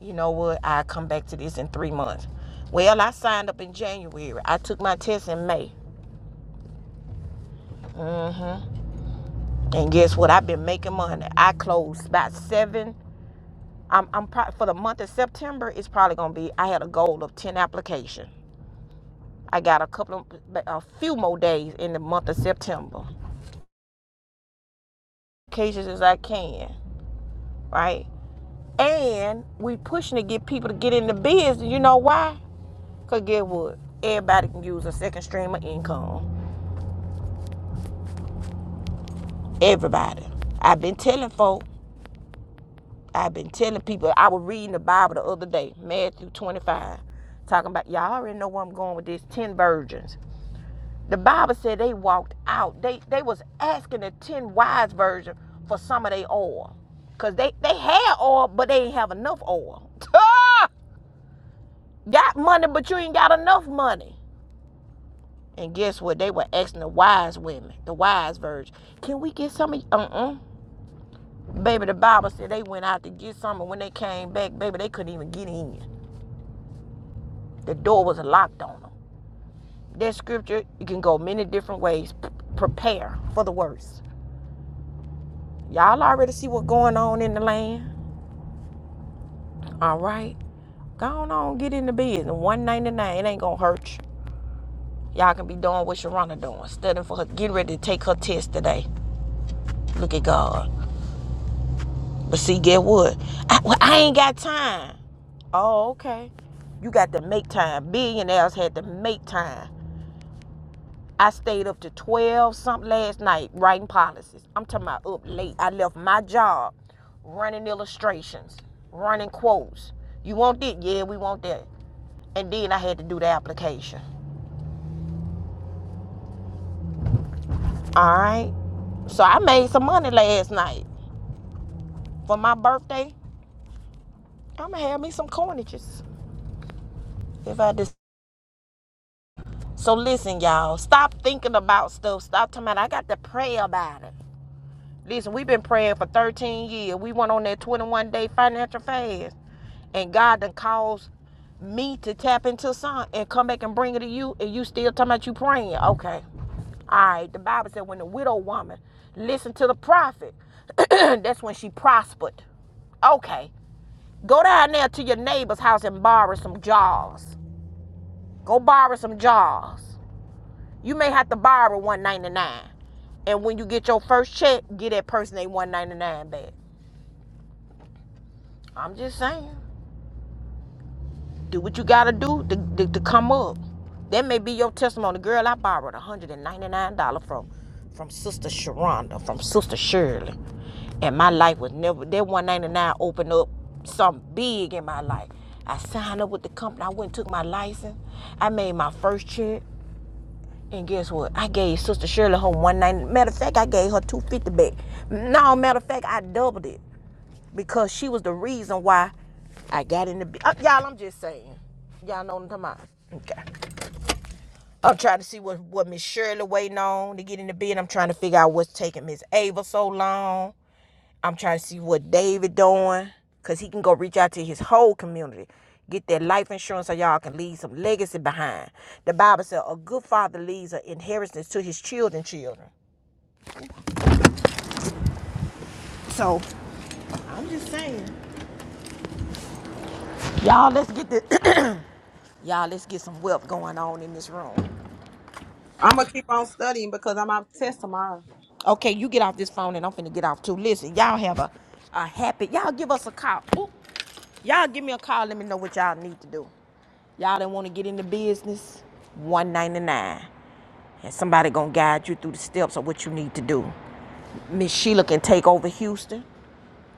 Speaker 1: You know what? I come back to this in three months. Well, I signed up in January. I took my test in May, and guess what? I've been making money. I closed about seven. I'm, I'm pro- for the month of September. It's probably gonna be. I had a goal of ten applications. I got a couple of a few more days in the month of September. Cases as I can, right? And we pushing to get people to get in the biz. You know why? Cause get what? Everybody can use a second stream of income. Everybody. I've been telling folk. I've been telling people. I was reading the Bible the other day, Matthew 25, talking about y'all already know where I'm going with this. Ten virgins. The Bible said they walked out. They they was asking the ten wise virgin for some of their oil. Cause they they had oil, but they didn't have enough oil. got money, but you ain't got enough money. And guess what? They were asking the wise women, the wise virgin, can we get some of uh-uh. Baby, the Bible said they went out to get some, and when they came back, baby, they couldn't even get in. The door was locked on them. That scripture, you can go many different ways. P- prepare for the worst. Y'all already see what's going on in the land. All right. Go on, on get in the business. 199, it ain't gonna hurt you. Y'all can be doing what Sharona doing, studying for her, getting ready to take her test today. Look at God. But see, get what? I, well, I ain't got time. Oh, okay. You got to make time. Billionaires had to make time. I stayed up to 12 something last night writing policies. I'm talking about up late. I left my job running illustrations, running quotes. You want this? Yeah, we want that. And then I had to do the application. All right. So I made some money last night for my birthday. I'm going to have me some coinages if I decide. So listen, y'all. Stop thinking about stuff. Stop talking about I got to pray about it. Listen, we've been praying for 13 years. We went on that 21 day financial fast. And God done caused me to tap into some and come back and bring it to you. And you still talking about you praying. Okay. All right. The Bible said when the widow woman listened to the prophet, that's when she prospered. Okay. Go down there to your neighbor's house and borrow some jars. Go borrow some jars. You may have to borrow one ninety nine, and when you get your first check, get that person a one ninety nine back. I'm just saying, do what you gotta do to, to, to come up. That may be your testimony, girl. I borrowed one hundred and ninety nine dollar from from Sister Sharonda, from Sister Shirley, and my life was never that one ninety nine opened up something big in my life. I signed up with the company. I went and took my license. I made my first check. And guess what? I gave Sister Shirley her 190. Matter of fact, I gave her 250 back. No, matter of fact, I doubled it because she was the reason why I got in the. b- Uh, y'all, I'm just saying. Y'all know what I'm talking about. Okay. I'm trying to see what, what Miss Shirley waiting on to get in the bed. I'm trying to figure out what's taking Miss Ava so long. I'm trying to see what David doing, cause he can go reach out to his whole community, get that life insurance, so y'all can leave some legacy behind. The Bible says a good father leaves an inheritance to his children, children. So I'm just saying, y'all, let's get the y'all, let's get some wealth going on in this room.
Speaker 6: i'm gonna keep on studying because i'm out of test tomorrow
Speaker 1: Okay, you get off this phone, and I'm finna get off too. Listen, y'all have a a happy. Y'all give us a call. Oop. Y'all give me a call. Let me know what y'all need to do. Y'all didn't want to get into business. 199. and somebody gonna guide you through the steps of what you need to do. Miss Sheila can take over Houston.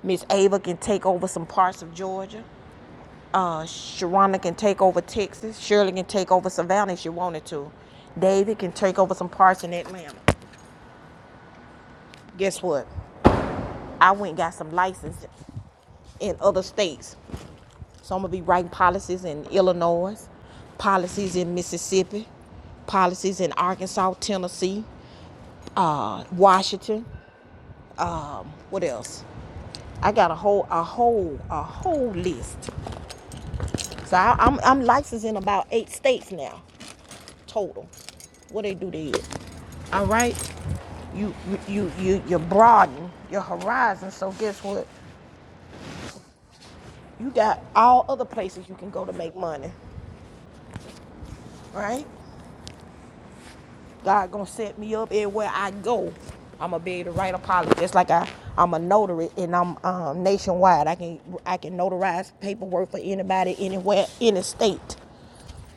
Speaker 1: Miss Ava can take over some parts of Georgia. Uh, Sharonda can take over Texas. Shirley can take over Savannah if she wanted to. David can take over some parts in Atlanta. Guess what? I went and got some license in other states. So I'm gonna be writing policies in Illinois, policies in Mississippi, policies in Arkansas, Tennessee, uh, Washington. Um, what else? I got a whole a whole a whole list. So I, I'm I'm licensed in about eight states now, total. What they do there. All right, you you you you broaden your horizon. So guess what? You got all other places you can go to make money, right? God gonna set me up everywhere I go. I'ma be able to write a policy just like I I'm a notary and I'm um, nationwide. I can I can notarize paperwork for anybody anywhere any state.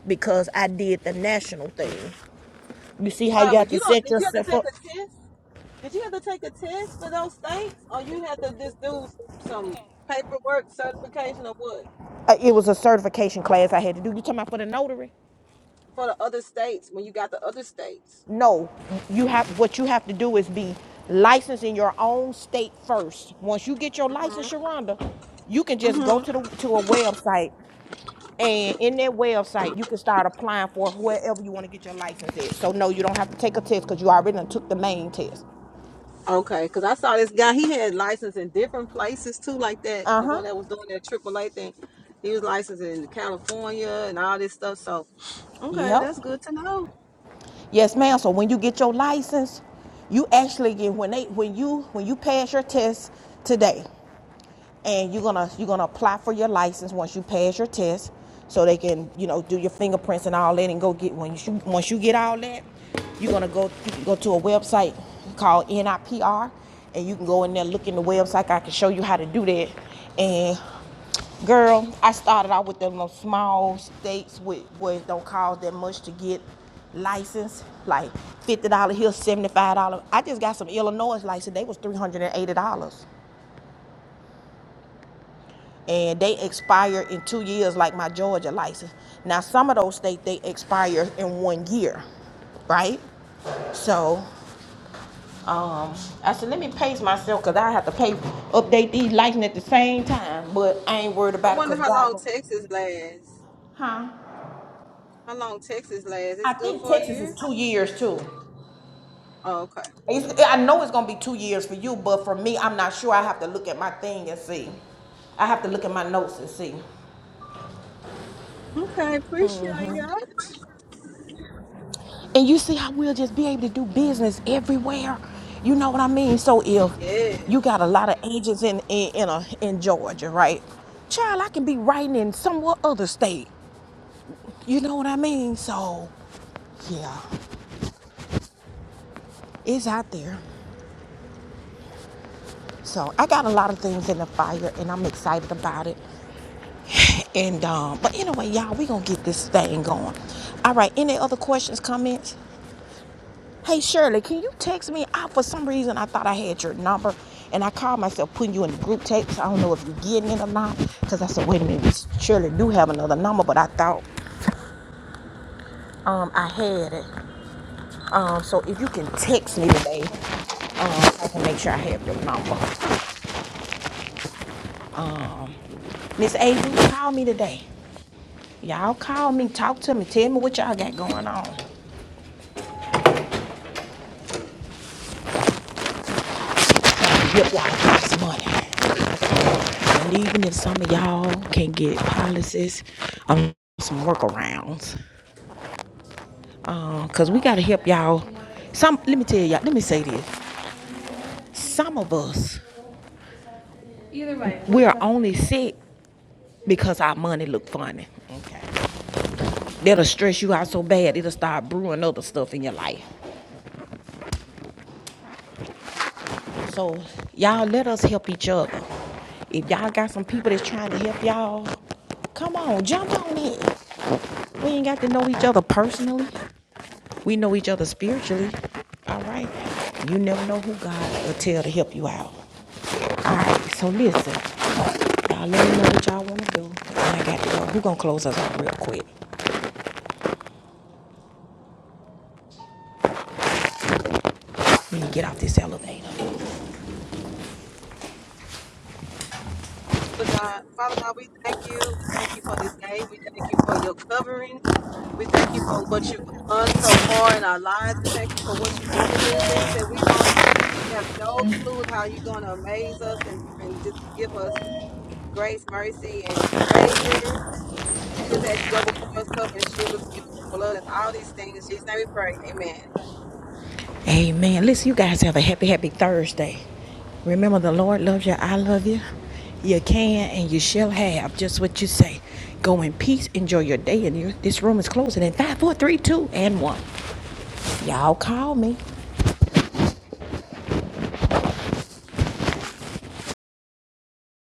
Speaker 1: because I did the national thing. You see how you
Speaker 6: Barbara,
Speaker 1: have
Speaker 6: you
Speaker 1: to
Speaker 6: don't
Speaker 1: set
Speaker 6: did you have to
Speaker 1: yourself
Speaker 6: take
Speaker 1: up?
Speaker 6: a test? Did you have to take a test for those states, or you had to just do some paperwork, certification, or what
Speaker 1: Uh, it was a certification class I had to do. You talking about for the notary?
Speaker 6: for the other states when you got the other states?
Speaker 1: No, you have what you have to do is be licensed in your own state first. Once you get your license, Sharonda, you can just go
Speaker 6: Mm-hmm.
Speaker 1: to the to a website and in that website you can start applying for wherever you want to get your license at. So no, you don't have to take a test because you already took the main test.
Speaker 6: Okay, because I saw this guy. He had license in different places too, like that.
Speaker 1: Uh
Speaker 6: The
Speaker 1: huh.
Speaker 6: one that was doing that AAA thing, he was licensed in California and all this stuff. So, okay,
Speaker 1: Yep.
Speaker 6: that's good to know.
Speaker 1: Yes, ma'am. So when you get your license, you actually get when they when you when you pass your test today, and you're gonna you're gonna apply for your license once you pass your test, so they can you know do your fingerprints and all that, and go get when you once you get all that, you're gonna go you can go to a website called NIPR, and you can go in there look in the website. I can show you how to do that, and Girl, I started out with them little small states with where it don't cost that much to get license, like fifty dollars here, seventy five dollars. I just got some Illinois license. They was three hundred and eighty dollars, and they expire in two years, like my Georgia license. Now some of those states they expire in one year, right? So um, I said, let me pace myself because I have to pay update these license at the same time. But I ain't worried
Speaker 6: I
Speaker 1: about it
Speaker 6: wonder
Speaker 1: because
Speaker 6: how
Speaker 1: God,
Speaker 6: long Texas lasts.
Speaker 1: huh?
Speaker 6: How long Texas lasts? It's
Speaker 1: I
Speaker 6: good
Speaker 1: think
Speaker 6: for a
Speaker 1: Texas is
Speaker 6: year.
Speaker 1: two years too.
Speaker 6: Oh, okay.
Speaker 1: It's, I know it's gonna be two years for you, but for me, I'm not sure. I have to look at my thing and see. I have to look at my notes and see.
Speaker 6: Okay, appreciate that.
Speaker 1: And you see how we'll just be able to do business everywhere. You know what I mean? So if
Speaker 6: Yeah.
Speaker 1: you got a lot of agents in in in, a, in Georgia, right? Child, I can be writing in somewhere other state. You know what I mean? So yeah, it's out there. So I got a lot of things in the fire, and I'm excited about it. And um, but anyway, y'all, we gonna get this thing going. All right. Any other questions, comments? Hey Shirley, can you text me? I for some reason I thought I had your number, and I called myself putting you in the group text. I don't know if you're getting it or not, cause I said, wait a minute, this Shirley do have another number, but I thought um I had it. Um, so if you can text me today, um, I can make sure I have your number. Miss Avery, call me today. Y'all call me, talk to me, tell me what y'all got going on. Get y'all this money. And even if some of y'all can't get policies, um, some workarounds. Um, cause we gotta help y'all. Some, let me tell y'all, let me say this. Some of us, we're only sick because our money look funny. Okay. That'll stress you out so bad, it'll start brewing other stuff in your life. So y'all let us help each other. If y'all got some people that's trying to help y'all, come on, jump on it. We ain't got to know each other personally. We know each other spiritually. All right. You never know who God will tell to help you out. All right. So listen, y'all let me know what y'all want to do. And I got to go. Who gonna close us out real quick? Let me get off this elevator.
Speaker 6: Father God, Father God, we thank you. We thank you for this day. We thank you for your covering. We thank you for what you've done so far in our lives. We thank you for what you're going to do, things that we don't have no clue how you're going to amaze us and, and just give us grace, mercy, and favor. We just ask you double for us, cover and shield us with your blood and all these things. In Jesus' name we pray. Amen.
Speaker 1: Amen. Listen, you guys have a happy, happy Thursday. Remember, the Lord loves you. I love you. You can and you shall have just what you say. Go in peace. Enjoy your day. And your, this room is closing in five, four, three, two, and one. Y'all call me.